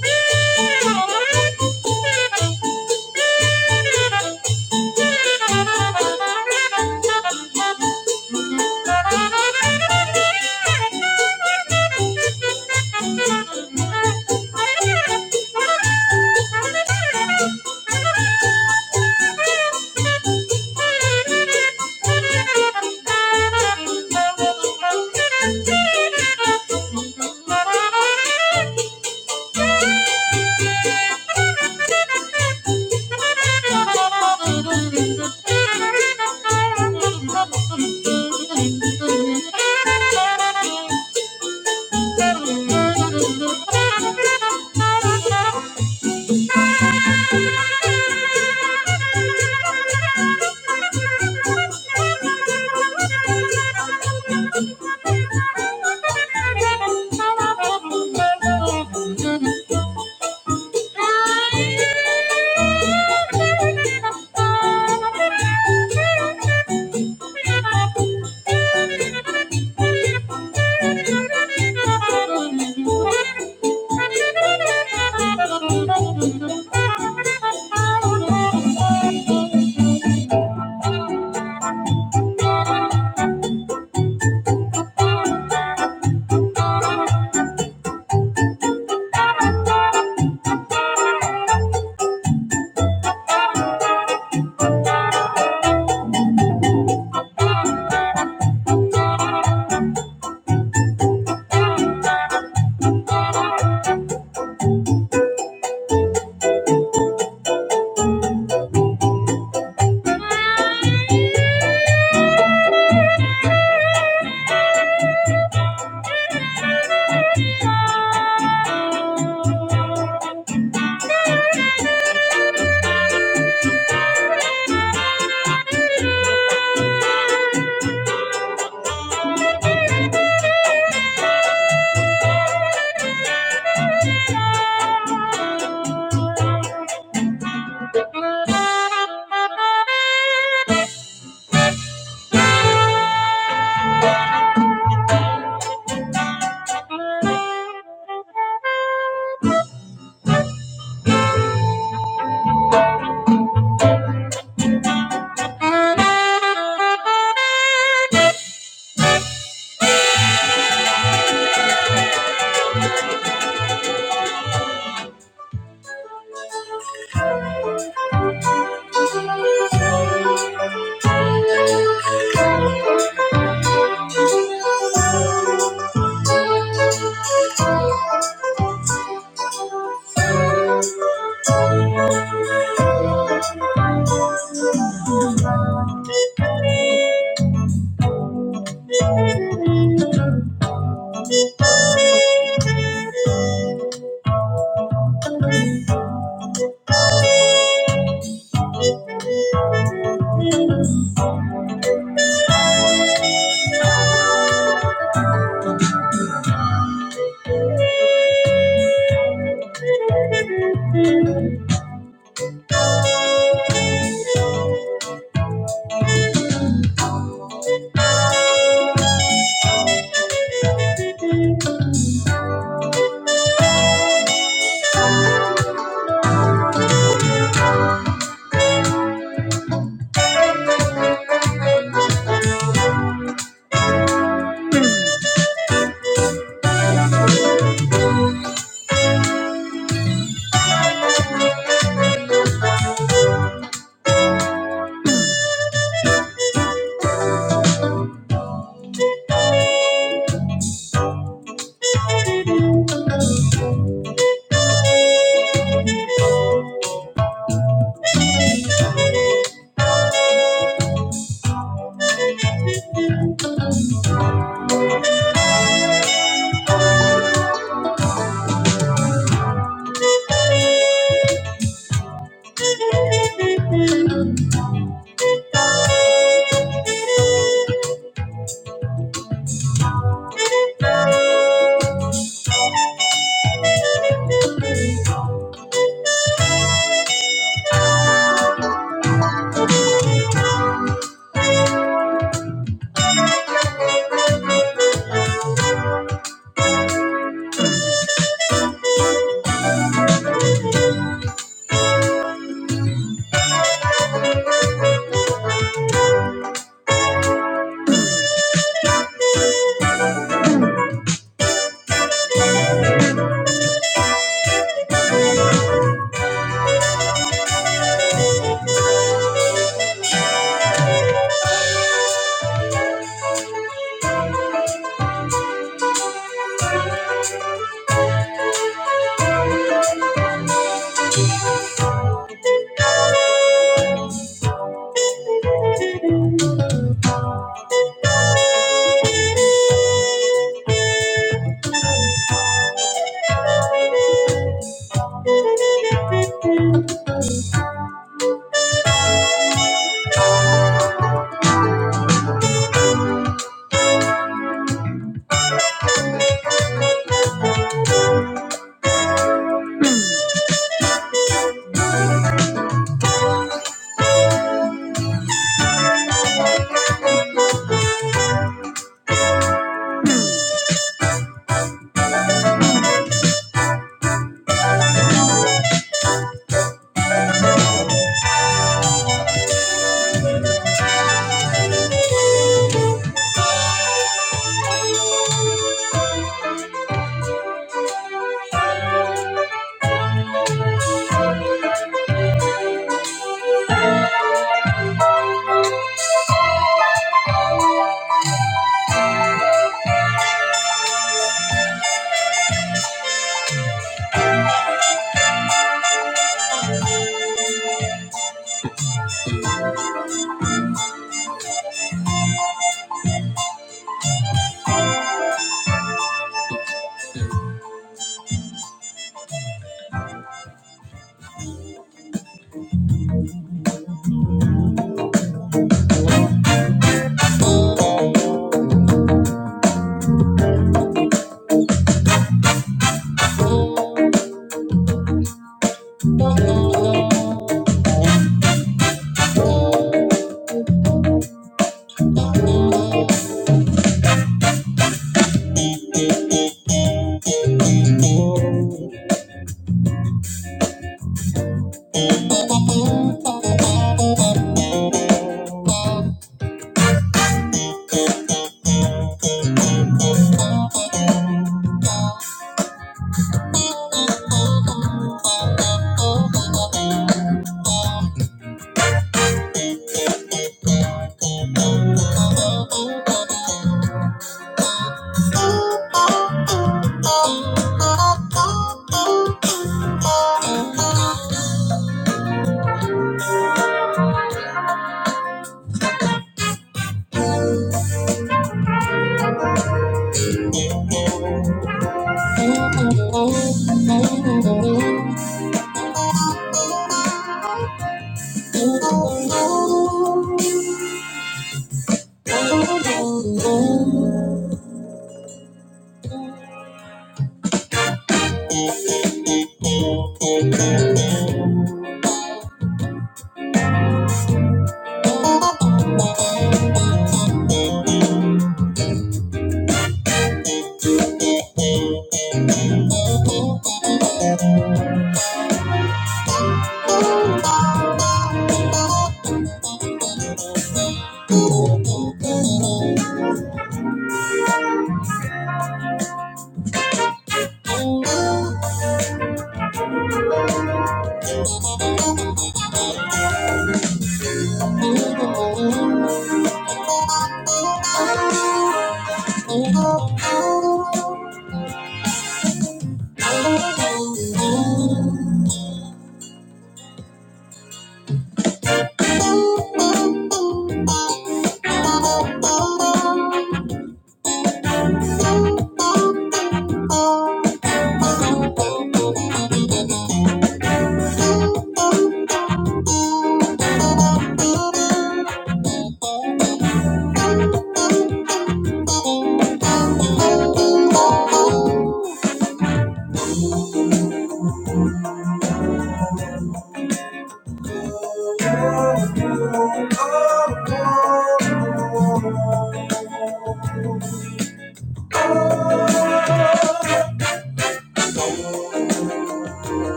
Thank you. Thank you. Thank you.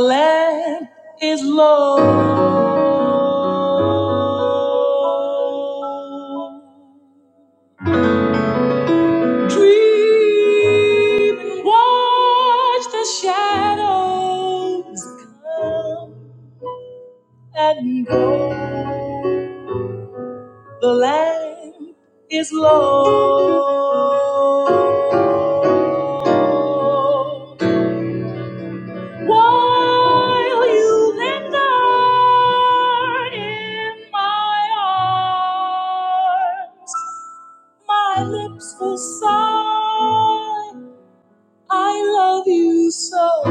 Let is low dream one shadow and go the land. low. While you linger in my arms, my lips will sigh I love you so.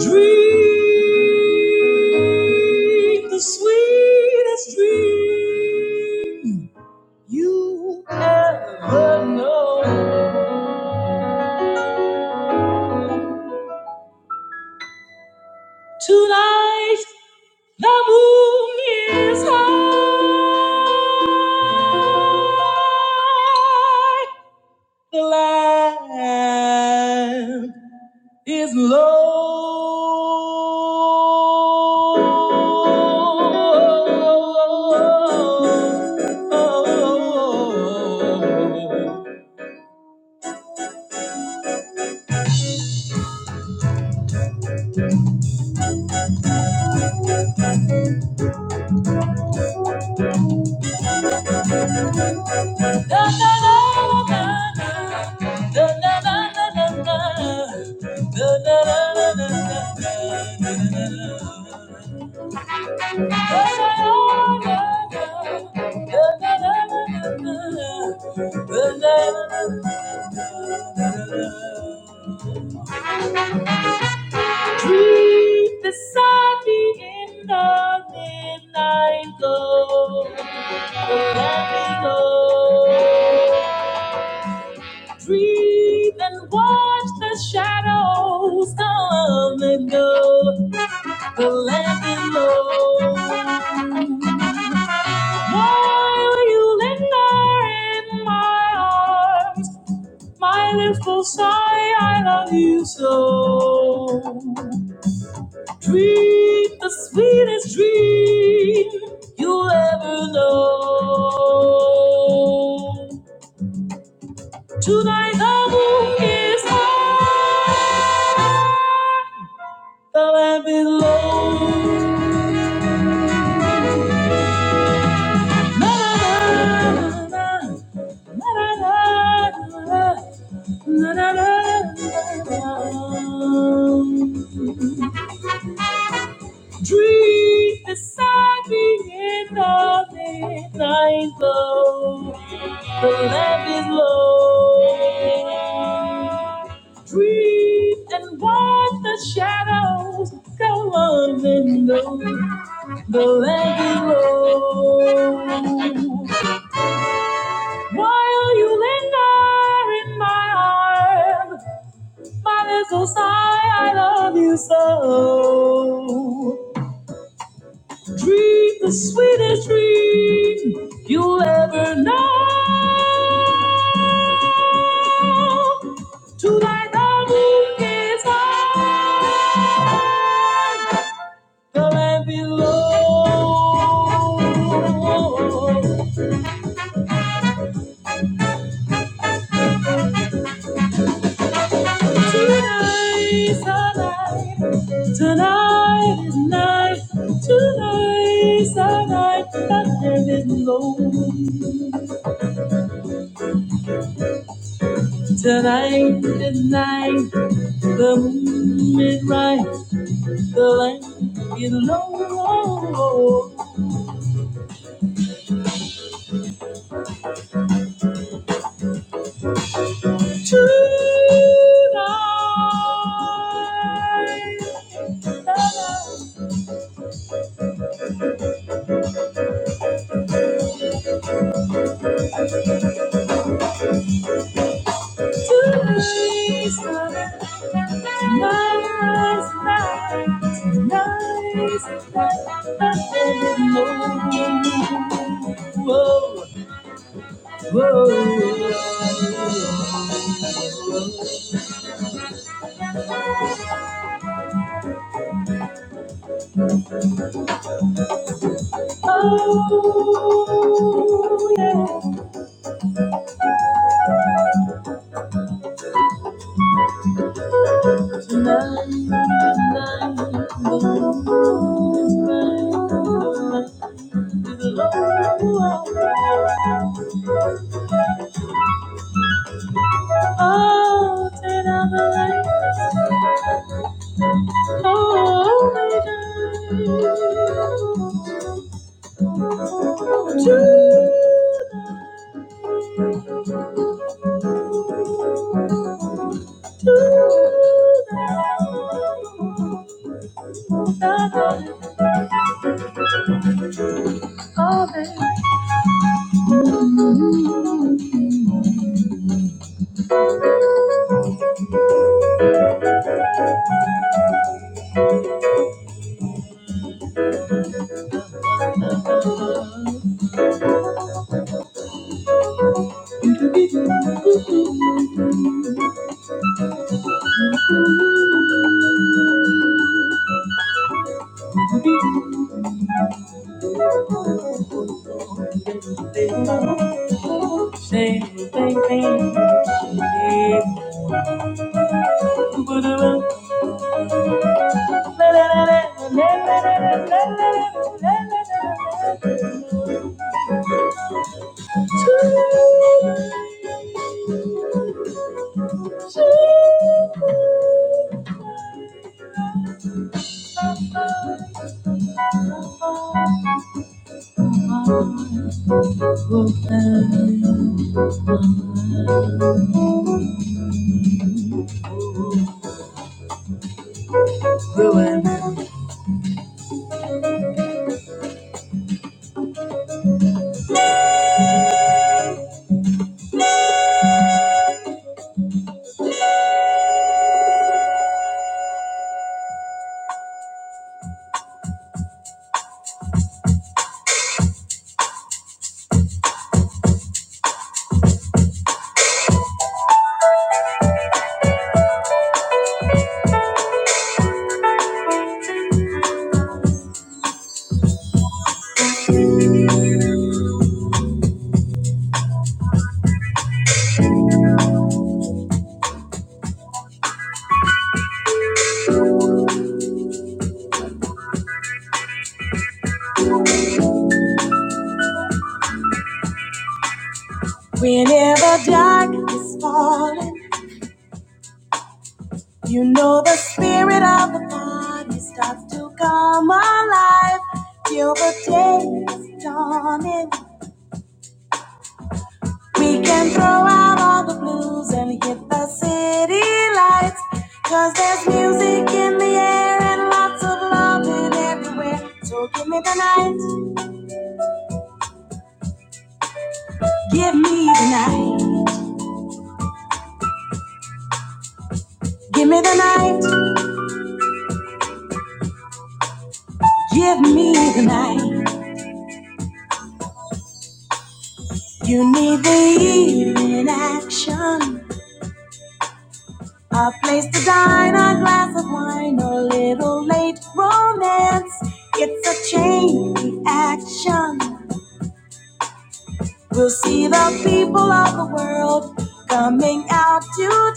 Dream the sweetest dream you ever know. Tonight the moon is high. The land Dream beside me in the midnight glow. Let me go. Dream and watch the shadows come and go. to let me know. While you linger in my arms, my lips will sigh, I love you so. Dream the sweetest dream you ever know. Tonight the moon is high, the land below. Dream beside me in the midnight glow. The lamp is low. Dream and watch the shadows go on and on. The lamp is low. While you linger in my arms, my little sigh, I love you so. Dream the sweetest dream you'll ever know. Tonight the moon is high, the land below. Tonight's the night. Tonight is night, tonight's the night that there is no moon. Tonight is night, the moon is bright, the light is low. Tonight, tonight's the night, tonight's the night, tonight's the night that there is no moon. Oh, turn out the lights. Oh, my God. Do, do that. Oh, baby, baby, baby, baby, baby, baby, Here the darkness falling. You know the spirit of the body starts to come alive. Till the day is dawning. We can throw out all the blues and hit the city lights. Cause there's music in the air and lots of loving everywhere. So give me the night. Give me the night. Give me the night. Give me the night. You need the evening action. A place to dine, a glass of wine, a little late romance. It's a chain reaction. We'll see the people of the world coming out to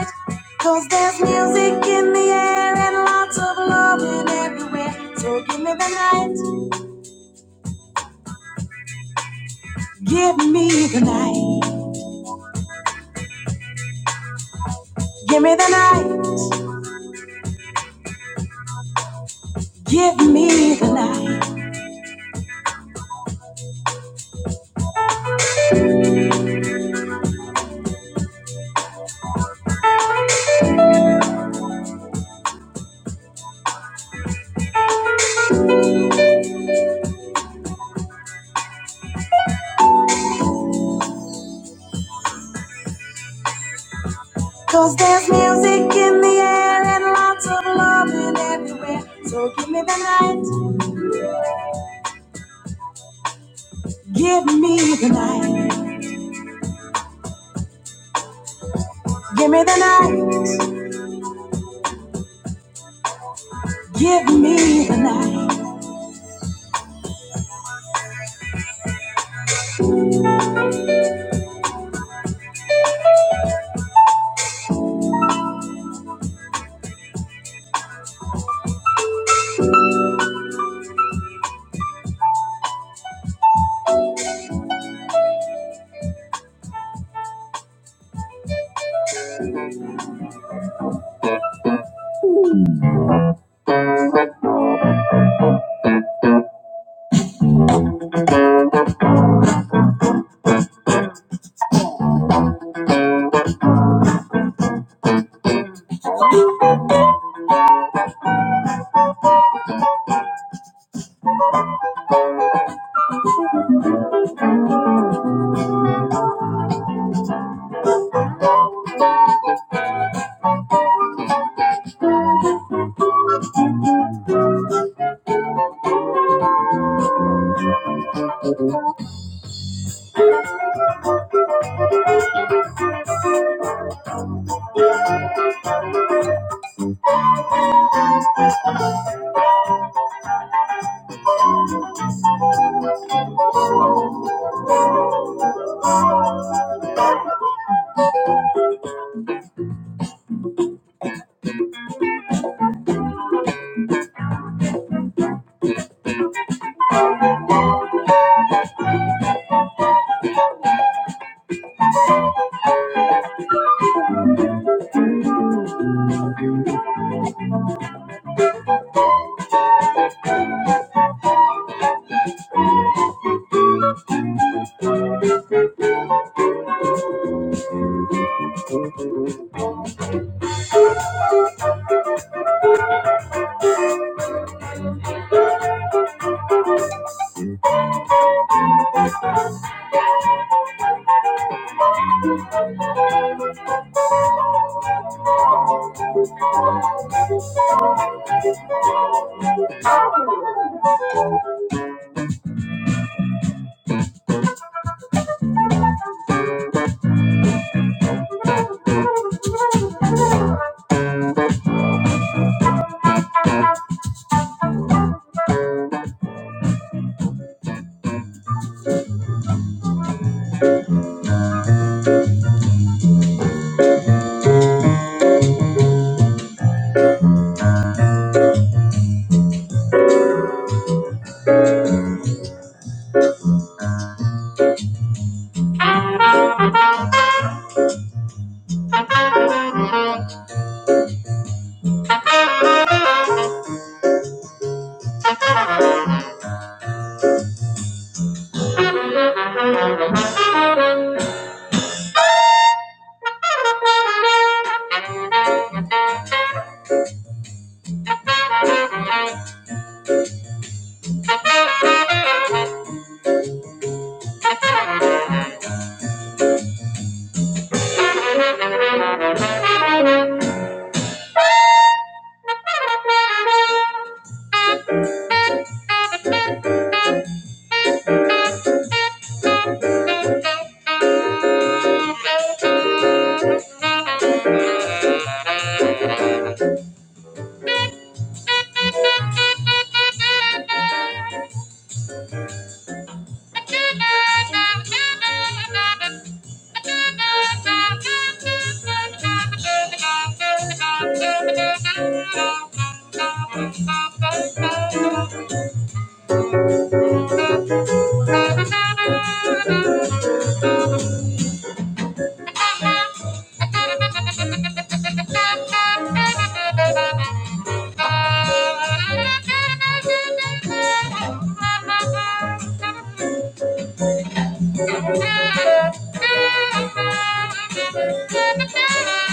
it, 'cause there's music in it. Yeah, music in the Thank you. Thank you.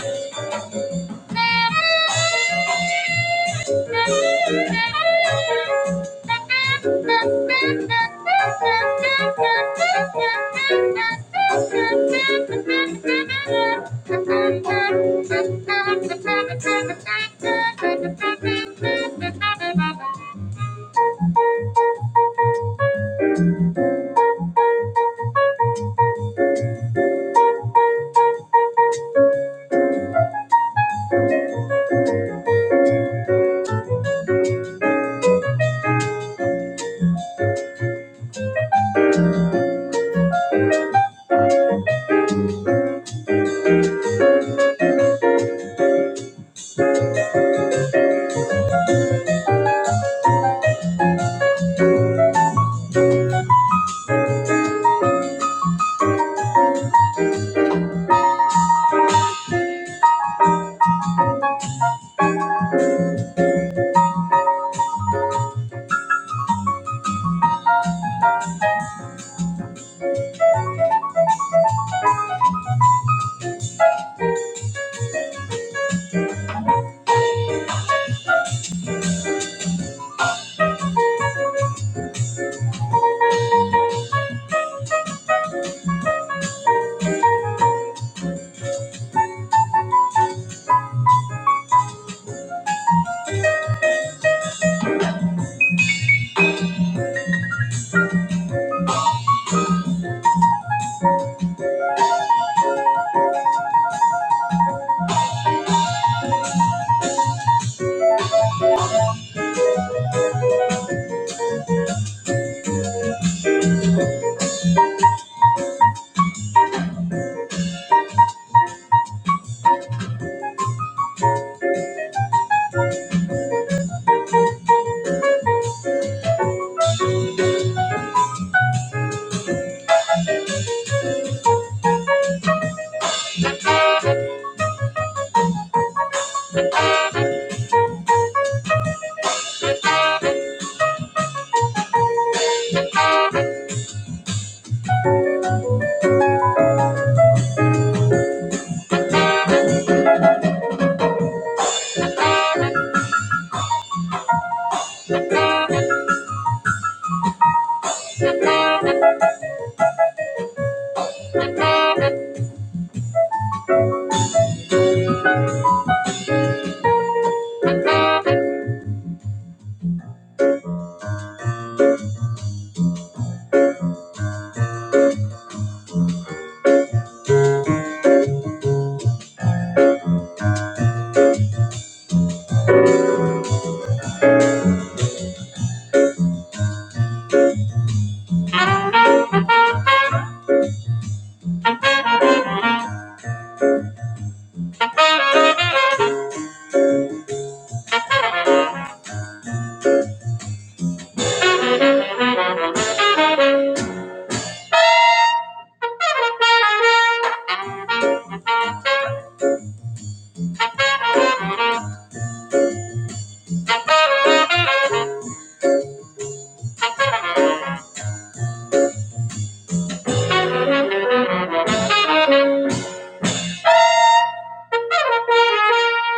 Thank you.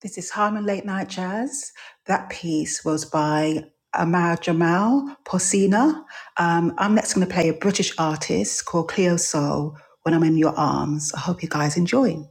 This is Harmon Late Night Jazz. That piece was by Amar Jamal Porcina. Um, I'm next going to play a British artist called Cleo Soul when I'm in your arms. I hope you guys enjoy.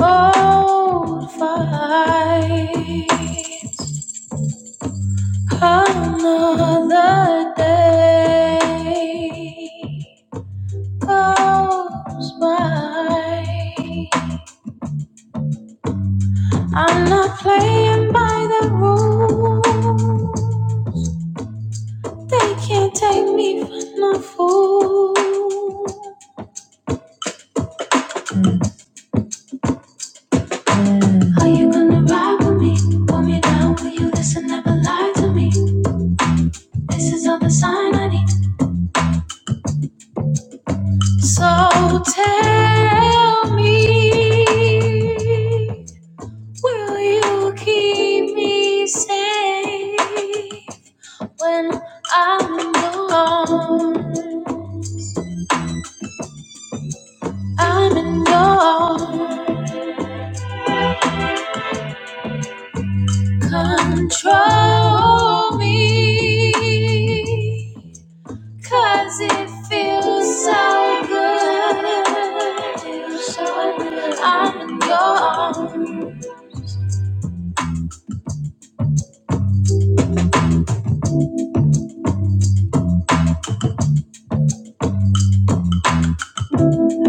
Old fights, another day goes by. I'm not playing by the rules. They can't take me for no fool. Are you gonna ride with me? Pull me down, will you listen? Never lie to me. This is all the sign I need. So tell me, will you keep me safe when I'm alone? I'm in your control me. Cause it feels so good. Feels so good. I'm in your arms.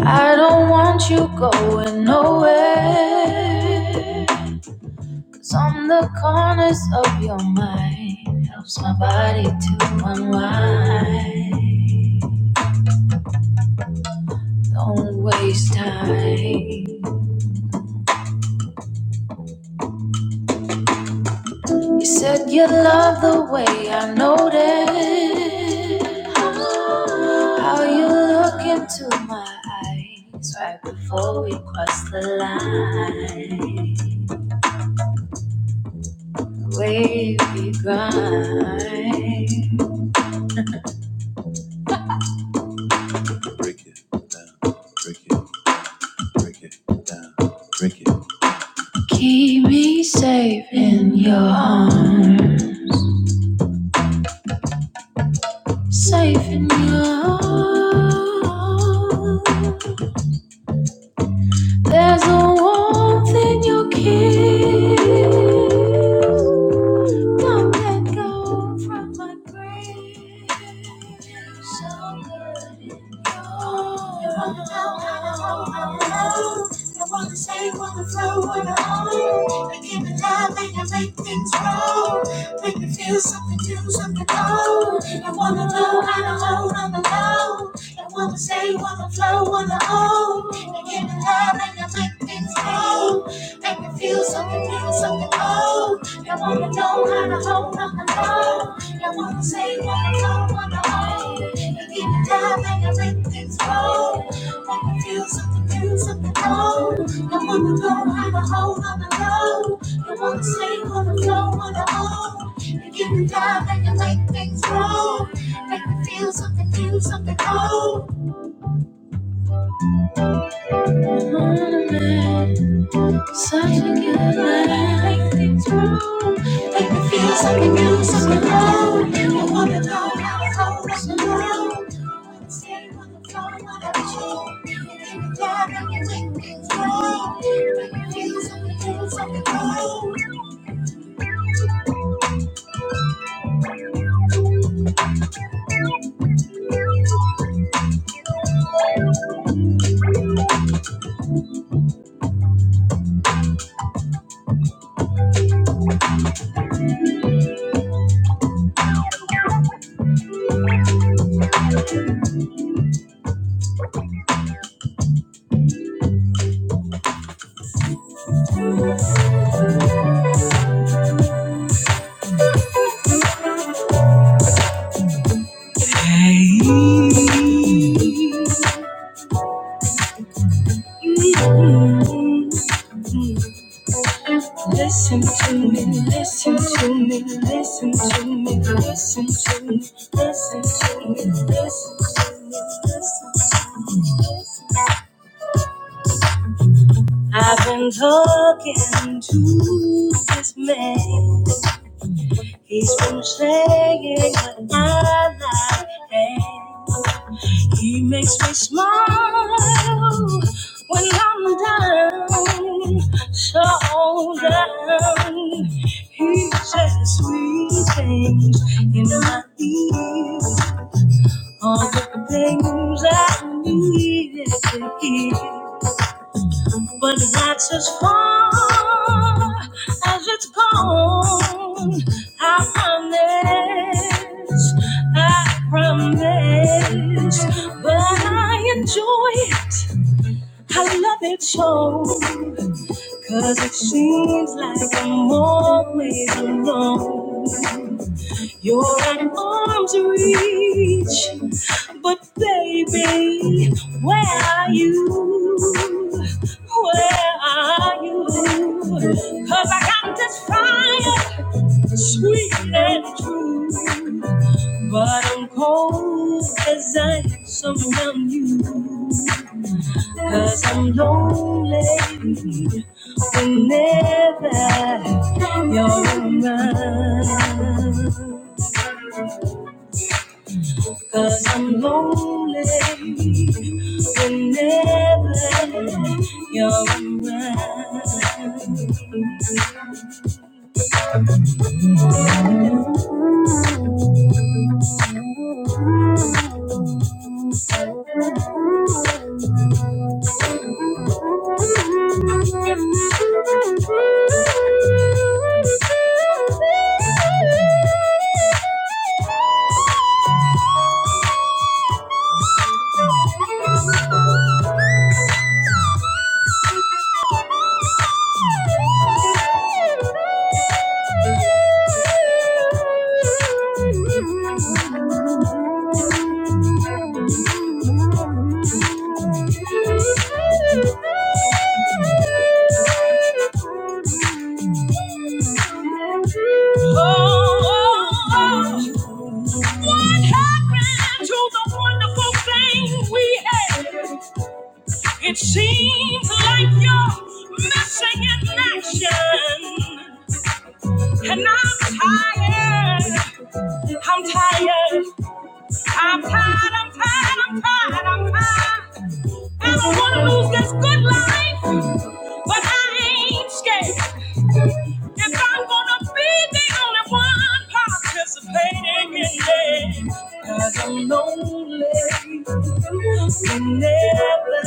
I don't want you going nowhere. Cause on the corners of your mind helps my body to unwind. Don't waste time. You said you love the way I noticed how you look into my eyes right before we cross the line. The way we grind. Break it down, break it, break it down, break it. Keep me safe in your arms, safe in your arms. There's a warmth in your kiss. Don't let go from my grave. So good in your arms. know. Make me feel something new, something cold. I wanna know how to hold on the low. I wanna say, wanna flow, wanna own. And give it love and you make things grow. Make me feel something new, something cold. I wanna know how to hold on the low. I wanna say, wanna flow, wanna own. And give it love and you make things grow. Make me feel something new, something cold. I wanna know how to hold on the low. You wanna say you wanna blow, wanna own. You give and dive and you make things grow. Make me feel something new, something old. Morning, such a good life. Make things grow. Make me feel something new, something old. You want- Listen to me, listen to me, listen to me, listen to me, listen to me, listen to me, listen I've been talking to this man. He's been playing with my life, and he makes me smile when I'm down, so down. He says sweet things in my ear, all the things I needed to hear. But that's as far as it's gone. I promise, I promise. But I enjoy it, I love it so. Cause it seems like I'm always alone. You're an arm's reach, but baby, where are you? Where are you? Cause I got this fire, sweet and true, but I'm cold as ice around you. Cause I'm lonely whenever you're around. Cause I'm lonely whenever you're around. Missing in action, and I'm tired. I'm tired. I'm tired. I'm tired. I'm tired. I'm tired. I don't wanna lose this good life. I ain't scared. If I'm gonna be the only one participating in it, cause I'm lonely, never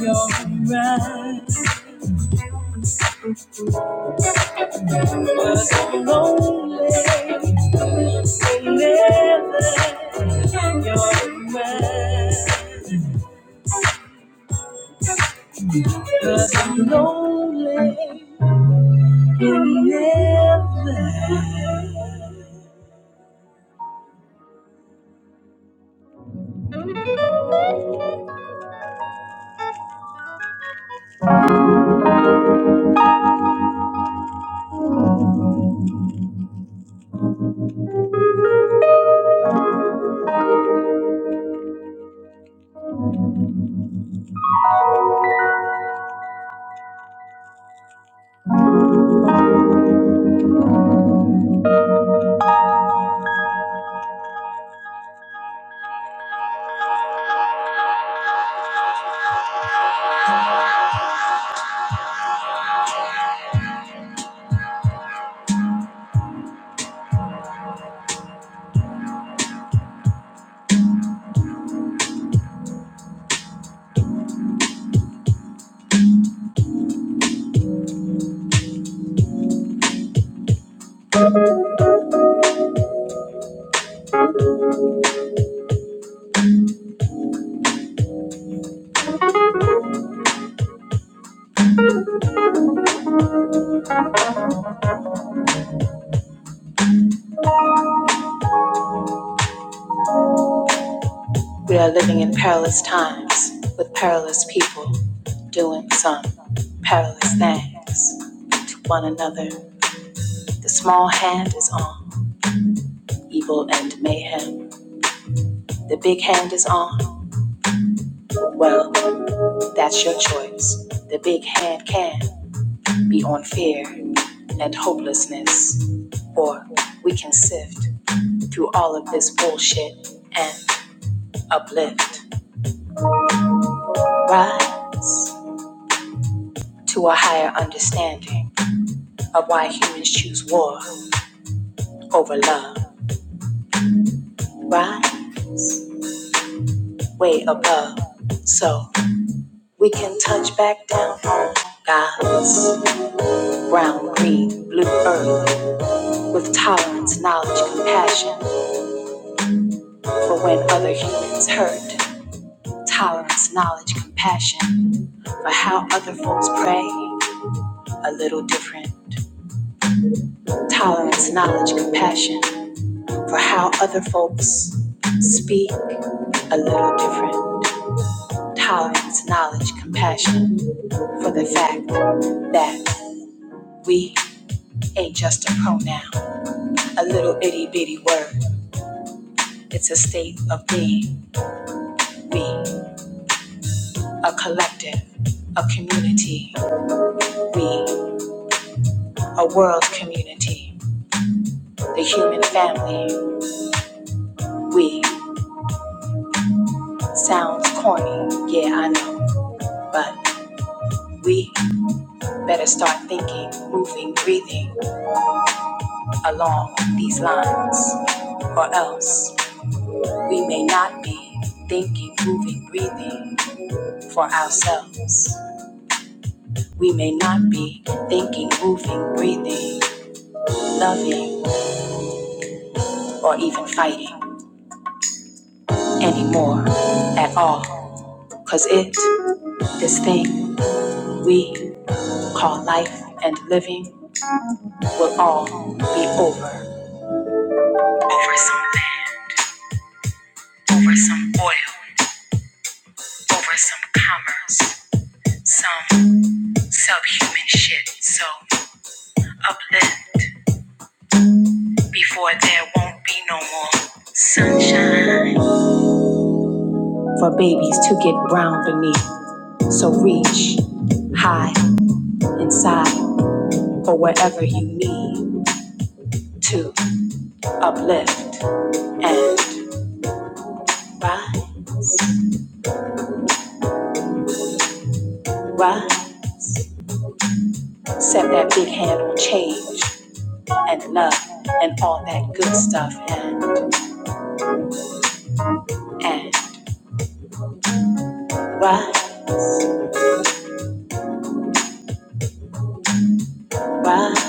you're right. Cause I'm lonely, never you're right. Cause I'm lonely, never. We're living in perilous things, one another. The small hand is on evil and mayhem. The big hand is on. Well, that's your choice. The big hand can be on fear and hopelessness, or we can sift through all of this bullshit and uplift. Rise to a higher understanding of why humans choose war over love. Rise way above so we can touch back down on God's brown, green, blue earth with tolerance, knowledge, compassion for when other humans hurt. Tolerance, knowledge, compassion for how other folks pray, a little different. Tolerance, knowledge, compassion for how other folks speak, a little different. Tolerance, knowledge, compassion for the fact that we ain't just a pronoun, a little itty bitty word. It's a state of being, we. a collective, a community. We, a world community, the human family. We, sounds corny, yeah, I know, but we better start thinking, moving, breathing along these lines, or else we may not be thinking, moving, breathing for ourselves. We may not be thinking, moving, breathing, loving, or even fighting. anymore at all. Cause it, this thing we call life and living, will all be over. Over some land, over some oil, over some commerce, some subhuman shit. So uplift before there won't be no more sunshine. For babies to get brown beneath, so reach high inside for whatever you need to. uplift, and rise, rise. Set that big hand on change and love and all that good stuff and and rise, rise,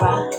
rise.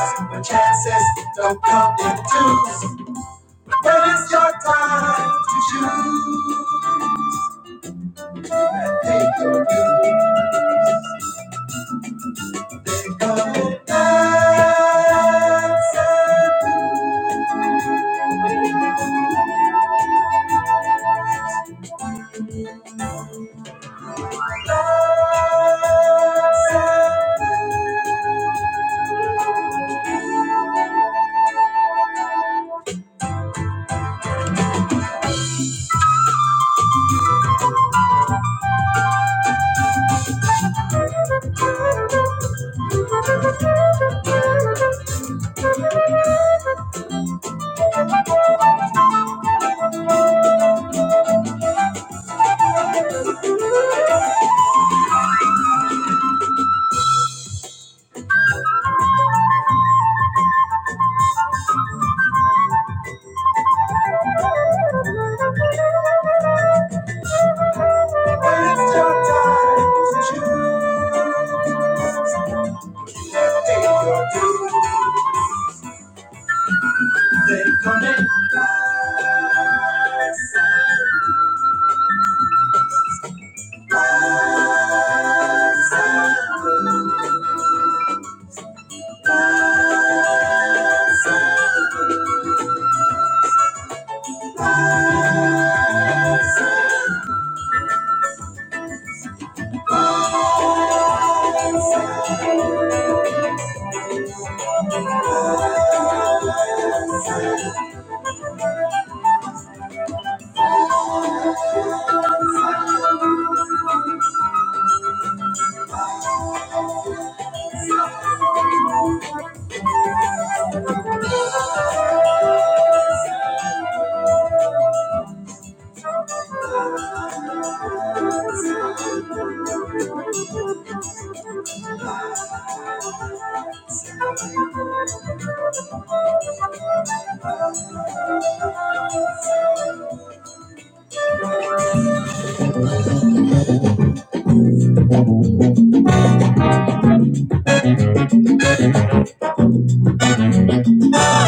Just don't come in twos. your time.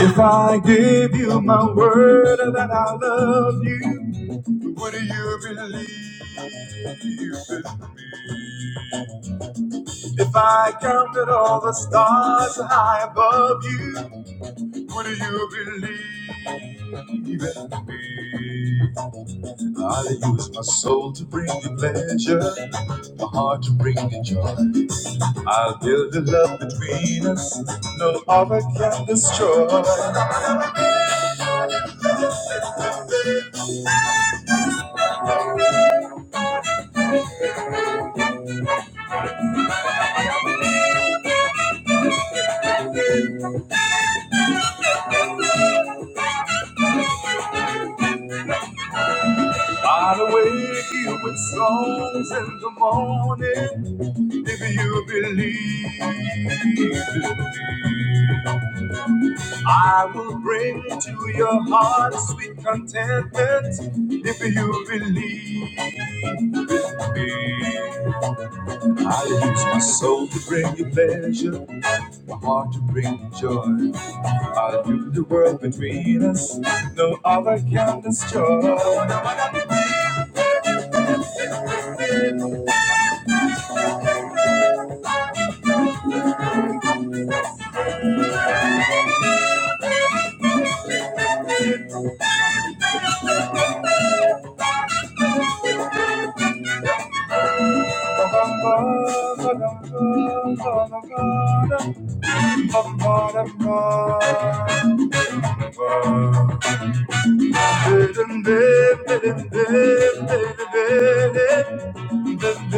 If I give you my word that I love you, would you believe in me? If I counted all the stars high above you, would you believe in me? I'll use my soul to bring you pleasure, my heart to bring you joy. I'll the love between us, no other can destroy. I'll wake you with songs in the morning, if you believe. in I will bring to your heart sweet contentment if you believe me. I'll use my soul to bring you pleasure, my heart to bring you joy. I'll do the world between us, no other can destroy. Say goodnight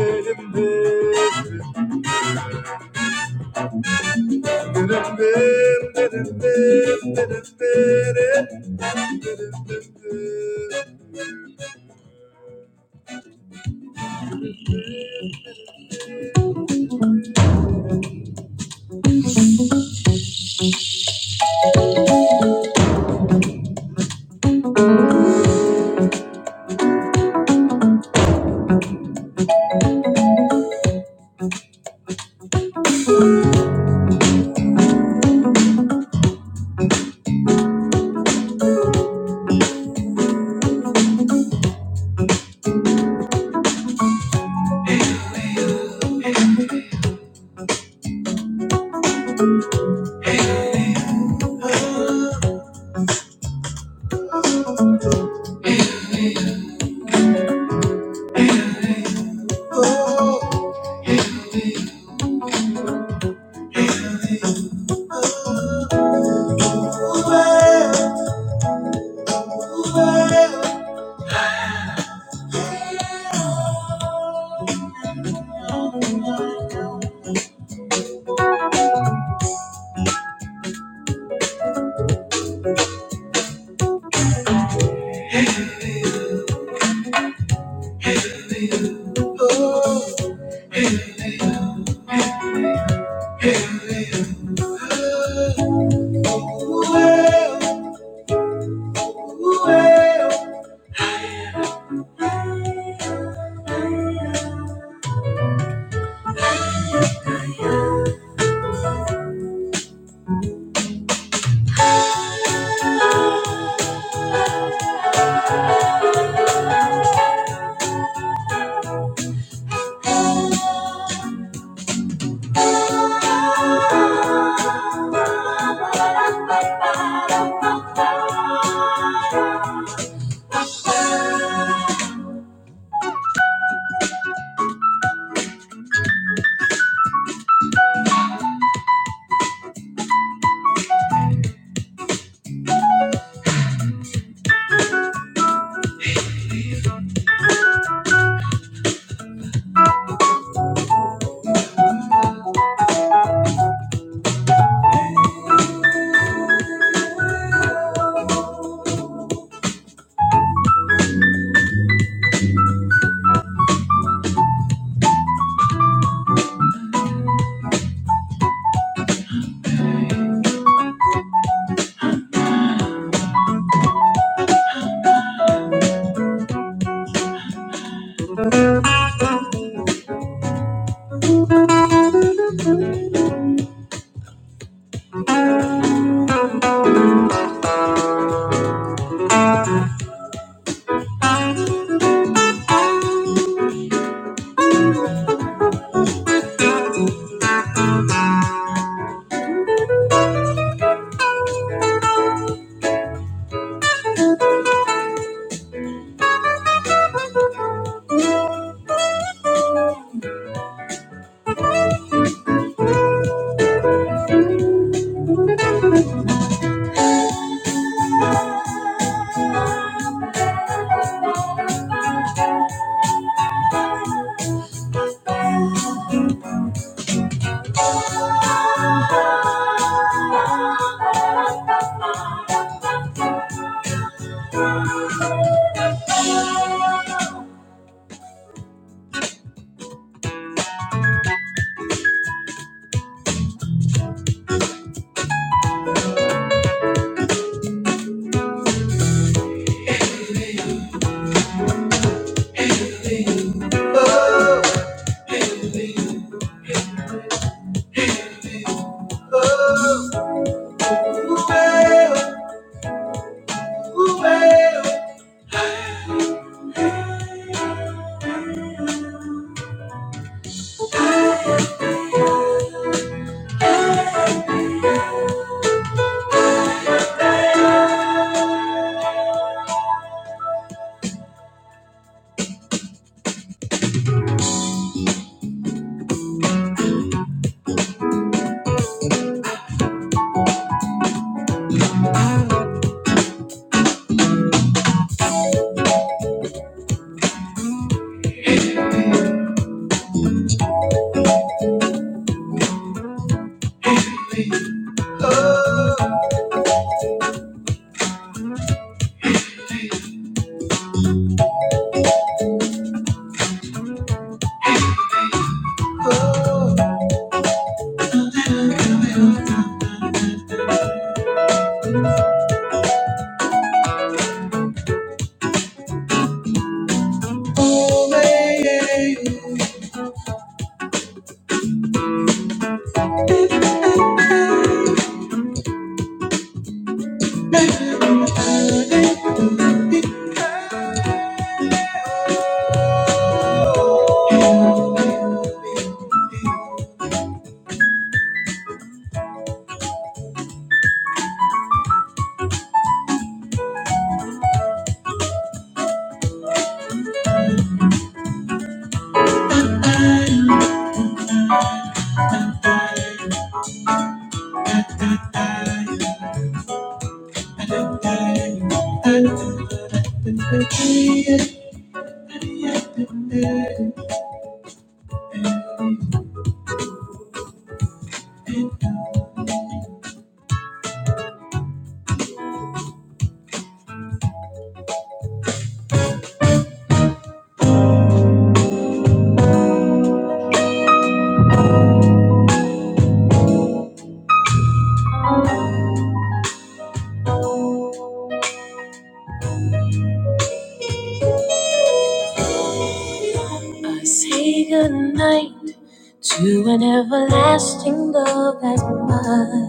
to an everlasting love that's mine.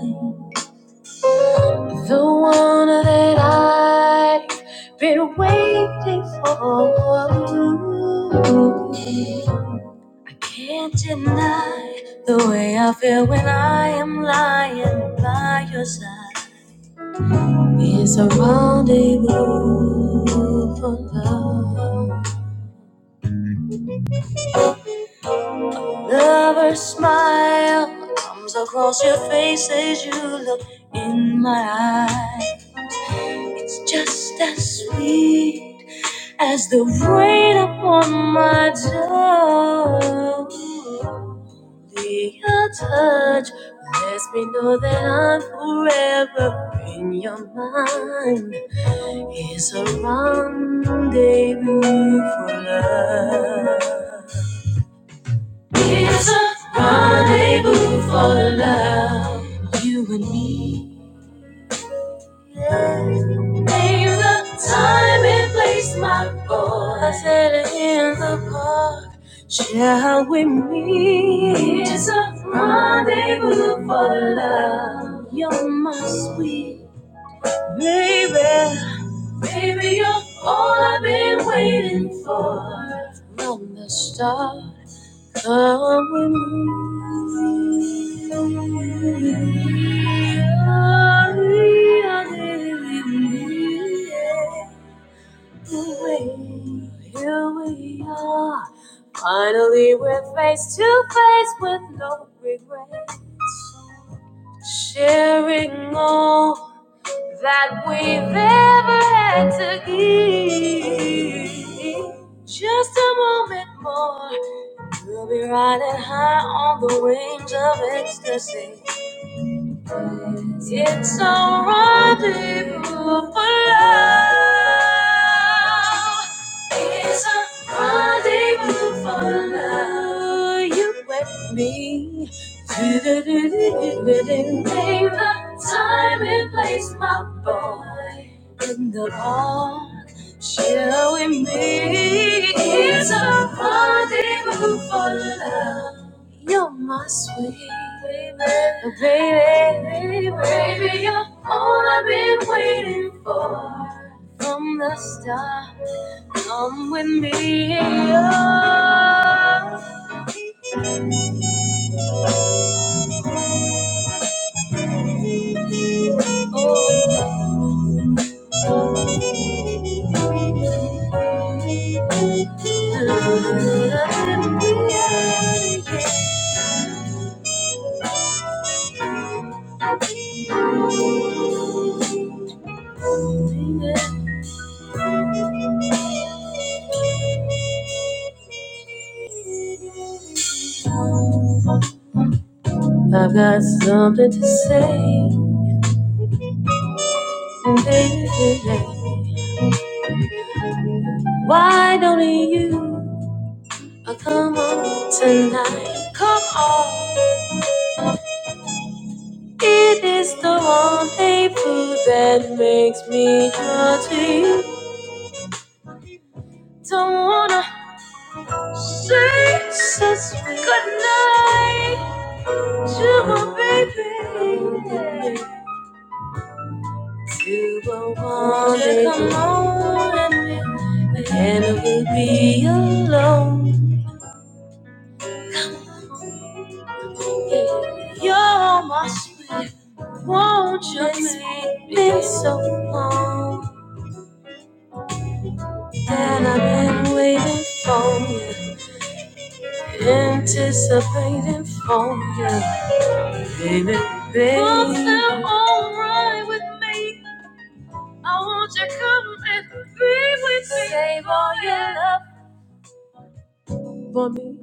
The one that I have been waiting for. Can't deny the way I feel when I am lying. by your It's a rendezvous for love. Lover's smile comes across your face as you look in my eyes. It's just as sweet as the rain upon my door. Be Your touch, I'm forever in your mind. It's a rendezvous for love. It's a rendezvous for love, you and me. Name the time and place, my boy. I said in the park, shall we meet? It's a rendezvous for love. You're my sweet baby. Baby, you're all I've been waiting for. From the start here we are. Finally, we're face to face with no regrets, sharing all that we've ever had to give. Just a moment more, we'll be riding high on the wings of ecstasy. It's a rendezvous for love. From the start, come with me. Oh. I've got something to say, baby. Why don't you come on tonight? Come on. It is the one food that makes me happy. Don't wanna say such good night. Sugar baby, yeah. you will want it. Come on and me, and I will be alone. You're my sweet, won't you make me so long? And I've been waiting for you, anticipating for you, baby, baby. Something alright with me. I want you to come and with me. Save all your love for me.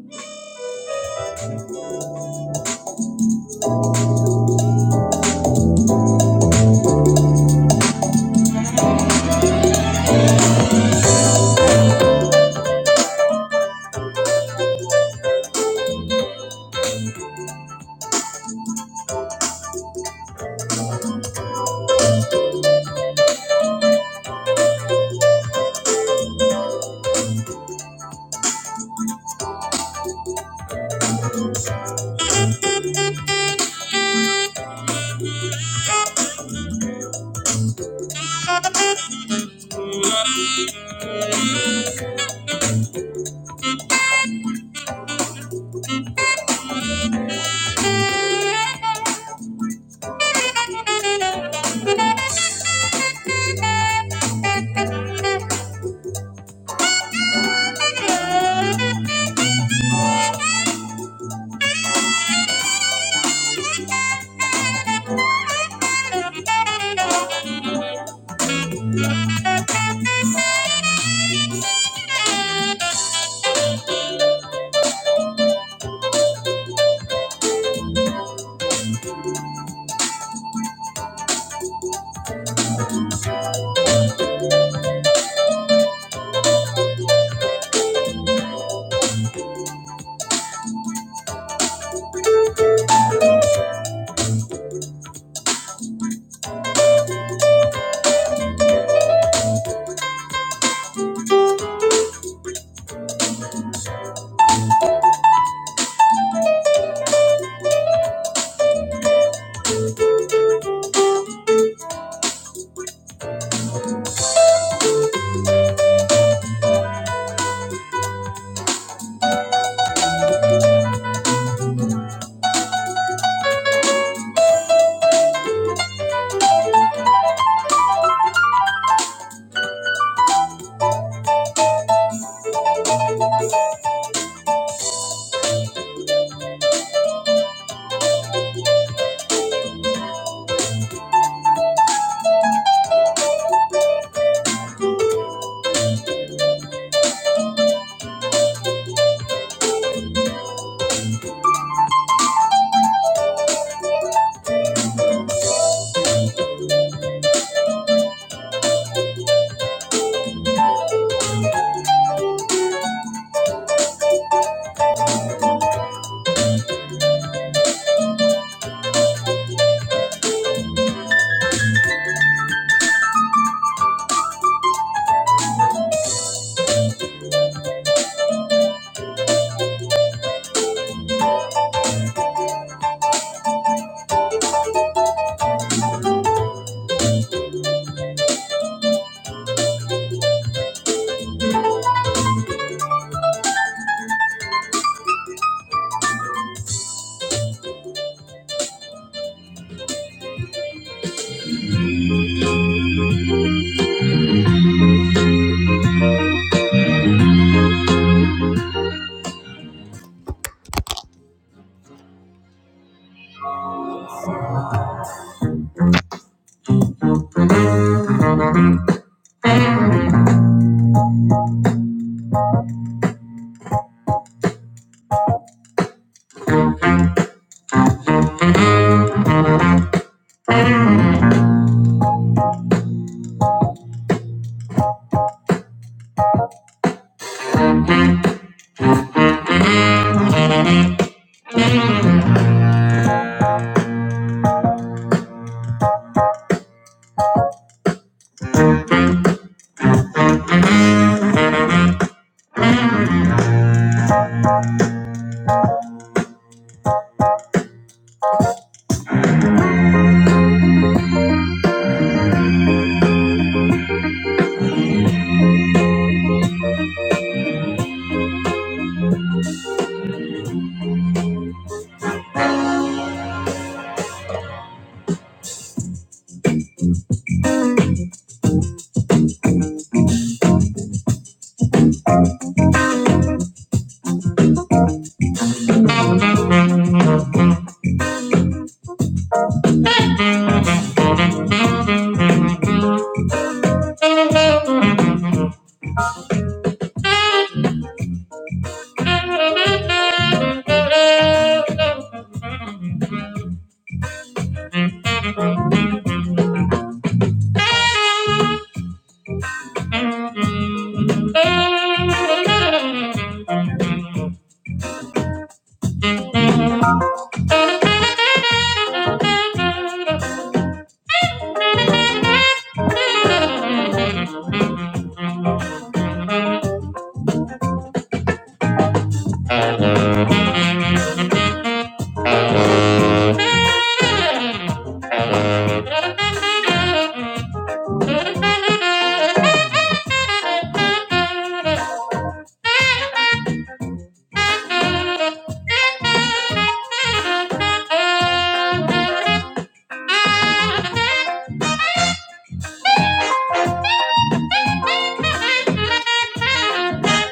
Thank you.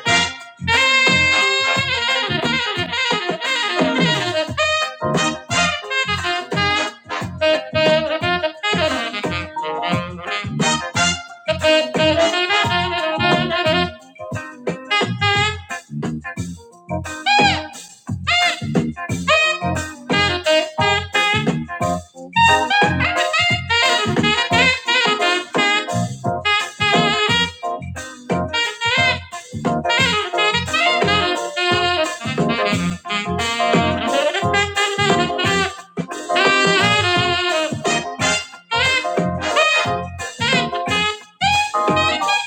Thank you.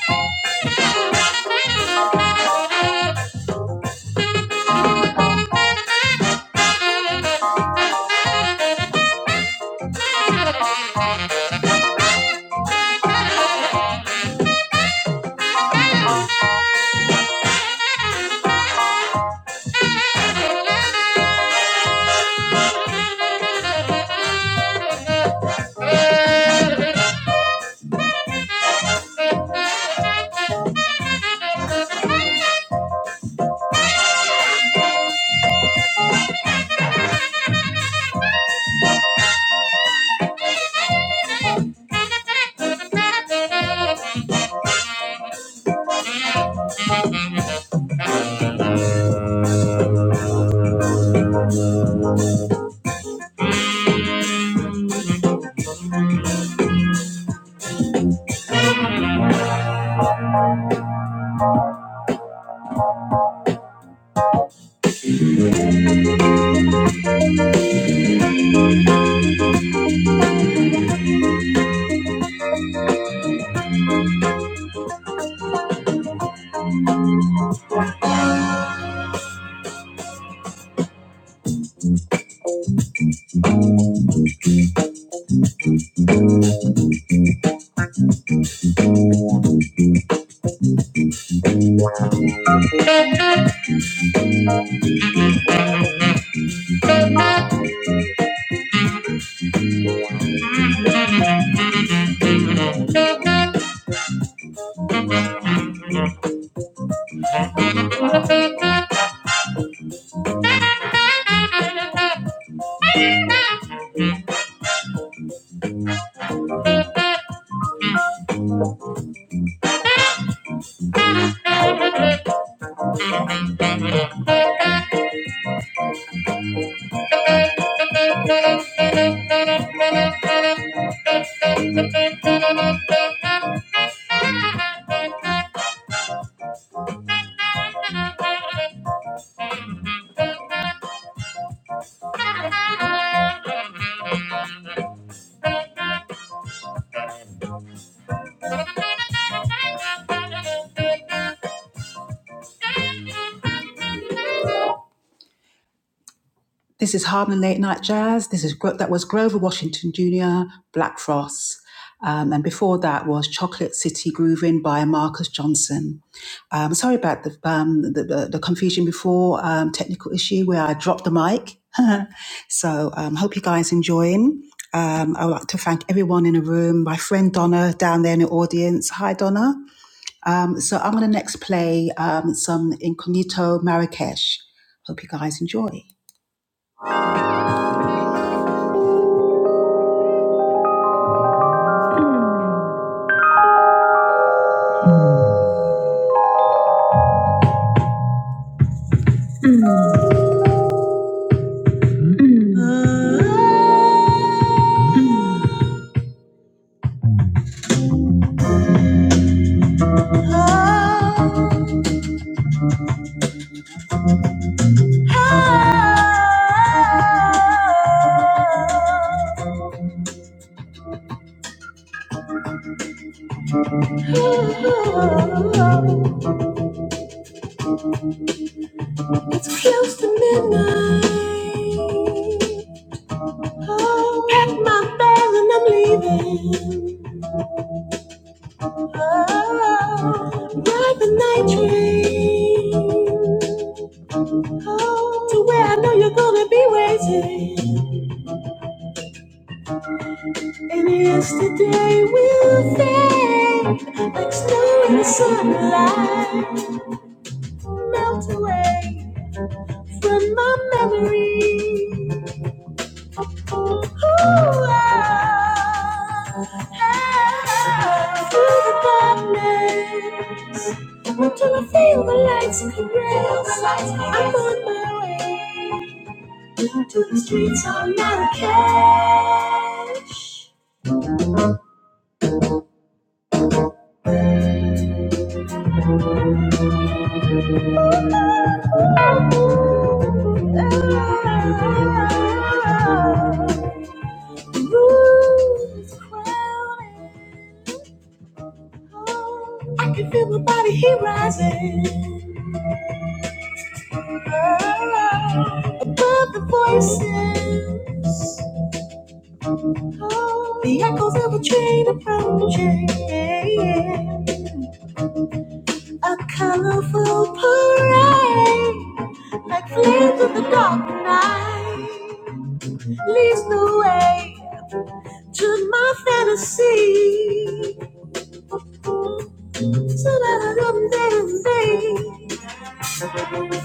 Thank you. Thank you. This is Harlem Late Night Jazz. This is that was Grover Washington Jr. Black Frost, Um, and before that was Chocolate City Grooving by Marcus Johnson. Um, sorry about the, um, the, the the confusion before um, technical issue where I dropped the mic. so um, hope you guys enjoying. Um, I would like to thank everyone in the room. My friend Donna down there in the audience. Hi Donna. Um, so I'm going to next play um, some Incognito Marrakesh. Hope you guys enjoy. Oh, It's close to midnight. Oh, pack my bags and I'm leaving. Oh, ride the night train. Oh, to where I know you're gonna be waiting. And yesterday will fade like snow in the sunlight. Melt away from my memory. Until I feel the lights in the rails, I'm on my way into the streets of Marrakesh. The room is crowded. I can feel my body heat rising. Above the voices, the echoes of a train approaching. A colorful parade, like flames of the dark night, leads the way to my fantasy. So let them dance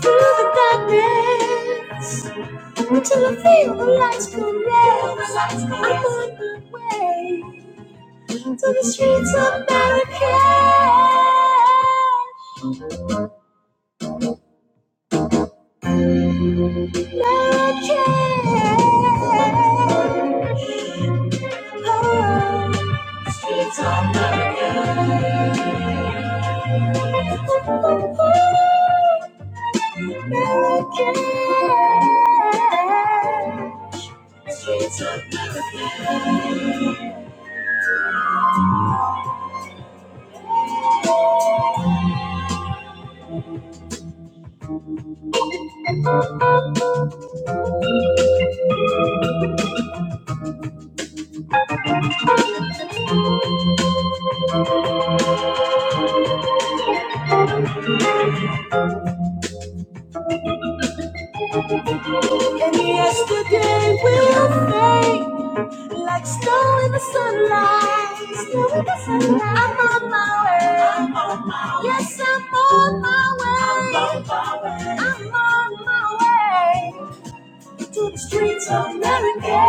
through the darkness. Until I feel the lights go red, I'm on the way to the streets of Marrakesh, Marrakesh. Oh, the streets of Marrakesh. And yesterday will fade. Like snow in the sunlight. Snow in the sunlight. I'm on my way. I'm on my way. Yes, I'm on my way. I'm on my way. I'm on my way to the streets of America.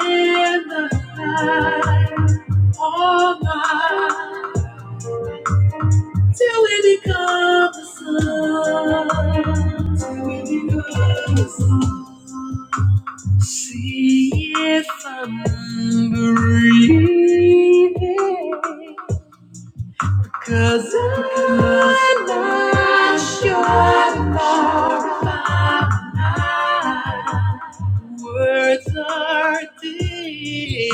In the light of the sun. Tell me the sun. See if I'm breathing. Cause I'm not sure about it.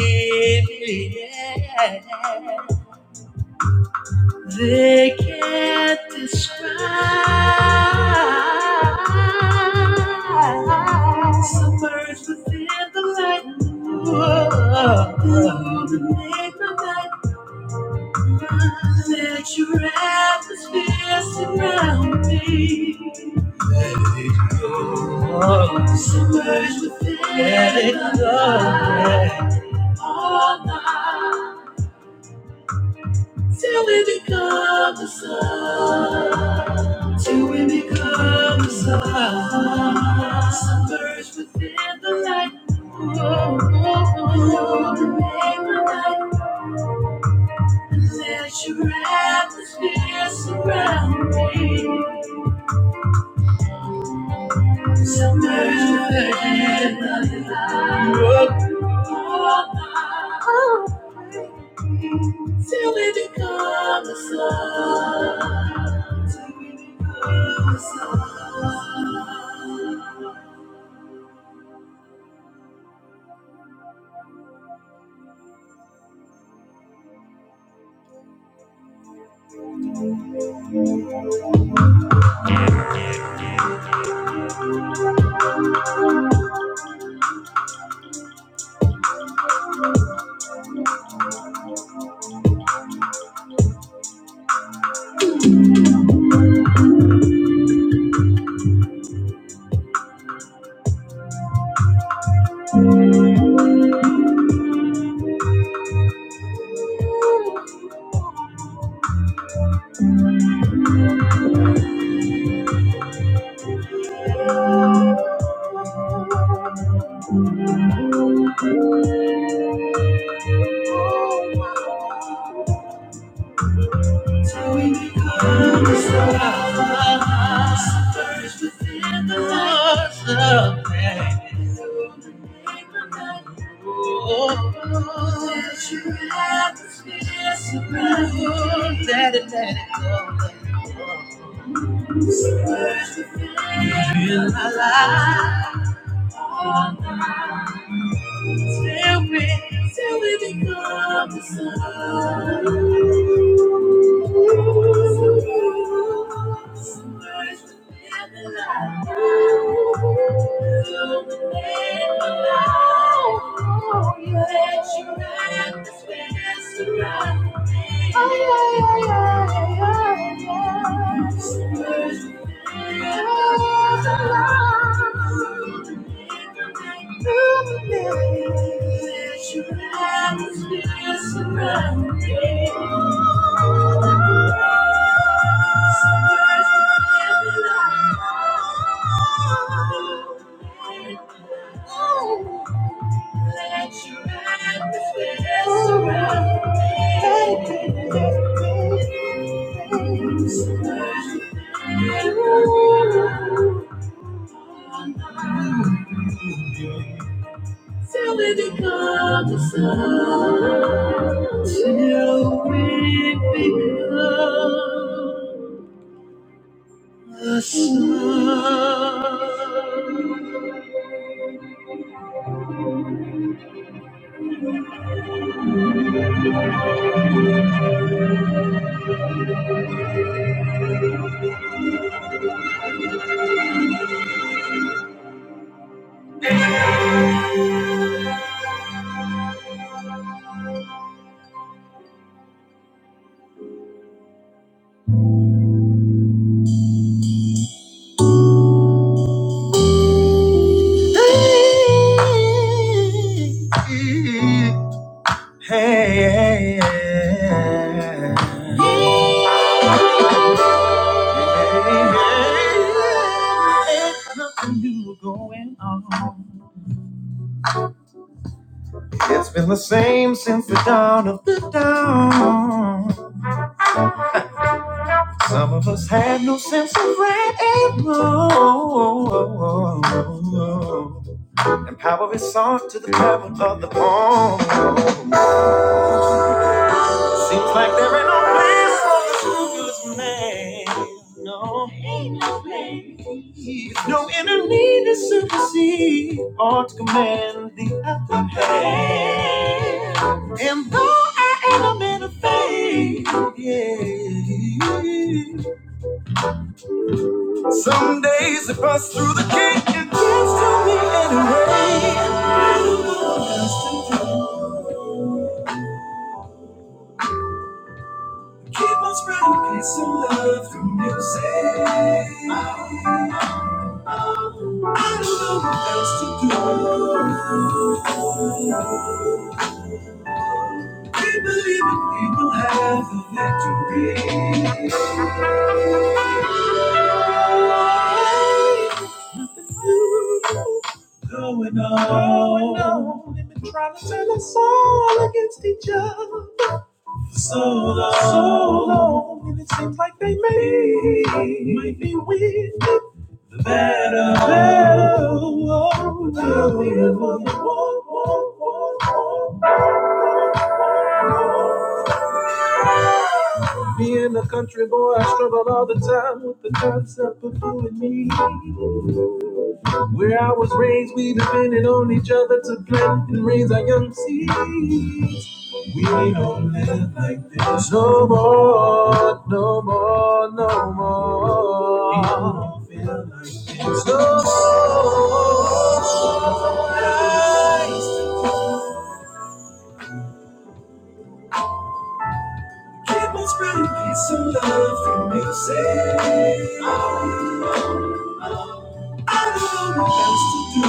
I'm Submerged within the light of love. Take my mind, let your atmosphere let it go. Till we become the sun, till we become the sun. Submerged within the light of love. Make my mind Oh, let your atmosphere around you let it let it go. Let your feel alive. Till we, till we become the sun. Surround me. It's been the same since the dawn of the dawn. Some of us had no sense of right and wrong. And power is sought to the power of the palm. Seems like there ain't no place for the scrupulous man. No, no inner need to supersede or to command the upper hand. And though I am a man of faith, yeah. Some days they bust through the gate and dance to me anyway. Keep on spreading peace and love through music. I don't know what else to do. Keep believing we will have the victory. Going on, going on, and been trying to turn us all against each other. So long, so long, and it seems like they may might be with the better, better world. Love is Being a country boy, I struggle all the time with the concept of you and me. Where I was raised, we depended on each other to plant and raise our young seed. We don't live like this no more, no more, no more. We don't feel this no more. So nice to Keep on spreading peace and love through music. I don't know what else to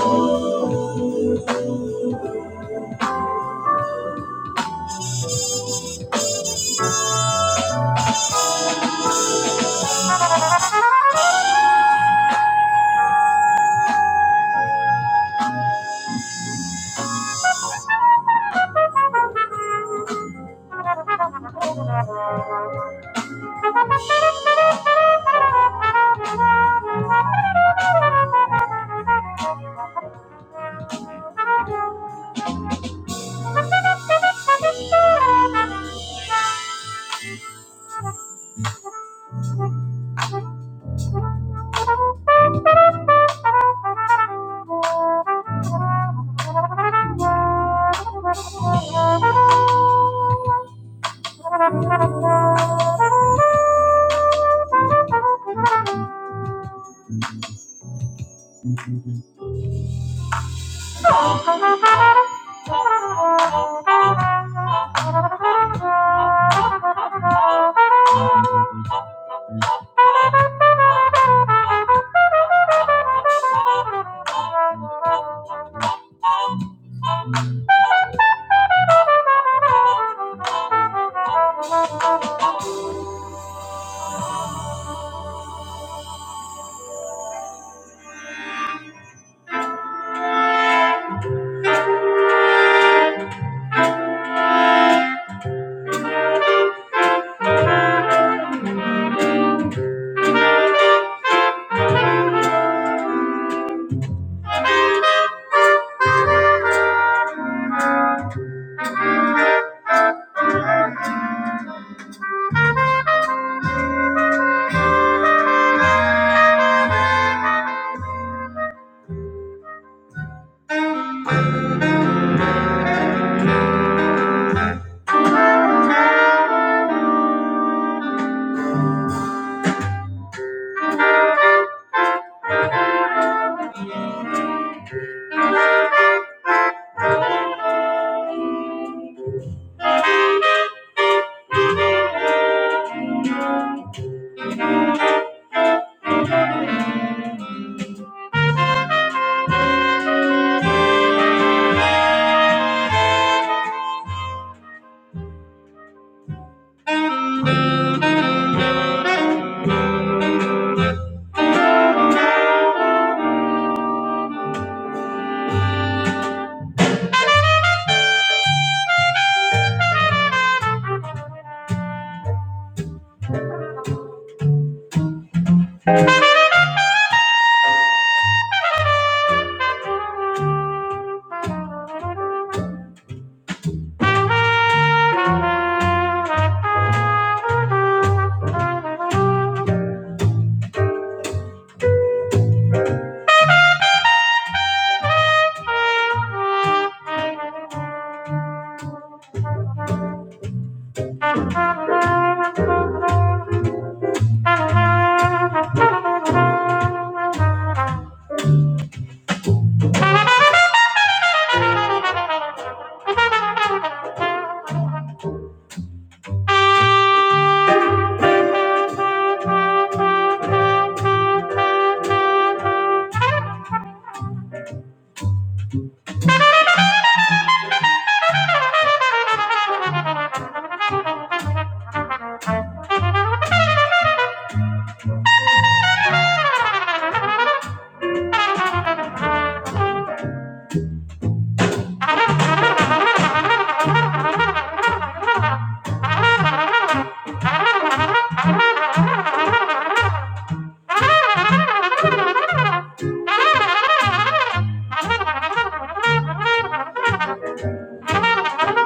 do.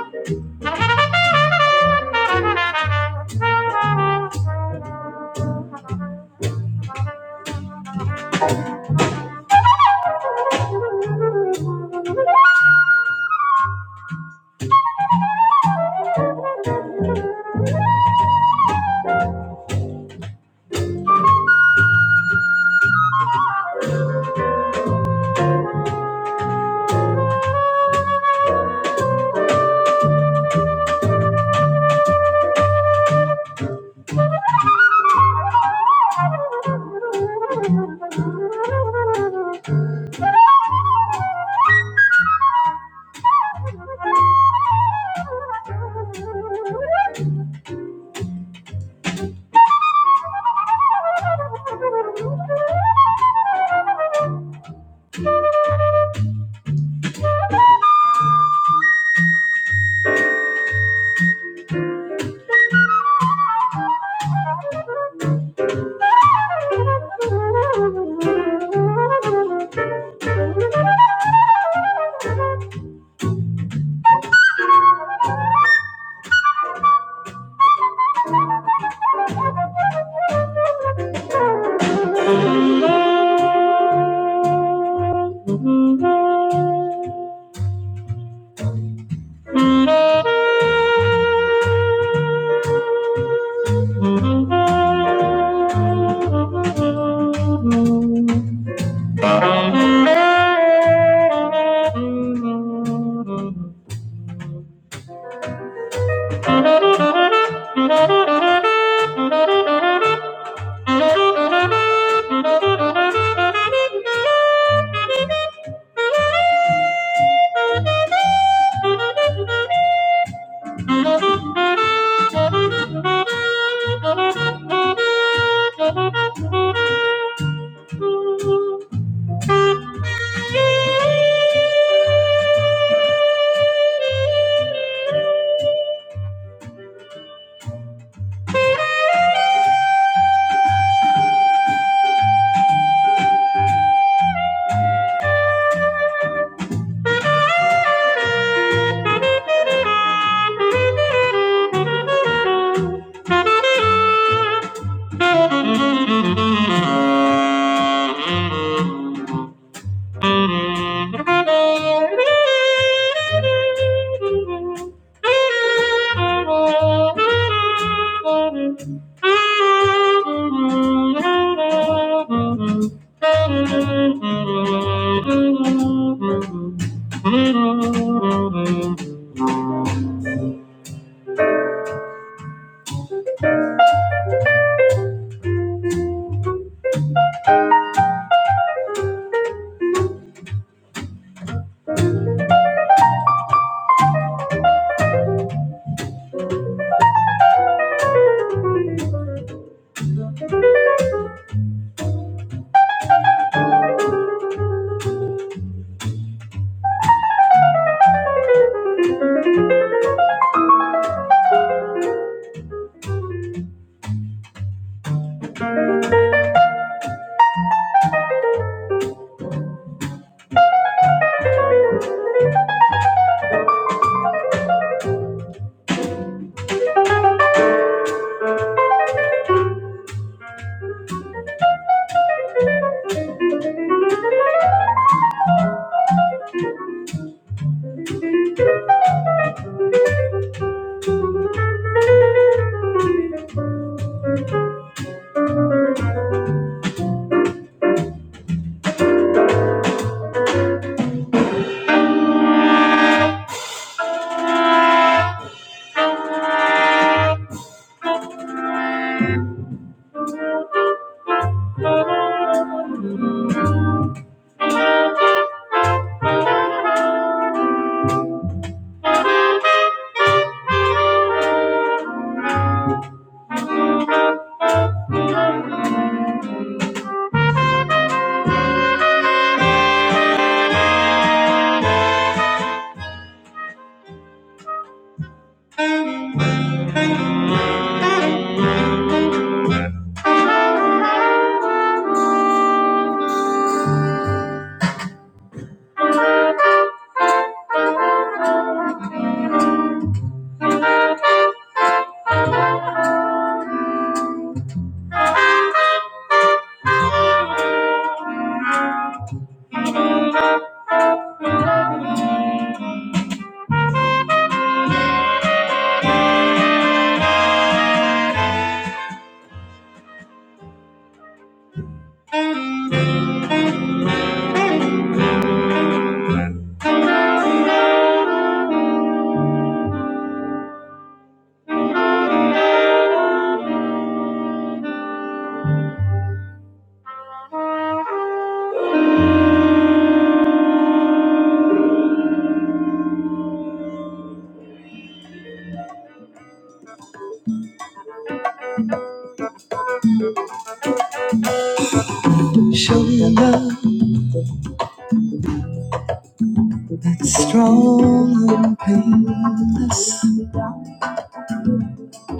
Strong and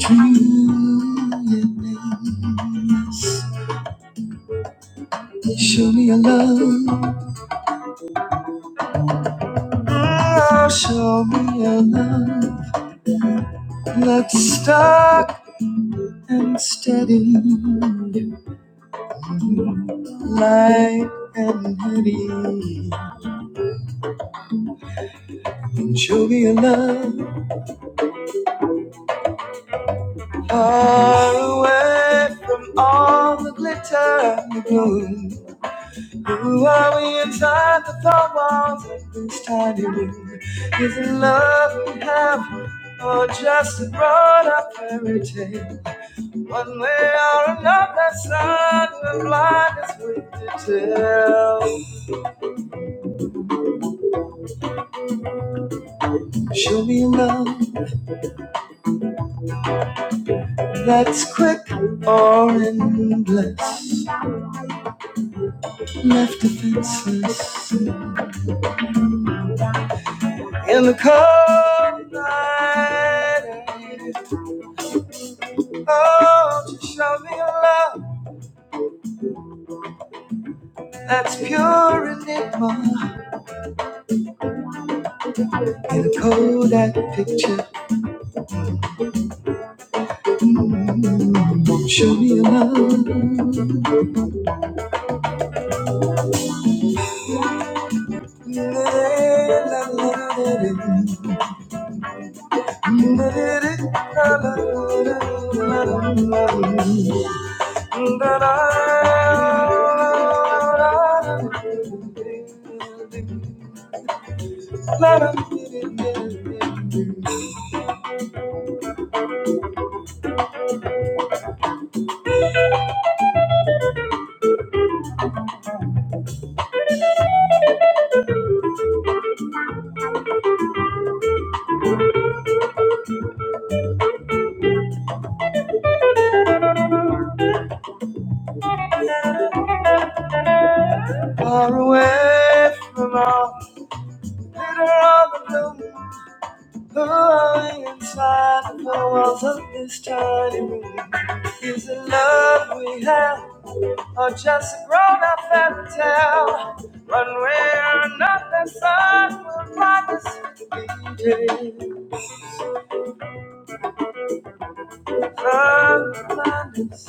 blue. all the glitter and the gloom. Who are we inside the four walls of this tiny room? Is it love we have, or just a brought up fairy tale? One way or another, son, we're blind as we to tell. Show me love far away from all the glitter on the bloom. Who are we inside the four walls of this tiny room? Is it love we have? or just a grown-up fairy tale. One way or another, sun will rise. Sun will rise.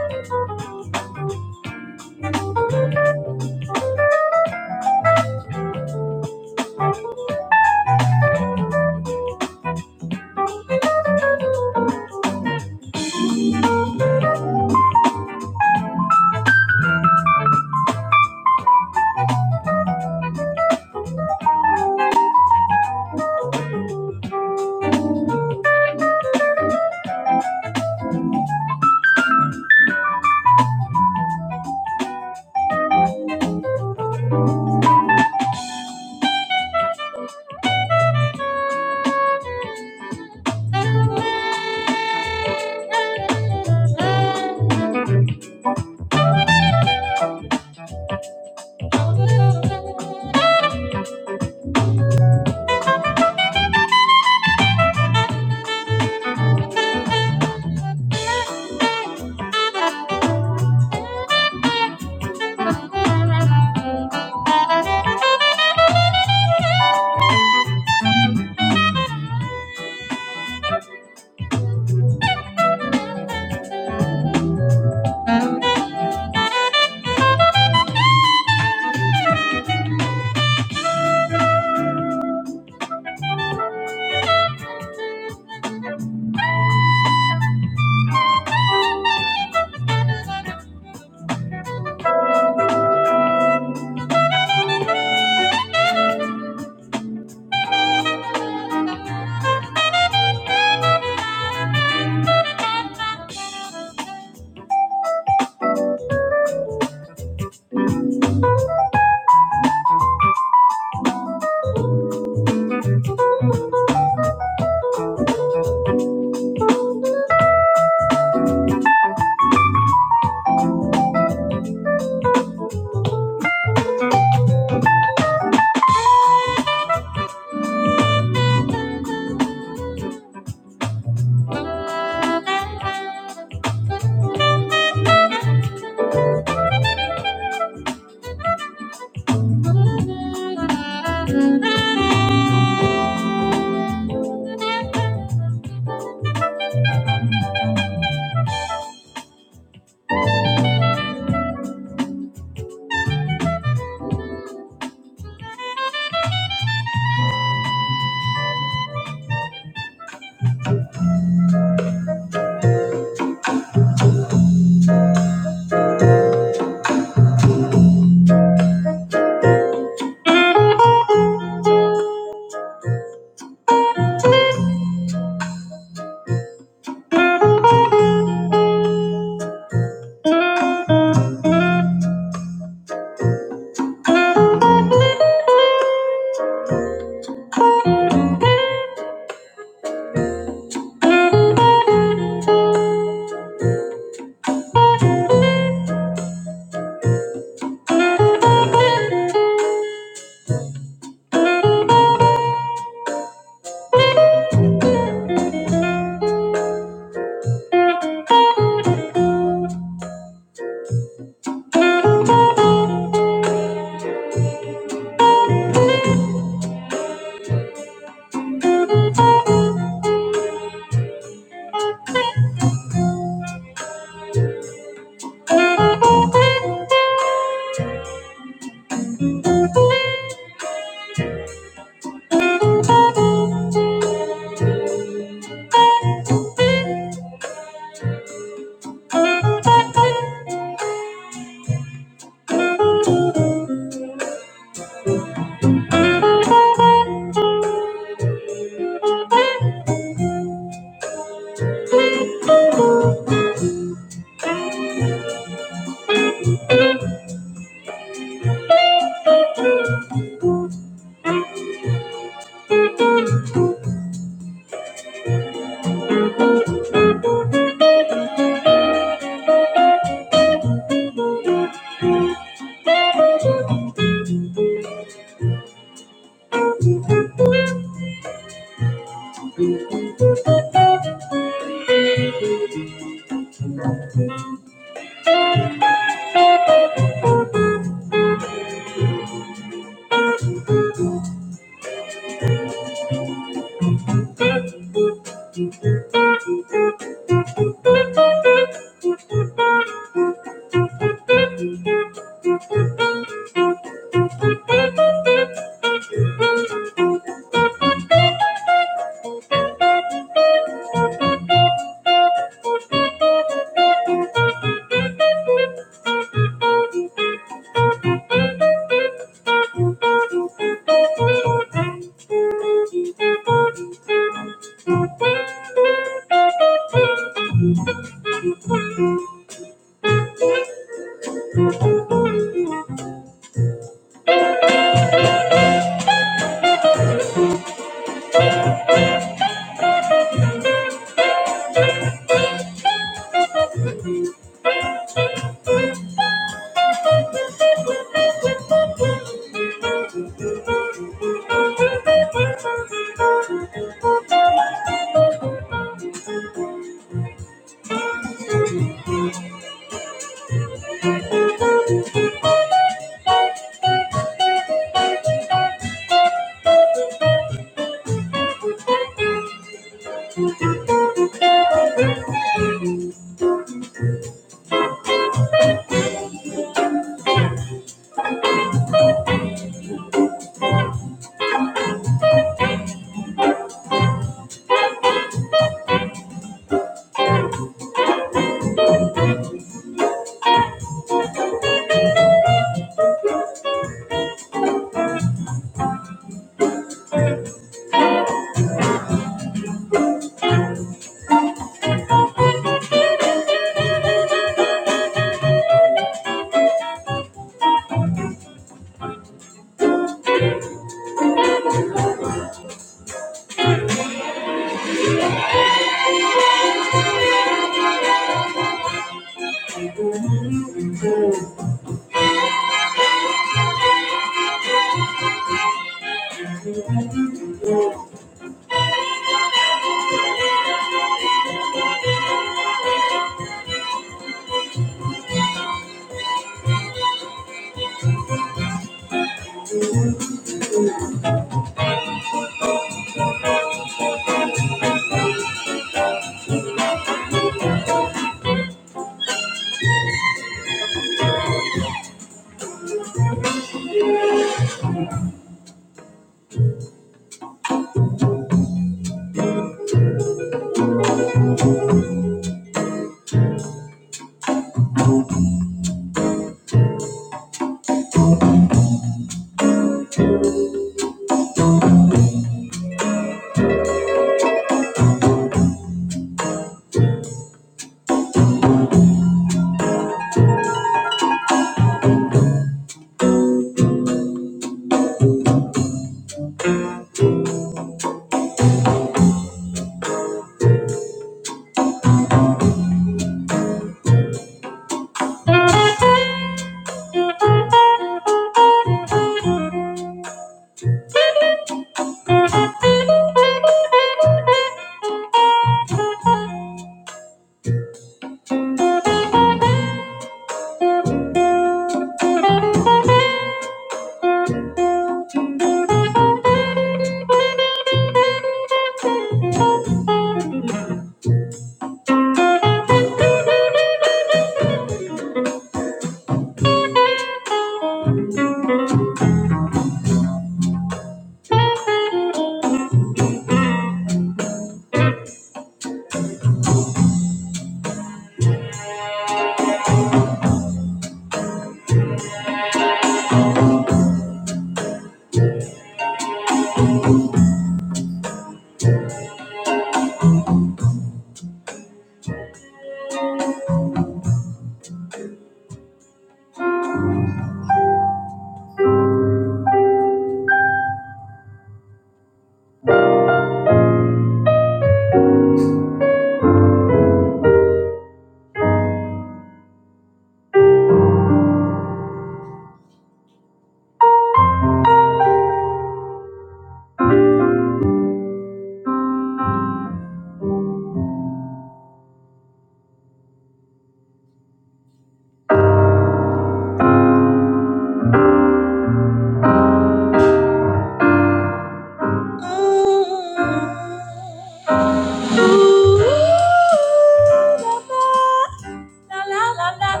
La la la la la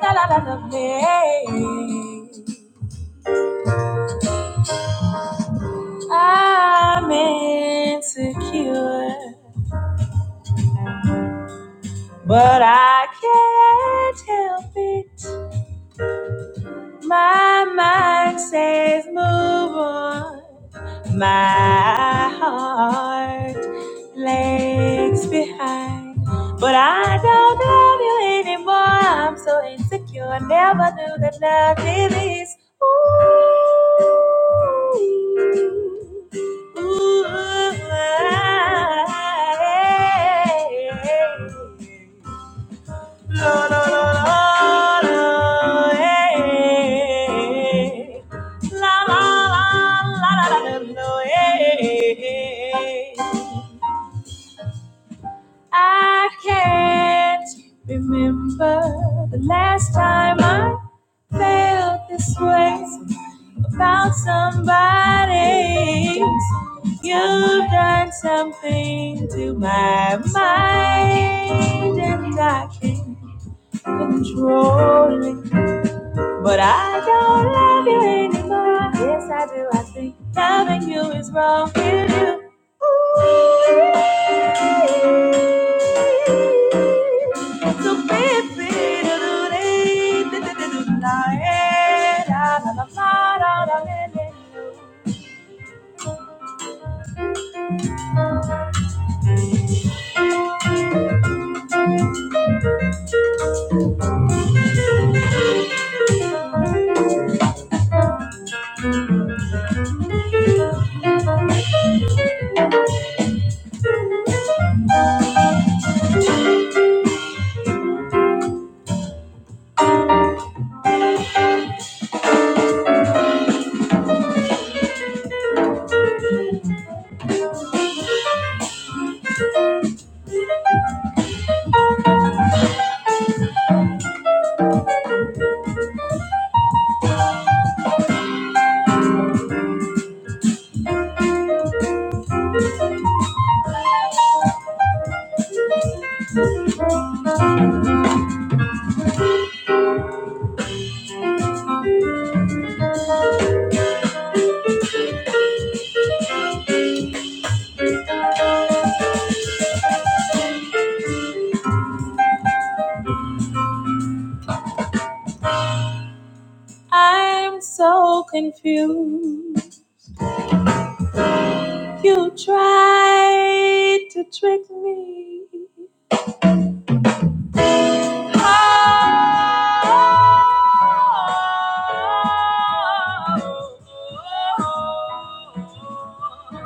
la la la la la. I'm insecure, but I can't help it. My mind says move on. My heart lags behind. But I don't love you anymore. I'm so insecure. I never knew that love did this. Ooh, ooh, I- La, la, la, la, la, eh. La, la, la, la, la, la, la, la, eh. I can't remember the last time I felt this way about somebody. You've done something to my mind, and I can't control it. But I don't love you anymore. Yes, I do. I think loving you is wrong. With You Ooh. So baby, i am so confused. You tried to be. Oh, oh, oh, oh, oh.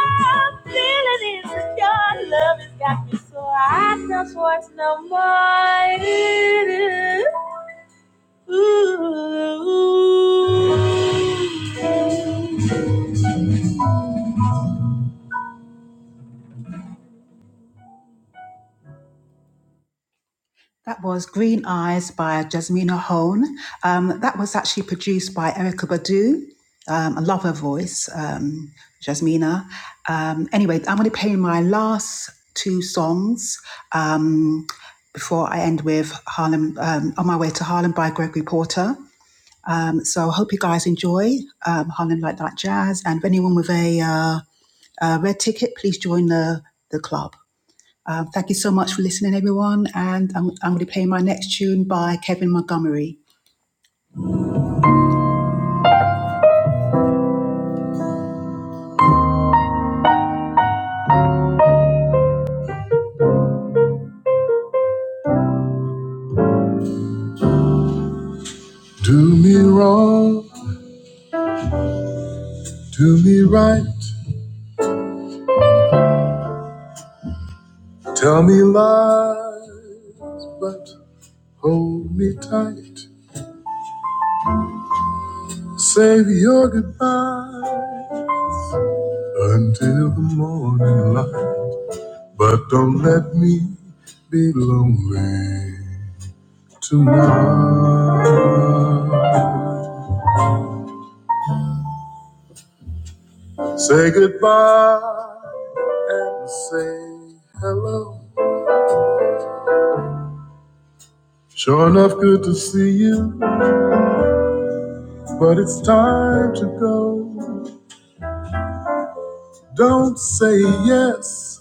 I'm feeling it. That was Green Eyes by Jasmina Hone. Um, that was actually produced by Erica Badu. Um, I love her voice, um, Jasmina. Um, anyway, I'm going to play my last two songs um, before I end with Harlem um, On My Way to Harlem by Gregory Porter. Um, so I hope you guys enjoy um, Harlem Like That Jazz. And if anyone with a, uh, a red ticket, please join the, the club. Um, thank you so much for listening, everyone. And I'm, I'm going to play my next tune by Kevin Montgomery. Do me right, tell me lie, but hold me tight. Save your goodbye until the morning light. But don't let me be lonely tonight. Say goodbye and say hello. Sure enough, good to see you, but it's time to go. Don't say yes,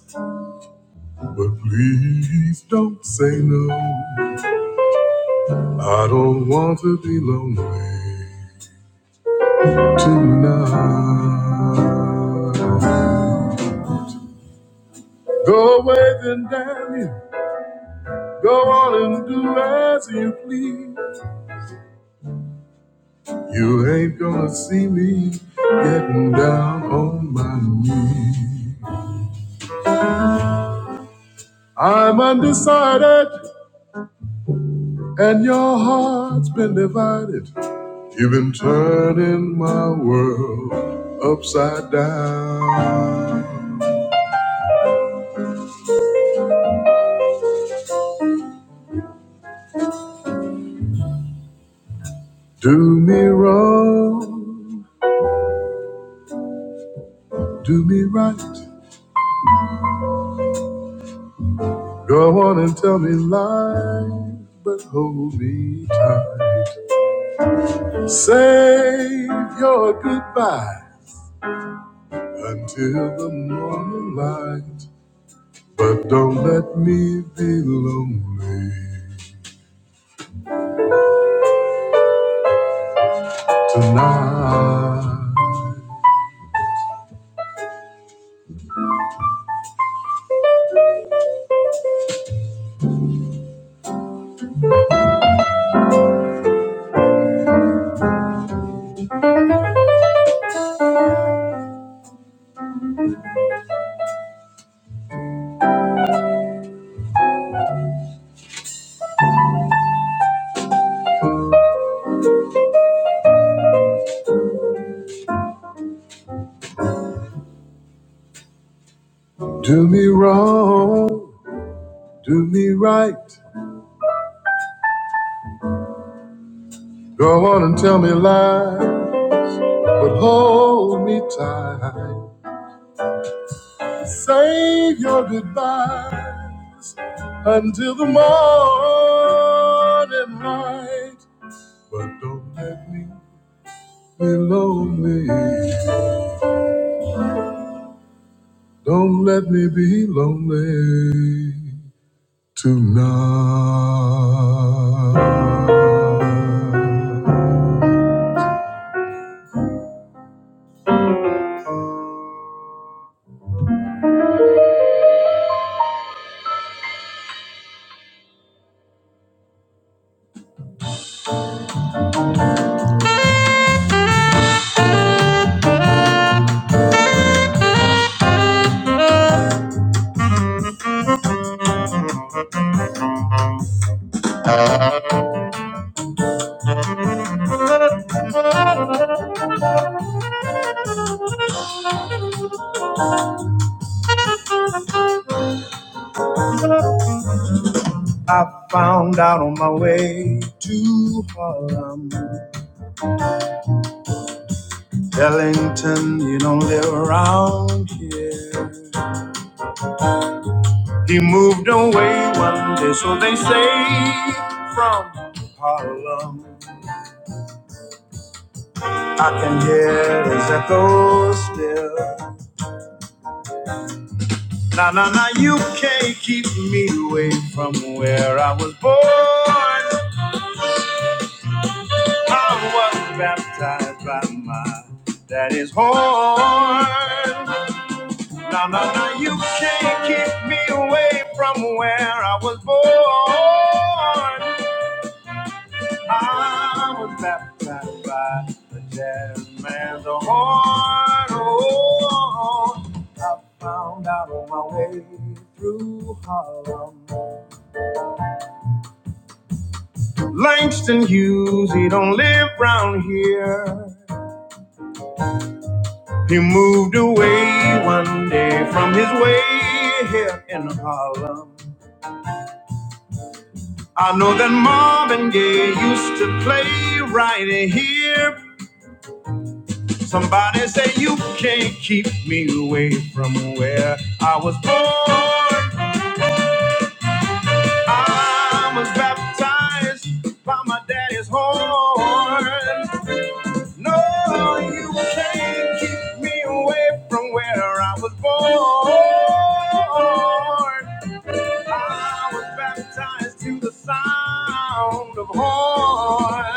but please don't say no. I don't want to be lonely tonight. Go away then, damn you. Go on and do as you please. You ain't gonna see me getting down on my knees. I'm undecided, and your heart's been divided. You've been turning my world upside down. Do me wrong, do me right. Go on and tell me lies, but hold me tight tonight. Do wrong, do me right. Go on and tell me lies, but hold me tight. Save your goodbyes until the morning light, but don't let me be lonely. Don't let me be lonely tonight. I found out on my way to Harlem, Ellington, you don't live around here. He moved away one day, so they say, from Harlem. I can hear his echo still. Now, now, now, you can't keep me away from where I was born. I was baptized by my daddy's horn. No, no, no, you can't keep me away from where I was born. I was baptized by the jazz man's horn. Oh, I found out on my way through Harlem. Langston Hughes, he don't live round here. He moved away one day from his way here in Harlem. I know that Marvin Gaye used to play right here. Somebody say you can't keep me away from where I was born. I was baptized by my daddy's horn. No, you can't keep me away from where I was born. I was baptized to the sound of horns.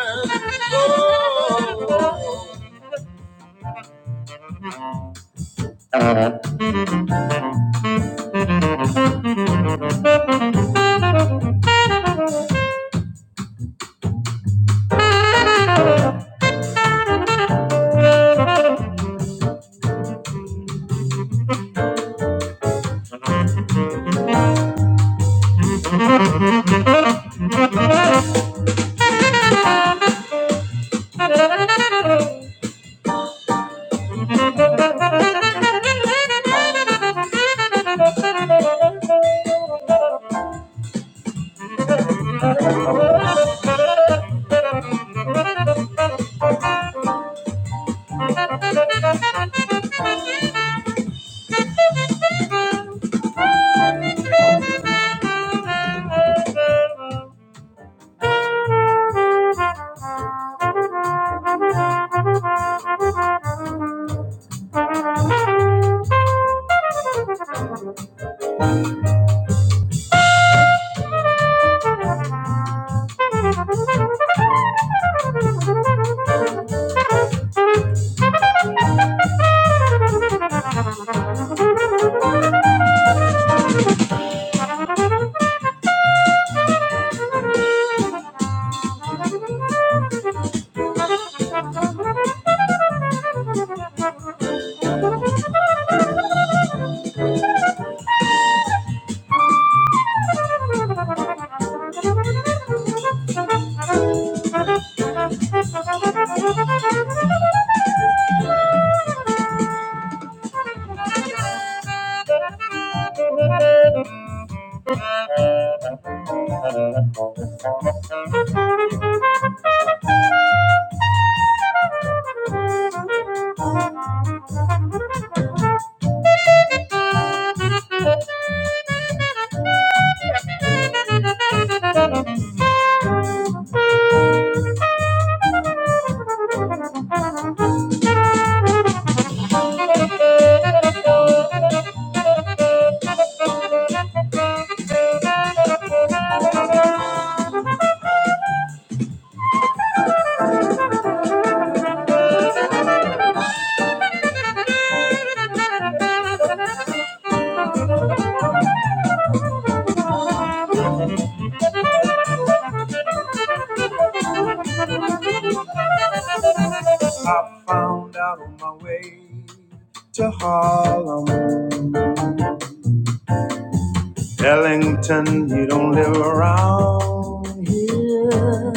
Oh. Thank you. I went out on my way to Harlem Ellington, you don't live around here.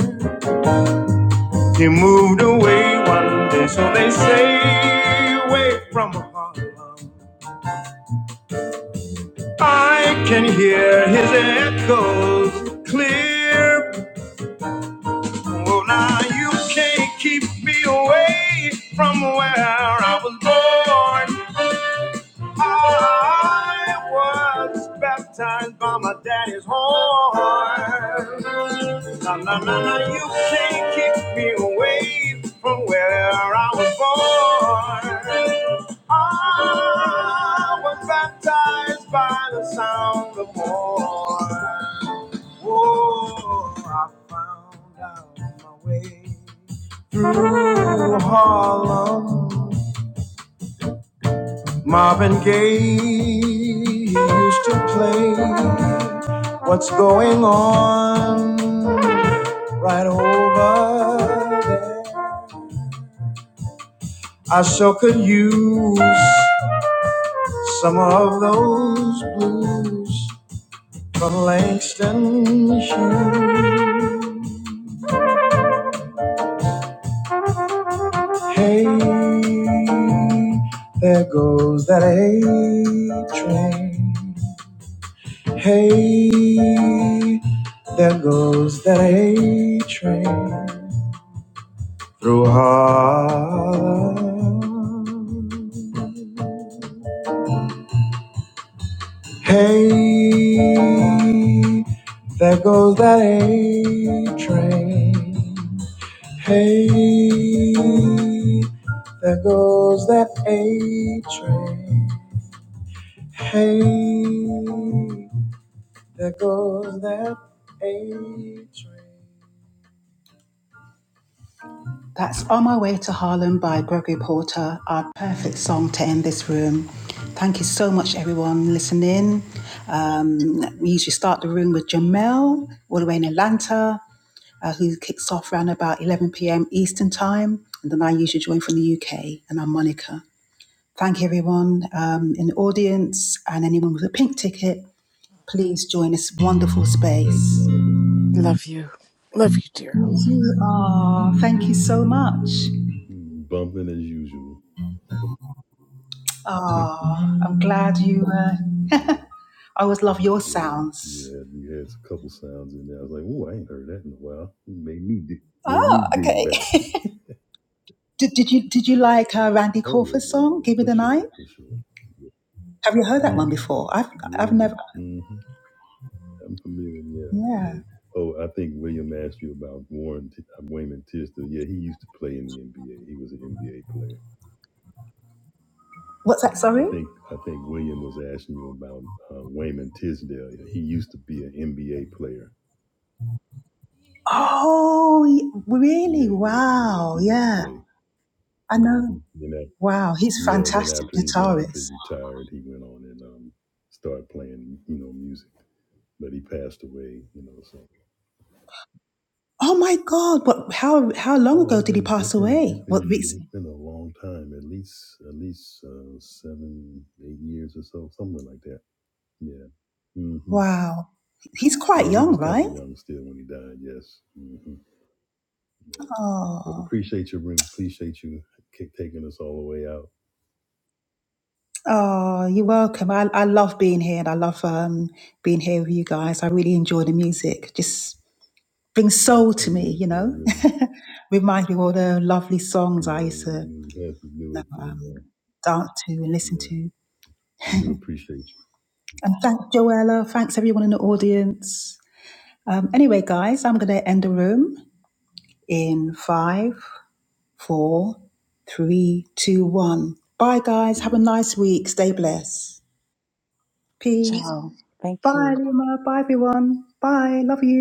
You moved away one day, so they say, away from Harlem. I can hear his echoes clear. Well, now you can't keep me away from where I was born. I was baptized by my daddy's horn. Na na na na, you can't kick me away from where I was born. I was baptized by the sound of horn. Oh, I found out my way through Harlem. Marvin Gaye he used to play What's Going On right over there. I sure could use some of those blues from Langston Hughes. Hey, there goes that A train. Hey, there goes that A train through Harlem. Goes that A train. Hey, there goes that A train. That's On My Way to Harlem by Gregory Porter, our perfect song to end this room. Thank you so much, everyone, listening. Um, we usually start the room with Jamel, all the way in Atlanta. uh, who kicks off around about 11 p.m. Eastern Time. And then I usually join from the UK, and I'm Monica. Thank you, everyone um, in the audience and anyone with a pink ticket. Please join this wonderful Thanks, space. Monica. Love you, love you, dear. You are. Thank you so Yeah, much. you was bumping as usual. yeah, Ah, I'm glad you. Uh, I always love your yeah, sounds. yeah. You had a couple sounds in there. I was like, "Ooh, I ain't heard that in a while." It made me dig, made me Ah, dig okay. back. did, did you did you like uh, Randy Oh yeah, Crawford's yeah, song yeah. "Give Me For the sure, Night"? for sure. Yeah, Have you heard that one mm, before? I've I've yeah. never. yeah. Mm-hmm. I'm familiar, yeah. Yeah. yeah. Oh, I think William asked you about Warren T- uh, Wayman Tisdale. Yeah, he used to play in the NBA. He was an NBA player. What's that? I Sorry. think I think William was asking you about uh, Wayman Tisdale. Yeah, he used to be an NBA player. Oh, y- really? Yeah, yeah, yeah. Wow. He used to Yeah, play. I Mm-hmm. know. Then af Wow, he's yeah, then fantastic after he then after he guitarist. retired, he went on and um started playing, you know, music. But he passed away, you know. So. Oh my God! But how how long Oh, ago it did he been pass it been away? it What been it's recently? been a long time. At least at least uh, seven eight years or so, somewhere like that. Yeah. hmm Wow, he's quite Yeah, he young, was kind right? of young still when he died. Yes. hmm Yeah. Well, Oh, appreciate you room. Appreciate you ki- taking us all the way out. oh, you're welcome. I I love being here, and I love um being here with you guys. I really enjoy the music. Just brings soul Oh to me, yeah. you Well, know. we'll Reminds me of all the lovely songs I yeah, used to you we, we had to do know, it. And, um, uh, dance to and listen yeah, to. we do appreciate you. And thanks, Joella. Thanks, everyone in the audience. Um, anyway, guys, I'm going to end the room in five, four, three, two, one. Bye, guys. Have a Peace. nice week. Stay blessed. Peace. Ciao. Thank you. Bye, Luma. Bye, everyone. Bye. Love you.